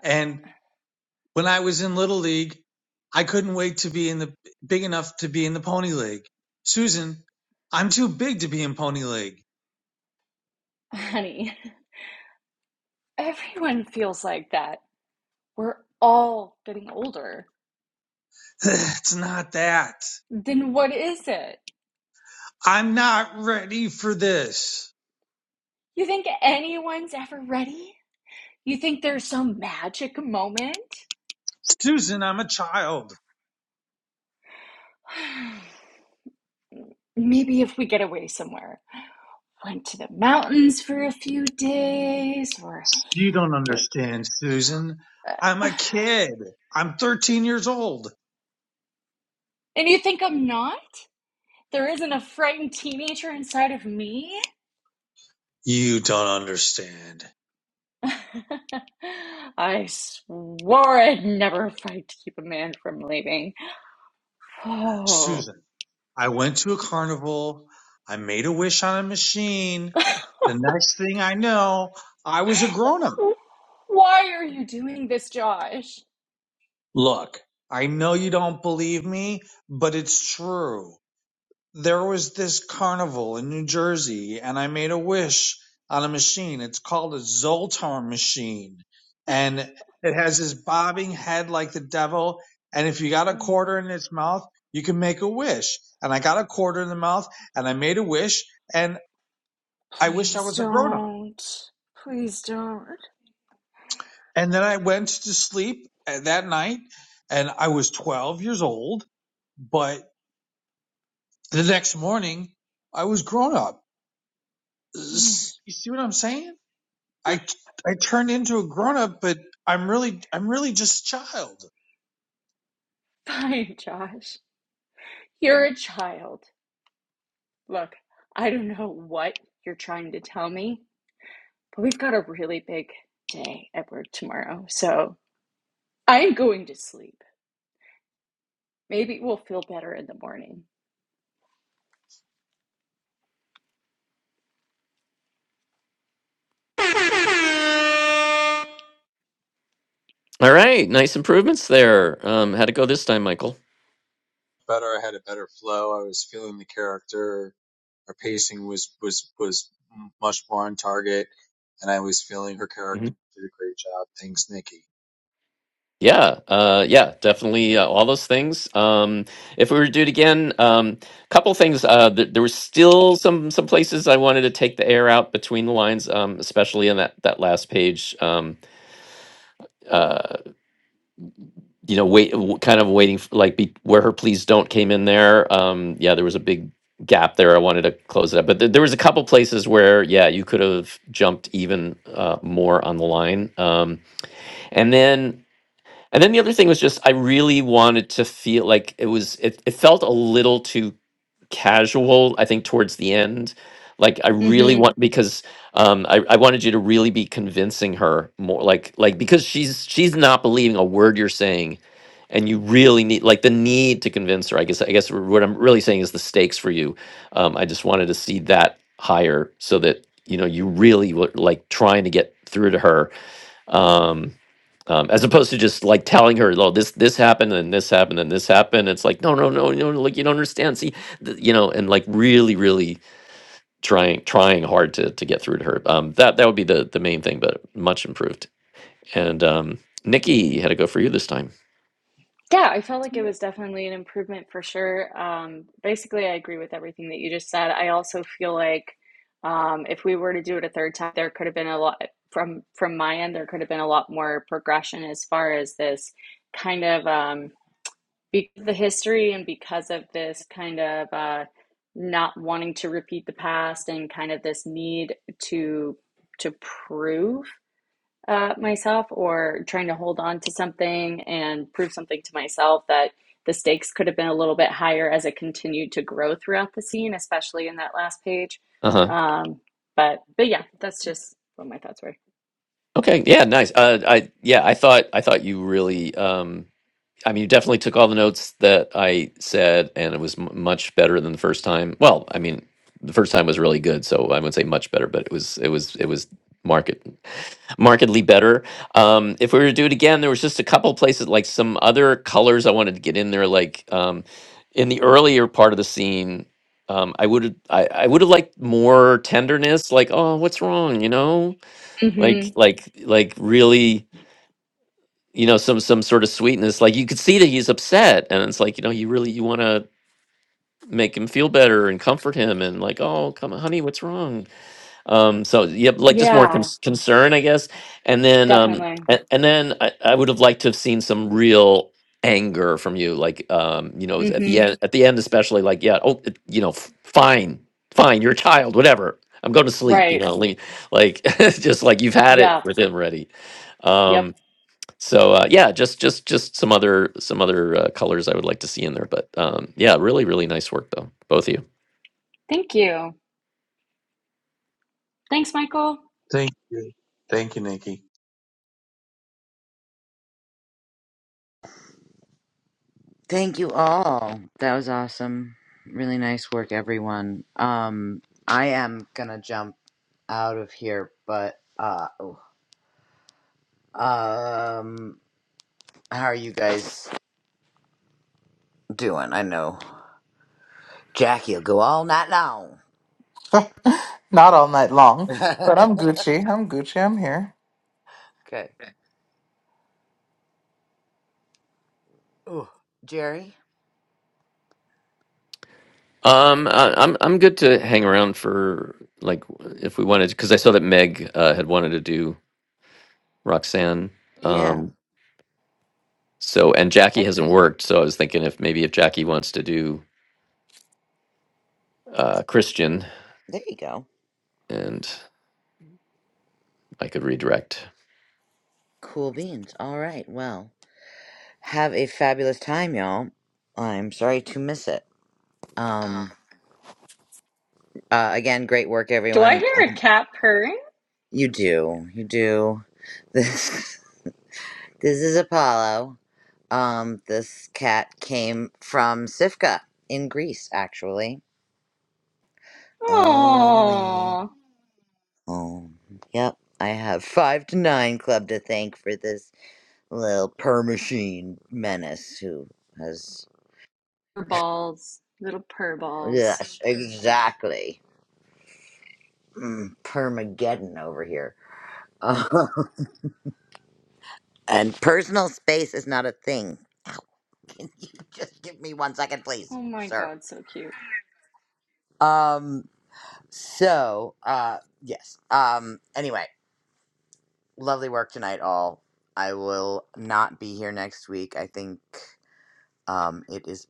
[SPEAKER 11] and. When I was in Little League, I couldn't wait to be in the big enough to be in the Pony League. Susan, I'm too big to be in Pony League.
[SPEAKER 10] <laughs> Honey, everyone feels like that. We're all getting older.
[SPEAKER 11] <sighs> it's not that.
[SPEAKER 10] Then what is it?
[SPEAKER 11] I'm not ready for this.
[SPEAKER 10] You think anyone's ever ready? You think there's some magic moment?
[SPEAKER 11] Susan, I'm a child.
[SPEAKER 10] <sighs> Maybe if we get away somewhere, went to the mountains for a few days, or.
[SPEAKER 11] You don't understand, Susan. I'm
[SPEAKER 10] Uh,
[SPEAKER 11] a kid. I'm 13 years old.
[SPEAKER 10] And you think I'm not? There isn't a frightened teenager inside of me?
[SPEAKER 11] You don't understand.
[SPEAKER 10] <laughs> I swore I'd never fight to keep a man from leaving. <sighs> Oh,
[SPEAKER 11] Susan, I went to a carnival. I made a wish on a machine. The next thing I know, I was a grown up.
[SPEAKER 10] why are you doing this, Josh?
[SPEAKER 11] Look, I know you don't believe me, but it's true. There was this carnival in New Jersey, and I made a wish on a machine. It's called a Zoltar machine, and it has this bobbing head like the devil. And if you got a
[SPEAKER 10] Mm.
[SPEAKER 11] quarter in its mouth, you can make a wish. And I got a quarter in the mouth, and I made a wish, and I wished I
[SPEAKER 10] Please
[SPEAKER 11] was a grown up.
[SPEAKER 10] don't. Please don't.
[SPEAKER 11] And then I went to sleep uh, that night, and I was 12 years old but. The next morning, I was grown up.
[SPEAKER 10] Mm,
[SPEAKER 11] You see what I'm saying? I I turned into a grown up, but I'm really I'm really just a child.
[SPEAKER 10] <laughs> Fine, Josh. You're a child. Look, I don't know what you're trying to tell me, but we've got a really big day at work tomorrow, so I'm going to sleep. Maybe we'll feel better in the morning.
[SPEAKER 2] All right, nice improvements there. Um, how'd it go this time, Michael?
[SPEAKER 11] Her, her pacing was was was much more on target, and I was feeling her
[SPEAKER 2] hmm
[SPEAKER 11] character did a great job. Thanks, Nikki.
[SPEAKER 2] Yeah, uh, yeah, definitely uh, all those things. Um, if we were to do it again, um, couple things. Uh, th- there was still some some places I wanted to take the air out between the lines, um, especially in that that last page. Um, uh, you know, wait, w- kind of waiting for like be, where her please don't came in there. Um, yeah, there was a big gap there. I wanted to close it up, but there there was a couple places where, yeah, you could have jumped even uh, more on the line. Um, and then, and then the other thing was just I really wanted to feel like it was it, it felt a little too casual i think towards the end like i really
[SPEAKER 10] Mm-hmm.
[SPEAKER 2] want because um I, I wanted you to really be convincing her more like like because she's she's not believing a word you're saying and you really need like the need to convince her i guess i guess what i'm really saying is the stakes for you um i just wanted to see that higher so that you know you really were like trying to get through to her Um um, as opposed to just like telling her, "Oh, this this happened and this happened and this happened." It's like, no, no, no, no, no, like you don't understand. See, th- you know, and like really, really trying trying hard to to get through to her. Um, that that would be the the main thing, but much improved. And um, Nikki had to go for you this time.
[SPEAKER 10] Yeah, I felt like it was definitely an improvement for sure. Um, basically, I agree with everything that you just said. I also feel like um, if we were to do it a third time, there could have been a lot from from my end. There could have been a lot more progression as far as this kind of um, because of the history and because of this kind of uh, not wanting to repeat the past and kind of this need to to prove uh, myself or trying to hold on to something and prove something to myself that the stakes could have been a little bit higher as it continued to grow throughout the scene, especially in that last page.
[SPEAKER 2] Uh huh.
[SPEAKER 10] Um, but but yeah, that's just what my thoughts were.
[SPEAKER 2] Okay. Yeah. Nice. Uh, I yeah, I thought I thought you really um I mean, you definitely took all the notes that I said, and it was m- much better than the first time. Well, I mean, the first time was really good, so I wouldn't say much better, but it was it was it was market markedly better. Um, if we were to do it again, there was just a couple places like some other colors I wanted to get in there, like um, in the earlier part of the scene. Um, I would I, I would have liked more tenderness, like oh, what's wrong, you know, like
[SPEAKER 10] Mm-hmm.
[SPEAKER 2] like like really you know some some sort of sweetness like you could see that he's upset and it's like you know you really you want to make him feel better and comfort him and like oh come on honey what's wrong um so yep like just more
[SPEAKER 10] Yeah,
[SPEAKER 2] cons- concern i guess and then um
[SPEAKER 10] definitely.
[SPEAKER 2] and, and then I, I would have liked to have seen some real anger from you like um you know at the
[SPEAKER 10] Mm-hmm.
[SPEAKER 2] end at the end especially like yeah oh it- you know f- fine fine you're a child whatever i'm going to sleep you
[SPEAKER 10] Right.
[SPEAKER 2] know like like, <laughs> just like you've had it
[SPEAKER 10] Yeah.
[SPEAKER 2] with him already
[SPEAKER 10] Yep.
[SPEAKER 2] um so uh, yeah, just just just some other some other uh, colors I would like to see in there. But um, yeah, really really nice work though, both of you.
[SPEAKER 10] Thank you. Thanks, Michael.
[SPEAKER 11] Thank you. Thank you, Nikki.
[SPEAKER 1] Thank you all. That was awesome. Really nice work, everyone. Um, I am gonna jump out of here, but uh. oh, Um, how are you guys doing? I know Jackie'll go all night long.
[SPEAKER 5] <laughs> Not all night long,
[SPEAKER 1] <laughs>
[SPEAKER 5] but I'm Gucci. I'm Gucci. I'm here.
[SPEAKER 1] okay. Ooh. Jerry.
[SPEAKER 2] Um, I, I'm I'm good to hang around for like if we wanted because I saw that Meg uh, had wanted to do Roxanne.
[SPEAKER 1] Yeah.
[SPEAKER 2] Um, so and Jackie hasn't worked, so I was thinking if maybe if Jackie wants to do uh, Christian
[SPEAKER 1] There you go.
[SPEAKER 2] and I could redirect.
[SPEAKER 1] Cool beans. All right. Well, have a fabulous time, y'all. I'm sorry to miss it. Um. Uh, again, great work,
[SPEAKER 10] Do I
[SPEAKER 1] everyone.
[SPEAKER 10] hear a
[SPEAKER 1] And
[SPEAKER 10] cat purring?
[SPEAKER 1] you do. You do. This. <laughs> This is Apollo. Um. This cat came from Sifka in Greece, actually. Oh, the way
[SPEAKER 10] Oh,
[SPEAKER 1] Um, yep, I have Five to Nine Club to thank for this little per machine menace who has.
[SPEAKER 10] purr balls, little purr balls.
[SPEAKER 1] Yes, exactly. Mm, Permageddon over here. Uh, <laughs> and personal space is not a thing. Can you just give me one second, please,
[SPEAKER 10] Oh my
[SPEAKER 1] sir?
[SPEAKER 10] God, so cute.
[SPEAKER 1] Um, so, uh, yes. Um, anyway, lovely work tonight, all. I will not be here next week. I think um, it is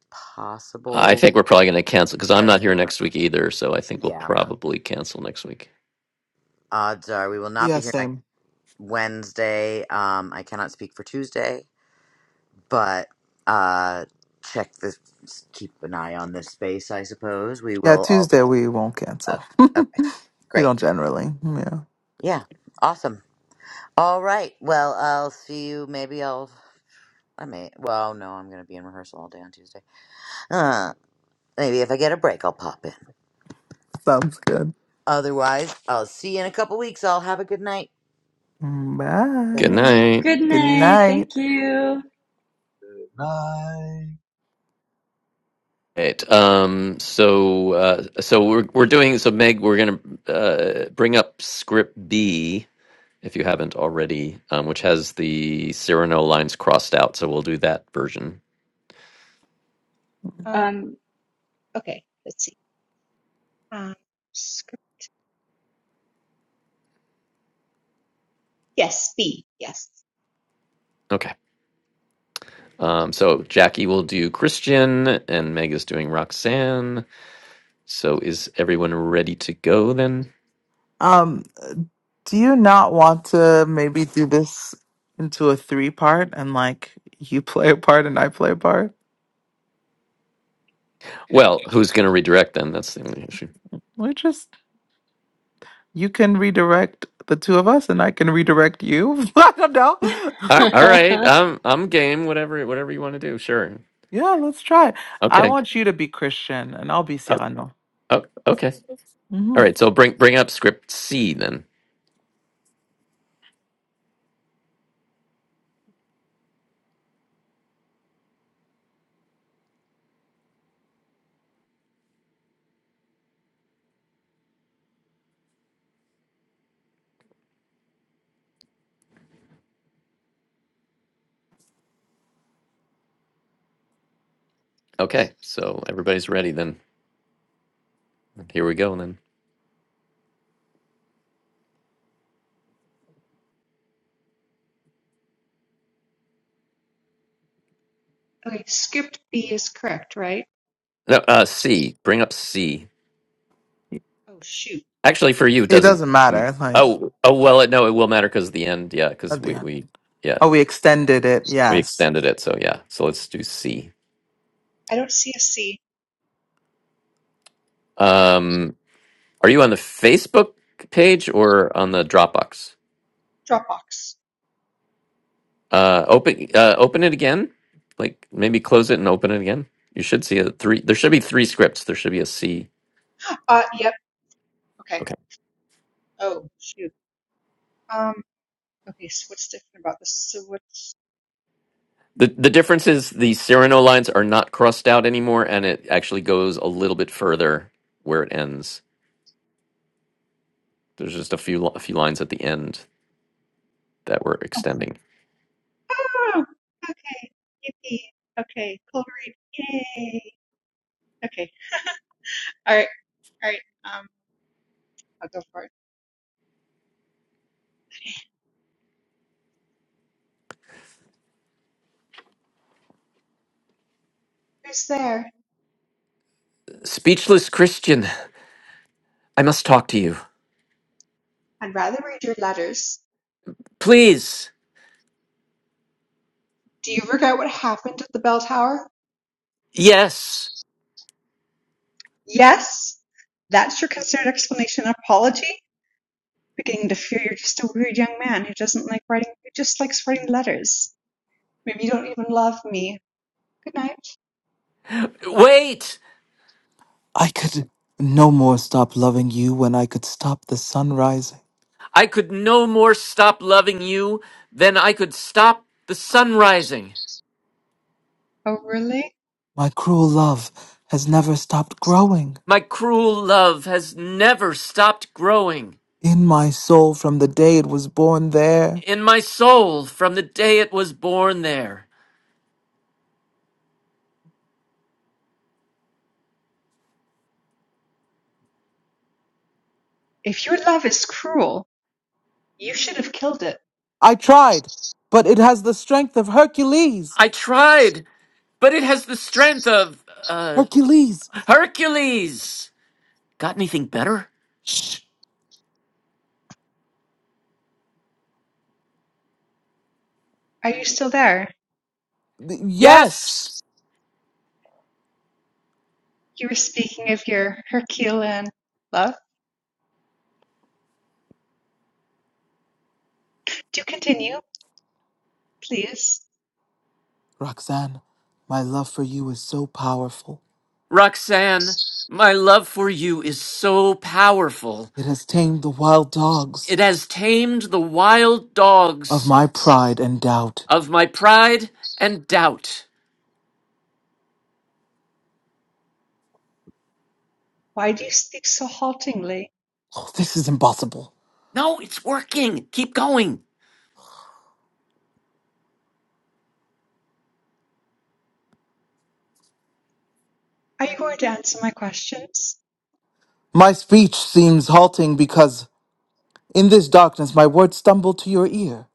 [SPEAKER 2] I
[SPEAKER 1] possible.
[SPEAKER 2] think we're probably going to cancel because I'm
[SPEAKER 1] that
[SPEAKER 2] not here
[SPEAKER 1] um,
[SPEAKER 2] next week either. So I think we'll
[SPEAKER 1] yeah
[SPEAKER 2] probably cancel next week.
[SPEAKER 1] odds are we will not
[SPEAKER 5] Yeah,
[SPEAKER 1] be here next
[SPEAKER 5] same.
[SPEAKER 1] wednesday um i cannot speak for tuesday but uh check this keep an eye on this space i suppose we
[SPEAKER 5] Yeah,
[SPEAKER 1] will all
[SPEAKER 5] Tuesday we won't
[SPEAKER 1] uh,
[SPEAKER 5] cancel.
[SPEAKER 1] okay
[SPEAKER 5] We
[SPEAKER 1] great
[SPEAKER 5] don't generally. Yeah.
[SPEAKER 1] yeah awesome all right well i'll see you maybe i'll i may well no i'm gonna be in rehearsal all day on tuesday uh maybe if i get a break i'll pop in
[SPEAKER 5] Sounds good.
[SPEAKER 1] otherwise i'll see you in a couple weeks all have a good night bye
[SPEAKER 2] Good
[SPEAKER 1] bye
[SPEAKER 5] Bye.
[SPEAKER 2] night.
[SPEAKER 10] Good
[SPEAKER 5] Good
[SPEAKER 10] night.
[SPEAKER 5] night.
[SPEAKER 10] Thank you.
[SPEAKER 11] Good night.
[SPEAKER 2] Right. Um. So, uh, so we're we're doing so. Meg, we're going to uh, bring up script B if you haven't already, um, which has the Cyrano lines crossed out. So we'll do that version.
[SPEAKER 12] Um,
[SPEAKER 10] Um,
[SPEAKER 12] okay, let's see. Um, script, yes, B, yes.
[SPEAKER 2] Okay. Um. So Jackie will do Christian, and Meg is doing Roxanne. So is everyone ready to go then?
[SPEAKER 5] Um, do you not want to maybe do this into a three part and like you <laughs> play a part and I play a part?
[SPEAKER 2] Well, who's going to redirect then? That's the only issue.
[SPEAKER 5] We just you can redirect the two of us and I can redirect you. <laughs> I don't know.
[SPEAKER 2] A- All
[SPEAKER 5] <laughs>
[SPEAKER 2] right,
[SPEAKER 10] <laughs>
[SPEAKER 2] I'm I'm game. Whatever whatever you want to do. Sure.
[SPEAKER 5] yeah, let's try. it. I
[SPEAKER 2] Okay.
[SPEAKER 5] want you to be Christian and I'll be
[SPEAKER 2] Oh,
[SPEAKER 5] Cyrano.
[SPEAKER 2] oh, Okay.
[SPEAKER 5] hmm
[SPEAKER 2] All right. So bring bring up script C then. Okay. So everybody's ready then. Here we go then.
[SPEAKER 12] Okay, script B is correct, right?
[SPEAKER 2] No, uh, C. Bring up C.
[SPEAKER 12] Oh, shoot.
[SPEAKER 2] Actually, for you it
[SPEAKER 5] It
[SPEAKER 2] doesn't.
[SPEAKER 5] doesn't
[SPEAKER 2] mm,
[SPEAKER 5] matter. Like
[SPEAKER 2] Oh oh well. It, no, it will matter because of the end. Yeah, because
[SPEAKER 5] at the
[SPEAKER 2] we
[SPEAKER 5] end.
[SPEAKER 2] we yeah
[SPEAKER 5] Oh, we extended it.
[SPEAKER 2] we
[SPEAKER 5] Yes.
[SPEAKER 2] extended it. So yeah. So let's do C.
[SPEAKER 12] I don't see a C.
[SPEAKER 2] Um, are you on the Facebook page or on the Dropbox?
[SPEAKER 12] Dropbox.
[SPEAKER 2] Uh, open uh, open it again. Like maybe close it and open it again. You should see a three. There should be three scripts. There should be a C.
[SPEAKER 12] Uh, yep. Okay.
[SPEAKER 2] Okay.
[SPEAKER 12] Oh, shoot. Um, okay, so what's different about this? So what's,
[SPEAKER 2] The the difference is the Cyrano lines are not crossed out anymore, and it actually goes a little bit further where it ends. There's just a few a few lines at the end that we're extending.
[SPEAKER 12] oh, okay. Yippee. Okay, cold read. Yay. Okay. All right, all right. Um, I'll go for it. Who's there?
[SPEAKER 2] Speechless Christian, I must talk to you.
[SPEAKER 12] I'd rather read your letters.
[SPEAKER 2] Please.
[SPEAKER 12] Do you regret what happened at the bell tower?
[SPEAKER 2] Yes.
[SPEAKER 12] Yes, that's your considered explanation and apology? Beginning to fear you're just a weird young man who doesn't like writing, who just likes writing letters. Maybe you don't even love me. Good night.
[SPEAKER 2] Wait.
[SPEAKER 5] I could no more stop loving you when I could stop the sun rising.
[SPEAKER 2] I could no more stop loving you than I could stop the sun rising.
[SPEAKER 12] Oh, really?
[SPEAKER 5] My cruel love has never stopped growing
[SPEAKER 2] My cruel love has never stopped growing
[SPEAKER 5] in my soul from the day it was born there.
[SPEAKER 2] in my soul from the day it was born there.
[SPEAKER 12] If your love is cruel, you should have killed it.
[SPEAKER 5] I tried, but it has the strength of Hercules.
[SPEAKER 2] I tried, but it has the strength of, uh,
[SPEAKER 5] Hercules!
[SPEAKER 2] Hercules. Got anything better?
[SPEAKER 5] Shh!
[SPEAKER 12] Are you still there?
[SPEAKER 5] Th- Yes!
[SPEAKER 2] Yes,
[SPEAKER 12] You were speaking of your Herculean love. Do continue, please.
[SPEAKER 5] Roxanne, my love for you is so powerful.
[SPEAKER 2] Roxanne, my love for you is so powerful.
[SPEAKER 5] It has tamed the wild dogs
[SPEAKER 2] It has tamed the wild
[SPEAKER 5] of
[SPEAKER 2] dogs
[SPEAKER 5] my pride and doubt.
[SPEAKER 2] of my pride and doubt.
[SPEAKER 12] Why do you speak so haltingly?
[SPEAKER 5] Oh, this is impossible.
[SPEAKER 2] No, it's working. Keep going.
[SPEAKER 12] Are you going to answer my questions?
[SPEAKER 5] My speech seems halting because In this darkness, my words stumble to your ear.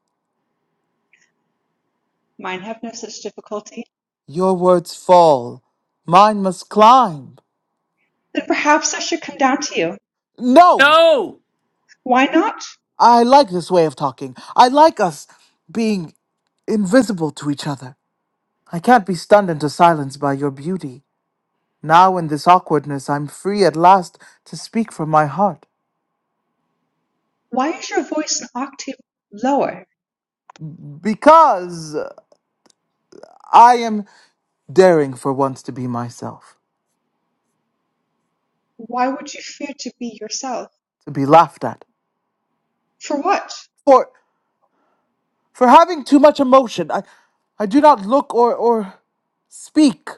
[SPEAKER 12] Mine have no such difficulty.
[SPEAKER 5] Your words fall. Mine must climb.
[SPEAKER 12] Then perhaps I should come down to you.
[SPEAKER 5] No!
[SPEAKER 2] No!
[SPEAKER 12] Why not?
[SPEAKER 5] I like this way of talking. I like us being invisible to each other. I can't be stunned into silence by your beauty. Now, in this awkwardness, I'm free at last to speak from my heart.
[SPEAKER 12] Why is your voice an octave lower?
[SPEAKER 5] Because I am daring for once to be myself,
[SPEAKER 12] Why would you fear to be yourself?
[SPEAKER 5] to be laughed at.
[SPEAKER 12] For what?
[SPEAKER 5] For, for having too much emotion, I, I do not look or, or speak.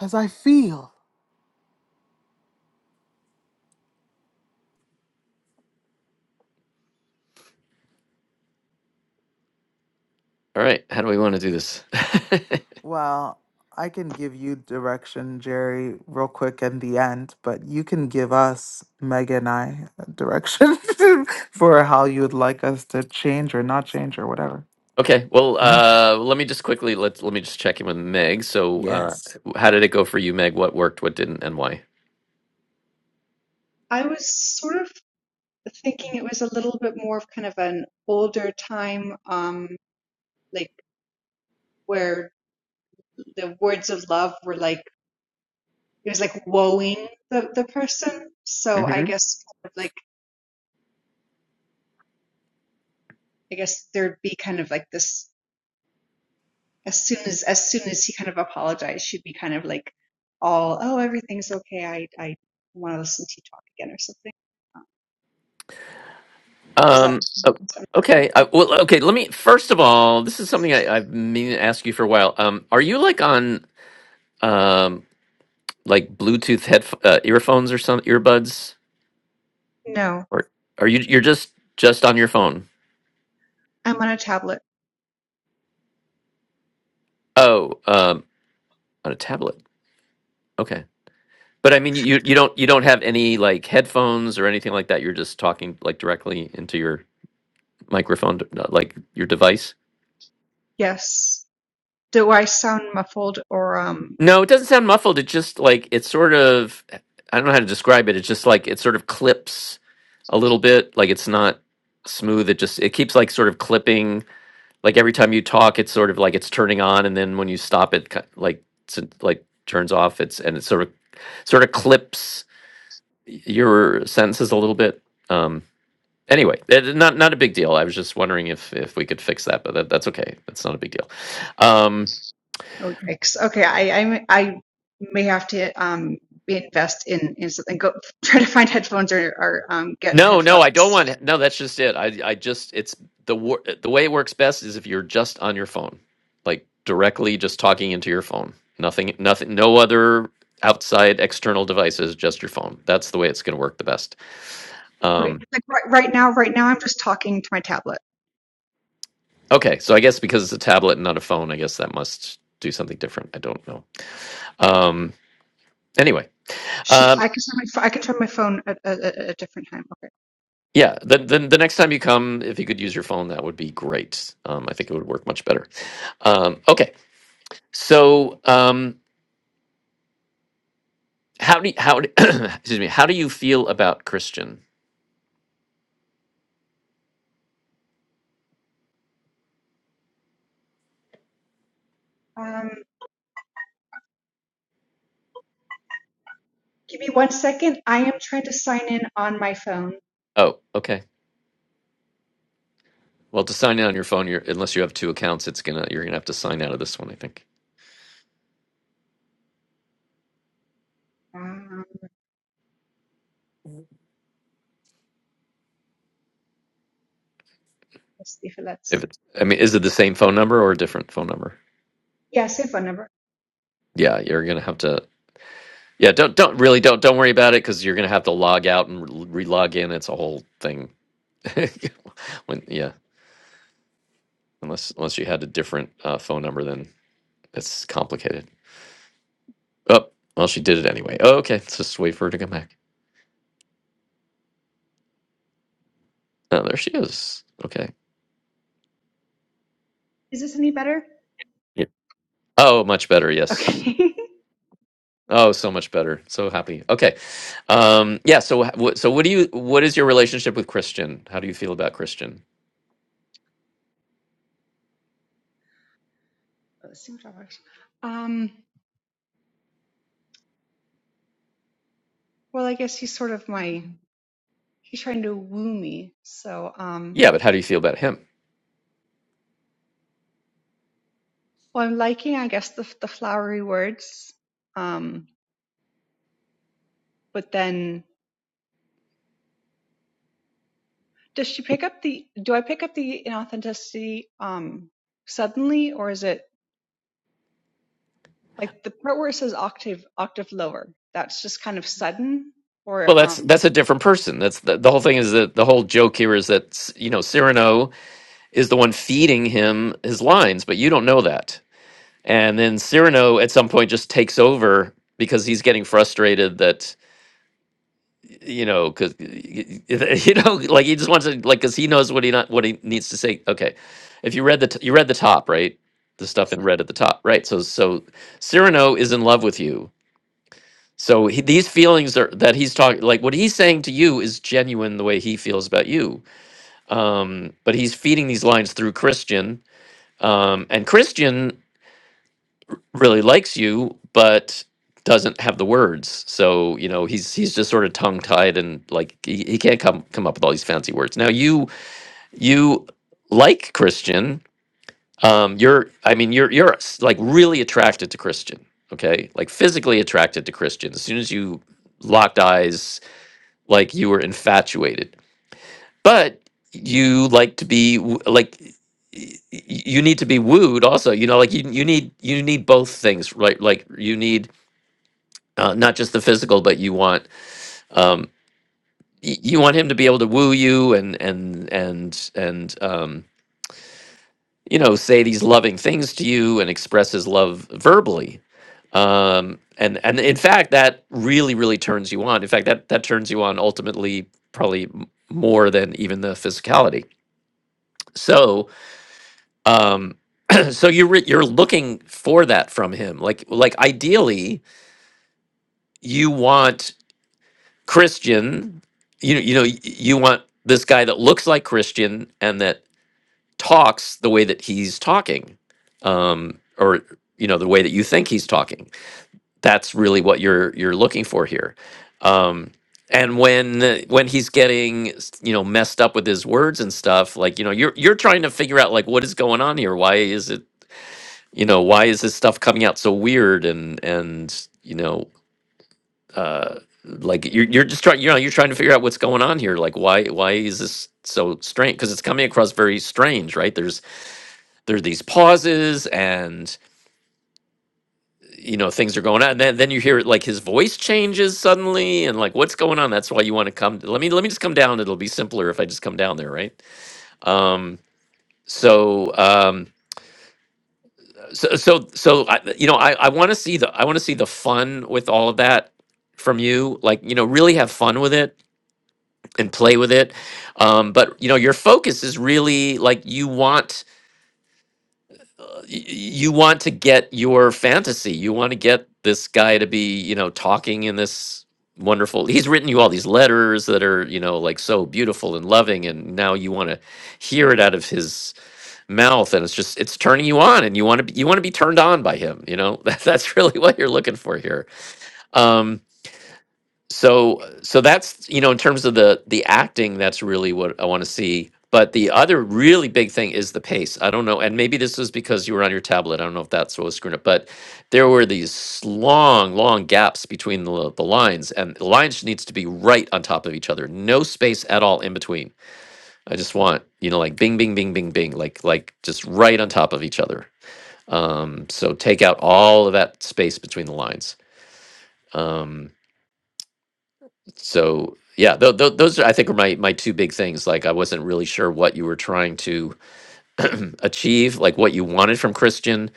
[SPEAKER 5] as I feel.
[SPEAKER 2] All right, how do we want to do this? <laughs>
[SPEAKER 5] Well, I can give you direction, Jerry, real quick in the end, but you can give us, Mega and I, direction <laughs> for how you would like us to change or not change or whatever.
[SPEAKER 2] Okay. Well,
[SPEAKER 5] Yeah.
[SPEAKER 2] uh, let me just quickly let let me just check in with Meg. So, uh,
[SPEAKER 5] Yes.
[SPEAKER 2] how did it go for you, Meg? What worked? What didn't? And why?
[SPEAKER 12] I was sort of thinking it was a little bit more of kind of an older time, um, like where the words of love were like it was like woeing the the person. So I
[SPEAKER 2] hmm
[SPEAKER 12] guess kind of like I guess there'd be kind of like this as soon as as soon as he kind of apologized, she'd be kind of like all, oh, everything's okay. I I want to listen to you talk again or something. Is that
[SPEAKER 2] Um. o- Okay. Uh, well. Okay. Let me. First of all, this is something I, I've been meaning to ask you for a while. Um. Are you like on um like Bluetooth head uh, earphones or some earbuds,
[SPEAKER 12] No,
[SPEAKER 2] or are you you're just just on your phone?
[SPEAKER 12] I'm on a tablet.
[SPEAKER 2] Oh. Um. On a tablet. Okay. But I mean, you you don't you don't have any like headphones or anything like that. You're just talking like directly into your. microphone, uh, like your device.
[SPEAKER 12] Yes. Do I sound muffled or um?
[SPEAKER 2] No, it doesn't sound muffled. It just like it's sort of I don't know how to describe it. It's just like it sort of clips a little bit. Like it's not smooth. It just it keeps like sort of clipping. Like every time you talk, it's sort of like it's turning on, and then when you stop, it ki- like s- like turns off. It's and it sort of sort of clips your sentences a little bit. Um, anyway, it, not not a big deal. I was just wondering if if we could fix that, but that, that's okay. That's not a big deal. Um,
[SPEAKER 12] Oh, yikes. Okay, I I I may have to um invest in in something. Go <laughs> try to find headphones or or um get
[SPEAKER 2] No, no, I don't
[SPEAKER 12] headphones.
[SPEAKER 2] want. No, that's just it. I, I just it's the wor- the way it works best is if you're just on your phone, like directly just talking into your phone. Nothing, nothing, no other outside external devices, just your phone. That's the way it's going to work the best.
[SPEAKER 12] Okay,
[SPEAKER 2] Um,
[SPEAKER 12] like right, right now, right now I'm just talking to my tablet.
[SPEAKER 2] okay, so I guess because it's a tablet and not a phone, I guess that must do something different. I don't know. Um, anyway,
[SPEAKER 12] Shoot,
[SPEAKER 2] um,
[SPEAKER 12] I can turn my pho- I can turn my phone at a, a, a different time. Okay.
[SPEAKER 2] yeah, then, then the next time you come, if you could use your phone, that would be great. Um, I think it would work much better. Um, okay. So, um, how do you, how do, <coughs> <clears throat> excuse me? How do you feel about Christian?
[SPEAKER 12] Um. Give me one second. I am trying to sign in on my phone.
[SPEAKER 2] Oh, okay. Well, to sign in on your phone, you're, unless you have two accounts, it's gonna you're gonna have to sign out of this one. I think.
[SPEAKER 12] Um, let's see if it lets.
[SPEAKER 2] If it's, I mean, is it the same phone number or a different phone number?
[SPEAKER 12] Yeah, same phone number.
[SPEAKER 2] Yeah, you're gonna have to. Yeah, don't don't really don't don't worry about it because you're gonna have to log out and re log in. It's a whole thing. <laughs> when yeah, unless unless you had a different uh, phone number, then it's complicated. Oh, well, she did it anyway. Oh, okay, let's just wait for her to come back. Oh, there she is. Okay.
[SPEAKER 12] Is this any better?
[SPEAKER 2] Yep. Oh, much better. Yes.
[SPEAKER 12] Okay.
[SPEAKER 2] Oh, so much better. So happy. Okay. Um, yeah. So, wh- what- so what do you? What is your relationship with Christian? How do you feel about Christian?
[SPEAKER 12] <laughs> let's see what works. Um, well, I guess he's sort of my, he's trying to woo me. So, um,
[SPEAKER 2] Yeah, but how do you feel about him?
[SPEAKER 12] well, I'm liking, I guess, the, the flowery words. Um, but then does she pick up the, do I pick up the inauthenticity, um, suddenly or is it like the part where it says octave octave lower that's just kind of sudden or
[SPEAKER 2] Well, that's
[SPEAKER 12] um
[SPEAKER 2] that's a different person. That's the, the whole thing. Is that the whole joke here? Is that s- you know Cyrano is the one feeding him his lines, but you don't know that. And then Cyrano at some point just takes over because he's getting frustrated that. you know, because <laughs> you know, like he just wants to, like, because he knows what he not what he needs to say. Okay, if you read the t- you read the top, right? The stuff
[SPEAKER 12] yes
[SPEAKER 2] in red at the top, right? So so Cyrano is in love with you. So he, these feelings are that he's talking, like what he's saying to you is genuine the way he feels about you. Um, but he's feeding these lines through Christian, um, and Christian really likes you but doesn't have the words so you know he's he's just sort of tongue tied and like he, he can't come come up with all these fancy words now you you like christian um you're i mean you're you're s- like really attracted to christian okay like physically attracted to christian as soon as you locked eyes like you were infatuated but you like to be w- like y- y- you need to be wooed also you know like you, you need you need both things right like you need uh, not just the physical, but you want um, y- you want him to be able to woo you and and and and um, you know say these loving things to you and express his love verbally. Um, and and in fact, that really really turns you on. In fact, that that turns you on ultimately probably m- more than even the physicality. So um, <clears throat> so you're re- you're looking for that from him. Like like ideally, you want Christian, you you know, you want this guy that looks like Christian and that talks the way that he's talking, um, or you know, the way that you think he's talking. That's really what you're you're looking for here. Um, and when uh, when he's getting s- you know messed up with his words and stuff, like you know, you're you're trying to figure out like what is going on here. Why is it you know why is this stuff coming out so weird and and you know uh like you're you're just trying you know you're trying to figure out what's going on here like why why is this so strange because it's coming across very strange right there's there are these pauses and you know things are going on and then, then you hear like his voice changes suddenly and like what's going on that's why you want to come let me let me just come down it'll be simpler if i just come down there right um so um so so so I, you know i i want to see the i want to see the fun with all of that from you like you know really have fun with it and play with it um, but you know your focus is really like you want y- you want to get your fantasy you want to get this guy to be you know talking in this wonderful he's written you all these letters that are you know like so beautiful and loving and now you want to hear it out of his mouth and it's just it's turning you on and you want to you want to be turned on by him you know <laughs> that, that's really what you're looking for here Um, so so that's you know in terms of the the acting that's really what i want to see but the other really big thing is the pace i don't know and maybe this was because you were on your tablet i don't know if that's what was screwing up but there were these long long gaps between the, the lines and the lines needs to be right on top of each other no space at all in between i just want you know like bing bing bing bing bing like like just right on top of each other um so take out all of that space between the lines Um, so yeah th- th- those are, i think are my, my two big things like i wasn't really sure what you were trying to <clears throat> achieve like what you wanted from christian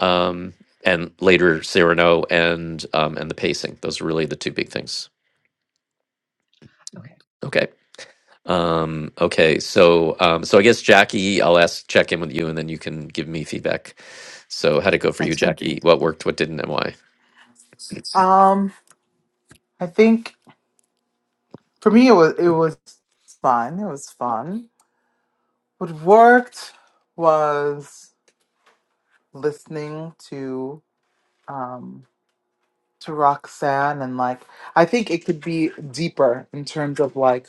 [SPEAKER 2] um, and later cyrano and um, and the pacing those are really the two big things
[SPEAKER 12] okay
[SPEAKER 2] okay um, okay so um, so i guess jackie i'll ask check in with you and then you can give me feedback so how'd it go for you
[SPEAKER 5] Sounds good.
[SPEAKER 2] jackie what worked what didn't and why
[SPEAKER 5] Um, I think for me it was it was fun. It was fun. What worked was listening to um to Roxanne and like I think it could be deeper in terms of like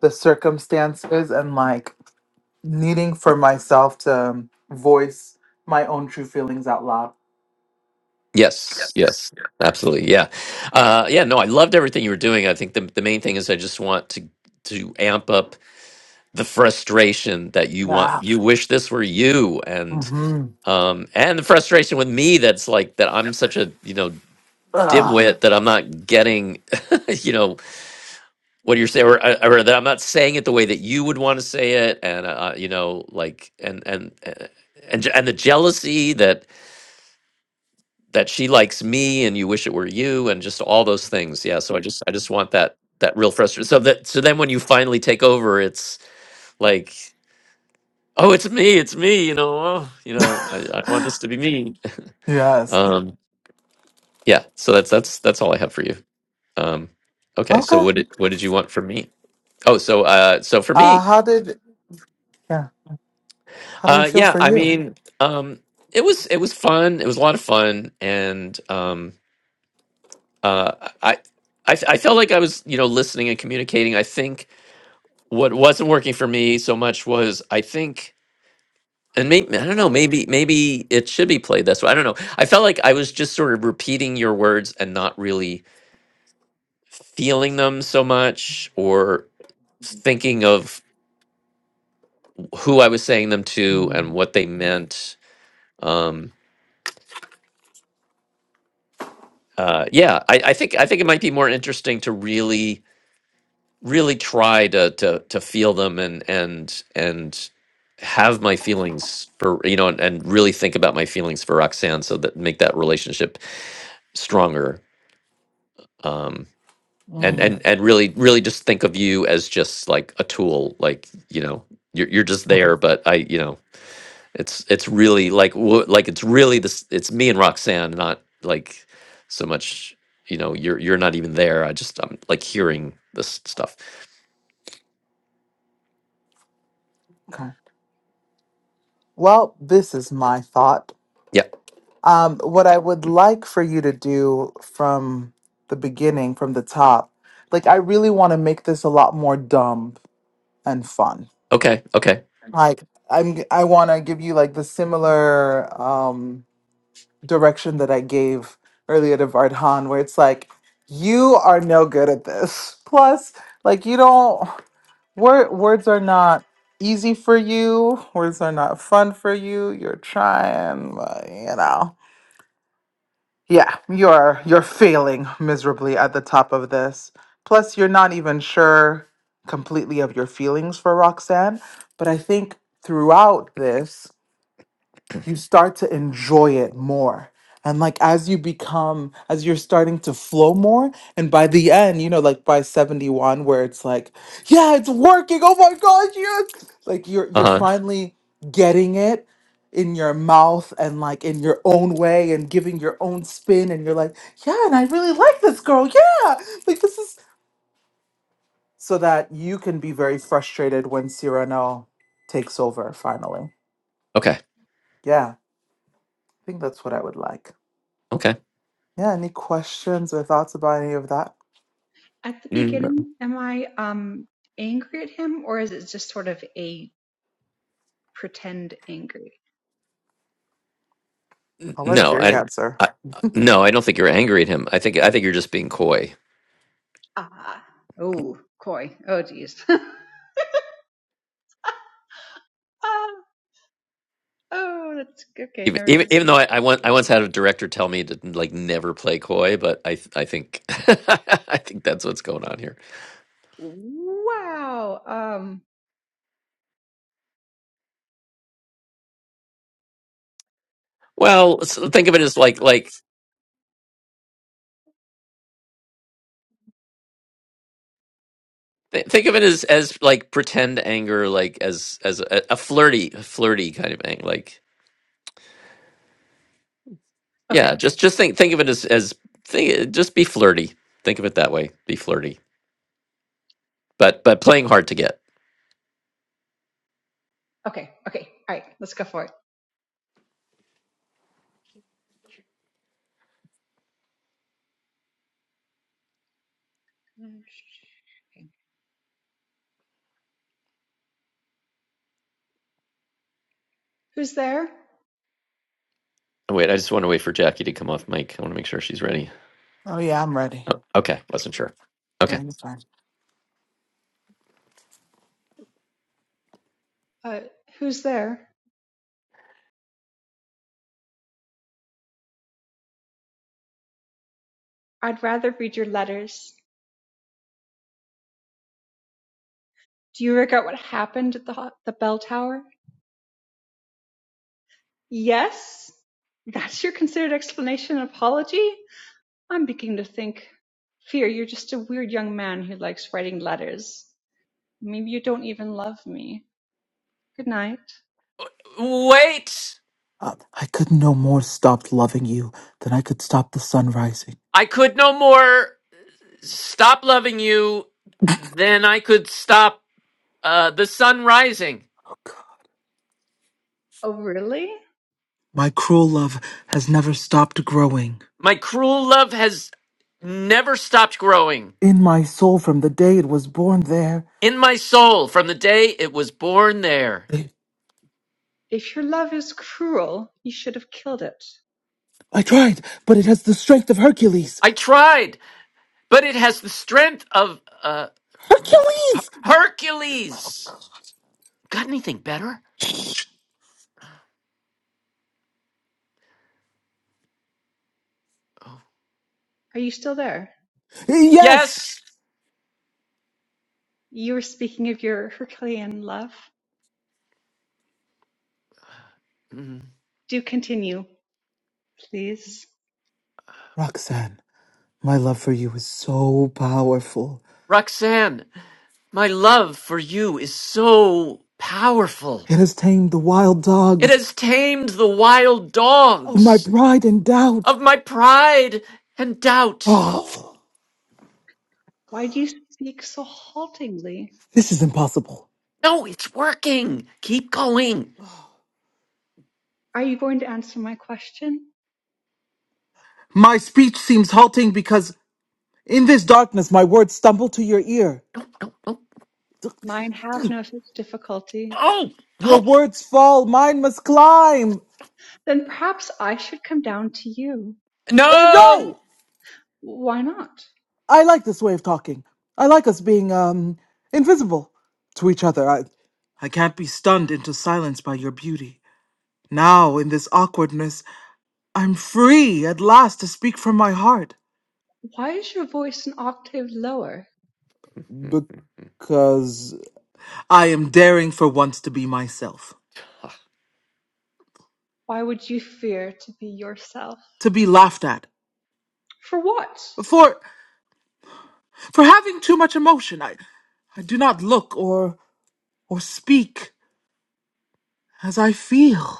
[SPEAKER 5] the circumstances and like needing for myself to um, voice my own true feelings out loud.
[SPEAKER 2] Yes,
[SPEAKER 5] Yes.
[SPEAKER 2] yes, absolutely. Yeah. Uh, yeah, no, I loved everything you were doing. I think the, the main thing is I just want to to amp up the frustration that you want
[SPEAKER 5] Yeah.
[SPEAKER 2] you wish this were you and
[SPEAKER 5] Mm-hmm.
[SPEAKER 2] um and the frustration with me that's like that I'm such a, you know,
[SPEAKER 5] Ugh.
[SPEAKER 2] dimwit that I'm not getting, <laughs> you know, what you're saying, or, uh, or that I'm not saying it the way that you would want to say it, and uh, you know, like, and and uh, and je- and the jealousy that that she likes me, and you wish it were you, and just all those things. Yeah. So I just I just want that that real frustration. So that so then when you finally take over, it's like, oh, it's me, it's me. You know, oh, you know, I, I want
[SPEAKER 5] <laughs>
[SPEAKER 2] this to be me. <laughs>
[SPEAKER 5] yes.
[SPEAKER 2] Um, yeah. So that's that's that's all I have for you. Um, okay. So
[SPEAKER 5] Okay.
[SPEAKER 2] what did what did you want from me? Oh, so uh, so for me.
[SPEAKER 5] Uh how did yeah, how did it
[SPEAKER 2] Uh,
[SPEAKER 5] feel
[SPEAKER 2] yeah,
[SPEAKER 5] for
[SPEAKER 2] I
[SPEAKER 5] you?
[SPEAKER 2] mean, um, it was it was fun. It was a lot of fun, and um, uh, I, I I felt like I was you know listening and communicating. I think what wasn't working for me so much was I think, and maybe I don't know, maybe maybe it should be played this way. I don't know. I felt like I was just sort of repeating your words and not really feeling them so much, or thinking of who I was saying them to and
[SPEAKER 5] Mm,
[SPEAKER 2] what they meant. Um, uh, yeah, I, I think I think it might be more interesting to really really try to to to feel them and and and have my feelings for you know and, and really think about my feelings for Roxanne so that make that relationship stronger um and Mm.
[SPEAKER 5] mm,
[SPEAKER 2] and and really really just think of you as just like a tool like you know you're you're just
[SPEAKER 5] <laughs> mhm.
[SPEAKER 2] there but I you know it's it's really like wo- like it's really this it's me and Roxanne, not like so much you know you're you're not even there. I just I'm like hearing this stuff.
[SPEAKER 5] Okay. Well, this is my thought.
[SPEAKER 2] Yeah.
[SPEAKER 5] Um, what I would like for you to do from the beginning, from the top, like I really want to make this a lot more dumb and fun.
[SPEAKER 2] Okay. Okay.
[SPEAKER 5] Like I'm, g- I want to give you like the similar um, direction that I gave earlier to Vardhan, where it's like you are no good at this. <laughs> Plus, like you don't word words are not easy for you. Words are not fun for you. You're trying, but, you know. Yeah, you're you're failing miserably at the top of this. Plus you're not even sure completely of your feelings for Roxanne, but I think throughout this you start to enjoy it more. And like as you become, as you're starting to flow more, and by the end, you know, like by 71, where it's like, yeah, it's working. Oh my gosh, yes. Like you're
[SPEAKER 2] Uh
[SPEAKER 5] you're
[SPEAKER 2] huh.
[SPEAKER 5] finally getting it in your mouth and like in your own way and giving your own spin. And you're like, yeah, and I really like this girl. Yeah. Like this is so that you can be very frustrated when Cyrano takes over finally.
[SPEAKER 2] Okay.
[SPEAKER 5] Yeah. I think that's what I would like.
[SPEAKER 2] Okay.
[SPEAKER 5] Yeah, any questions or thoughts about any of that?
[SPEAKER 12] at the
[SPEAKER 2] Mm,
[SPEAKER 12] beginning am i um angry at him or is it just sort of a pretend angry
[SPEAKER 2] n-
[SPEAKER 5] I'll let
[SPEAKER 2] no,
[SPEAKER 5] Jerry
[SPEAKER 2] I,
[SPEAKER 5] answer.
[SPEAKER 2] I no, I don't think you're angry at him. I think I think you're just being coy.
[SPEAKER 12] ah oh coy oh geez <laughs> Ah. Oh, that's okay.
[SPEAKER 2] Even
[SPEAKER 12] Never
[SPEAKER 2] even
[SPEAKER 12] done it.
[SPEAKER 2] even though I, I once I once
[SPEAKER 12] Mm-hmm.
[SPEAKER 2] had a director tell me to like never play coy, but I th- I think <laughs> I think that's what's going on here.
[SPEAKER 12] Wow. Um.
[SPEAKER 2] Well, so think of it as like like Th- think of it as as like pretend anger like as as a, a flirty flirty kind of thing like
[SPEAKER 12] Okay.
[SPEAKER 2] yeah just just think think of it as as think, just be flirty think of it that way be flirty but but playing hard to get
[SPEAKER 12] Okay. Okay. All right. Let's go for it. Okay. Who's there?
[SPEAKER 2] Oh, wait i just want to wait for jackie to come off mic i want to make sure she's ready
[SPEAKER 5] Oh yeah, I'm ready.
[SPEAKER 2] oh, okay wasn't sure okay
[SPEAKER 5] Ready to time.
[SPEAKER 12] Uh, who's there? I'd rather read your letters. Do you regret what happened at the ho- the bell tower? Yes. That's your considered explanation and apology. I'm beginning to think, fear you're just a weird young man who likes writing letters. Maybe you don't even love me. Good night.
[SPEAKER 2] Wait!
[SPEAKER 5] Uh, I could no more stop loving you than I could stop the sun rising.
[SPEAKER 2] I could no more stop loving you than I could stop uh, the sun rising.
[SPEAKER 5] Oh god.
[SPEAKER 12] Oh, really?
[SPEAKER 5] My cruel love has never stopped growing.
[SPEAKER 2] My cruel love has never stopped growing.
[SPEAKER 5] In my soul from the day it was born there.
[SPEAKER 2] in my soul from the day it was born there.
[SPEAKER 5] I,
[SPEAKER 12] If your love is cruel, you should have killed it.
[SPEAKER 5] I tried, but it has the strength of Hercules.
[SPEAKER 2] I tried, but it has the strength of uh, Her-
[SPEAKER 5] Hercules!
[SPEAKER 2] Hercules. Got anything better?
[SPEAKER 12] Are you still there?
[SPEAKER 5] Yes!
[SPEAKER 2] Yes.
[SPEAKER 12] You were speaking of your Herculean love.
[SPEAKER 2] Mm.
[SPEAKER 12] Do continue, please.
[SPEAKER 5] Roxanne, my love for you is so powerful.
[SPEAKER 2] Roxanne, my love for you is so powerful.
[SPEAKER 5] It has tamed the wild
[SPEAKER 2] It
[SPEAKER 5] dogs
[SPEAKER 2] has tamed the wild
[SPEAKER 5] of my
[SPEAKER 2] dogs
[SPEAKER 5] pride and doubt.
[SPEAKER 2] of my pride and doubt.
[SPEAKER 5] Oh,
[SPEAKER 12] Why do you speak so haltingly?
[SPEAKER 5] this is impossible.
[SPEAKER 2] No, it's working. Keep going.
[SPEAKER 12] Are you going to answer my question?
[SPEAKER 5] My speech seems halting because in this darkness my words stumble to your ear.
[SPEAKER 2] Oh,
[SPEAKER 12] Mine have
[SPEAKER 5] <clears throat>
[SPEAKER 12] no such difficulty.
[SPEAKER 2] oh,
[SPEAKER 5] Your
[SPEAKER 2] oh
[SPEAKER 5] words fall, mine must climb.
[SPEAKER 12] Then perhaps I should come down to you.
[SPEAKER 5] Uh,
[SPEAKER 2] no.
[SPEAKER 5] no!
[SPEAKER 12] Why not?
[SPEAKER 5] I like this way of talking. I like us being, um, invisible to each other. I, I can't be stunned into silence by your beauty. Now, in this awkwardness, I'm free at last to speak from my heart.
[SPEAKER 12] Why is your voice an octave lower?
[SPEAKER 5] Because. I am daring for once to be myself,
[SPEAKER 12] Why would you fear to be yourself?
[SPEAKER 5] to be laughed at,
[SPEAKER 12] For what?
[SPEAKER 5] for for having too much emotion. I I do not look or or speak as I feel.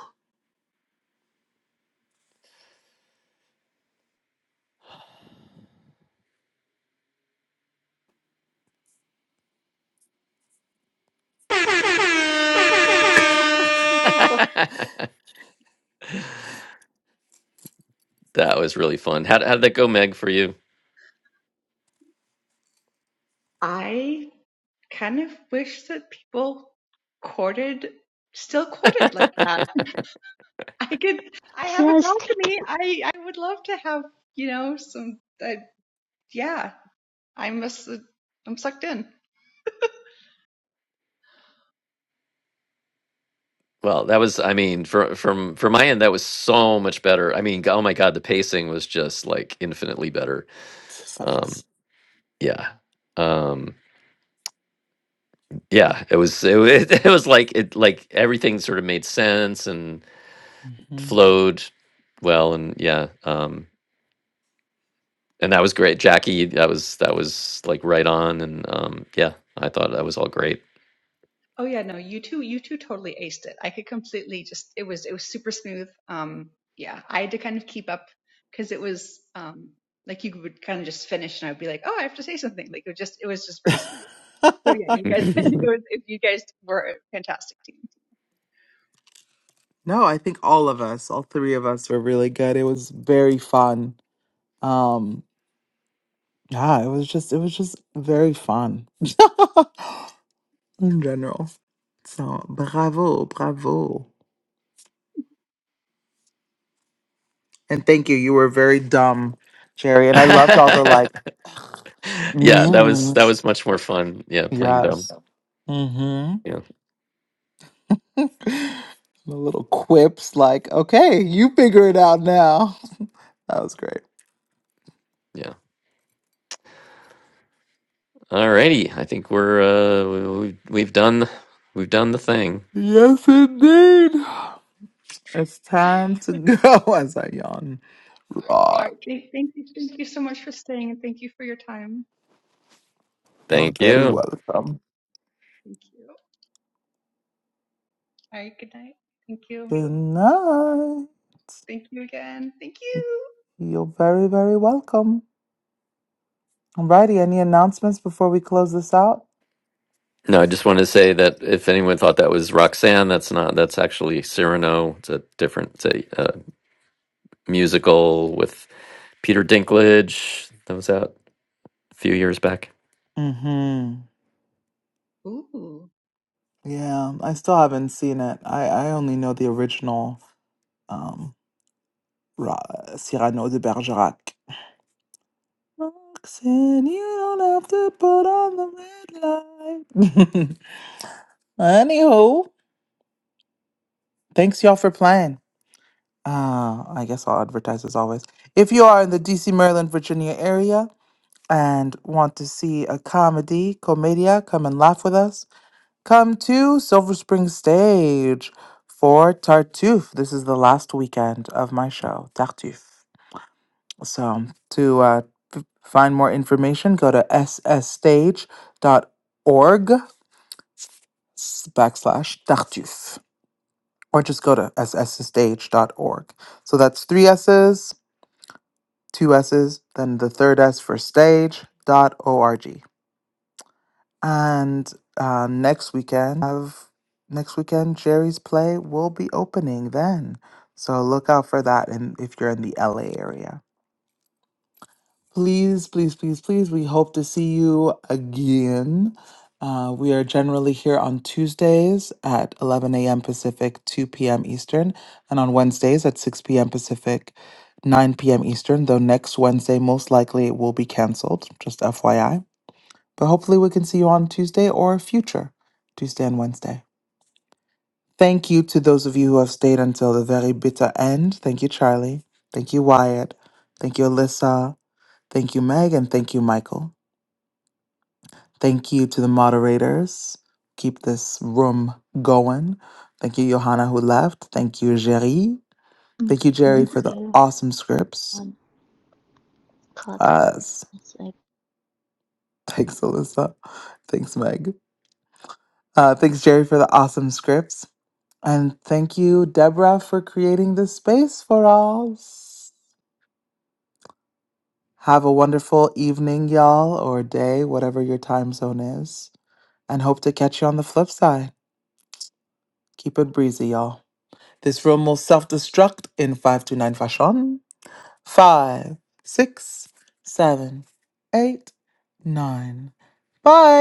[SPEAKER 2] <laughs> That was really fun. How how did that go, Meg, for you?
[SPEAKER 12] I kind of wish that people courted, still courted like that. <laughs> I could, I
[SPEAKER 4] I said
[SPEAKER 12] have
[SPEAKER 4] I
[SPEAKER 12] a
[SPEAKER 4] was thinking.
[SPEAKER 12] balcony. I, I would love to have, you know, some, uh, yeah, I'm, i must, uh, I'm sucked in.
[SPEAKER 2] Well, that was I mean, for from from my end, that was so much better. I mean, oh my God, the pacing was just like infinitely better.
[SPEAKER 5] It's
[SPEAKER 2] Um,
[SPEAKER 5] Facts.
[SPEAKER 2] yeah. Um, yeah, it was it, wa- <laughs> it was like it like everything sort of made sense and
[SPEAKER 5] hmm
[SPEAKER 2] flowed well and yeah. Um and that was great. Jackie, that was that was like right on and um yeah, I thought that was all great. <laughs>
[SPEAKER 12] Oh yeah, no, you two, you two totally aced it. I could completely just, it was, it was super smooth. Um, yeah, I had to kind of keep up because it was, um, like you would kind of just finish and I would be like, oh, I have to say something. Like it was just, it was just very
[SPEAKER 5] <laughs>
[SPEAKER 12] smooth. So yeah,
[SPEAKER 2] <laughs>
[SPEAKER 12] you guys, <laughs> it was, you guys were a fantastic team.
[SPEAKER 5] No, I think all of us, all three of us, were really good. It was very fun. Um, yeah, it was just, it was just very fun <laughs> in general. So bravo, bravo, and thank you. You were very dumb, Jerry, and I loved all the like. <laughs>
[SPEAKER 2] yeah, that was
[SPEAKER 5] Mm,
[SPEAKER 2] that was much more fun. Yeah, playing dumb.
[SPEAKER 5] yes. Mm-hmm.
[SPEAKER 2] Yeah,
[SPEAKER 5] <laughs> the little quips like, okay, you figure it out now. That was great.
[SPEAKER 2] yeah. Alrighty, I think we're uh we- we've we've done we've done the thing.
[SPEAKER 5] Yes, indeed. It's time to
[SPEAKER 12] <laughs>
[SPEAKER 5] go <laughs> as I yawn. Right.
[SPEAKER 12] All right, thank, thank you, thank you so much for staying and thank you for your time.
[SPEAKER 5] You're
[SPEAKER 2] Thank
[SPEAKER 5] very
[SPEAKER 2] you.
[SPEAKER 5] welcome.
[SPEAKER 12] Thank you. All right, good night. Thank you.
[SPEAKER 5] Good night.
[SPEAKER 12] Thank you again. Thank you.
[SPEAKER 5] You're very, very welcome. Alrighty, any announcements before we close this out?
[SPEAKER 2] No, I just wanted to say that if anyone thought that was Roxanne, that's not. That's actually Cyrano. It's a different, it's a uh, musical with Peter Dinklage that was out a few years back.
[SPEAKER 5] Mm-hmm.
[SPEAKER 12] Ooh.
[SPEAKER 5] Yeah, I still haven't seen it. I, I only know the original. um, Ra- Cyrano de Bergerac. Roxanne, you don't have to put on the red light. <laughs> Anywho, thanks y'all for playing. Uh, I guess I'll advertise as always. If you are in the DC, Maryland, Virginia area and want to see a comedy, comedia, come and laugh with us. Come to Silver Spring Stage for Tartuffe. This is the last weekend of my show, Tartuffe. So to uh, Find more information, go to ssstage.org s- backslash tartuffe, or just go to ssstage dot org. So that's three S's, two S's, then the third S for stage dot org. And uh, next weekend, have next weekend, Jerry's Play will be opening then. So look out for that and if you're in the LA area. Please, please, please, please. We hope to see you again. Uh, we are generally here on Tuesdays at 11 a.m. Pacific, 2 p.m. Eastern, and on Wednesdays at 6 p.m. Pacific, 9 p.m. Eastern, though next Wednesday most likely it will be canceled, just FYI. But hopefully we can see you on Tuesday or future Tuesday and Wednesday. Thank you to those of you who have stayed until the very bitter end. Thank you, Charlie. Thank you, Wyatt. Thank you, Alyssa. Thank you, Meg, and thank you, Michael. Thank you to the moderators. Keep this room going. Thank you, Johanna, who left. Thank you, Jerry. Thank you, Jerry,
[SPEAKER 4] Thank
[SPEAKER 5] for the
[SPEAKER 4] you.
[SPEAKER 5] awesome scripts.
[SPEAKER 4] On clock.
[SPEAKER 5] Yes.
[SPEAKER 4] It's like.
[SPEAKER 5] <laughs> Thanks, Alyssa. Thanks, Meg. Uh, thanks, Jerry, for the awesome scripts. And thank you, Deborah, for creating this space for us. Have a wonderful evening, y'all, or day, whatever your time zone is. And hope to catch you on the flip side. Keep it breezy, y'all. This room will self destruct in 529 fashion. Five, six, seven, eight, nine. Bye.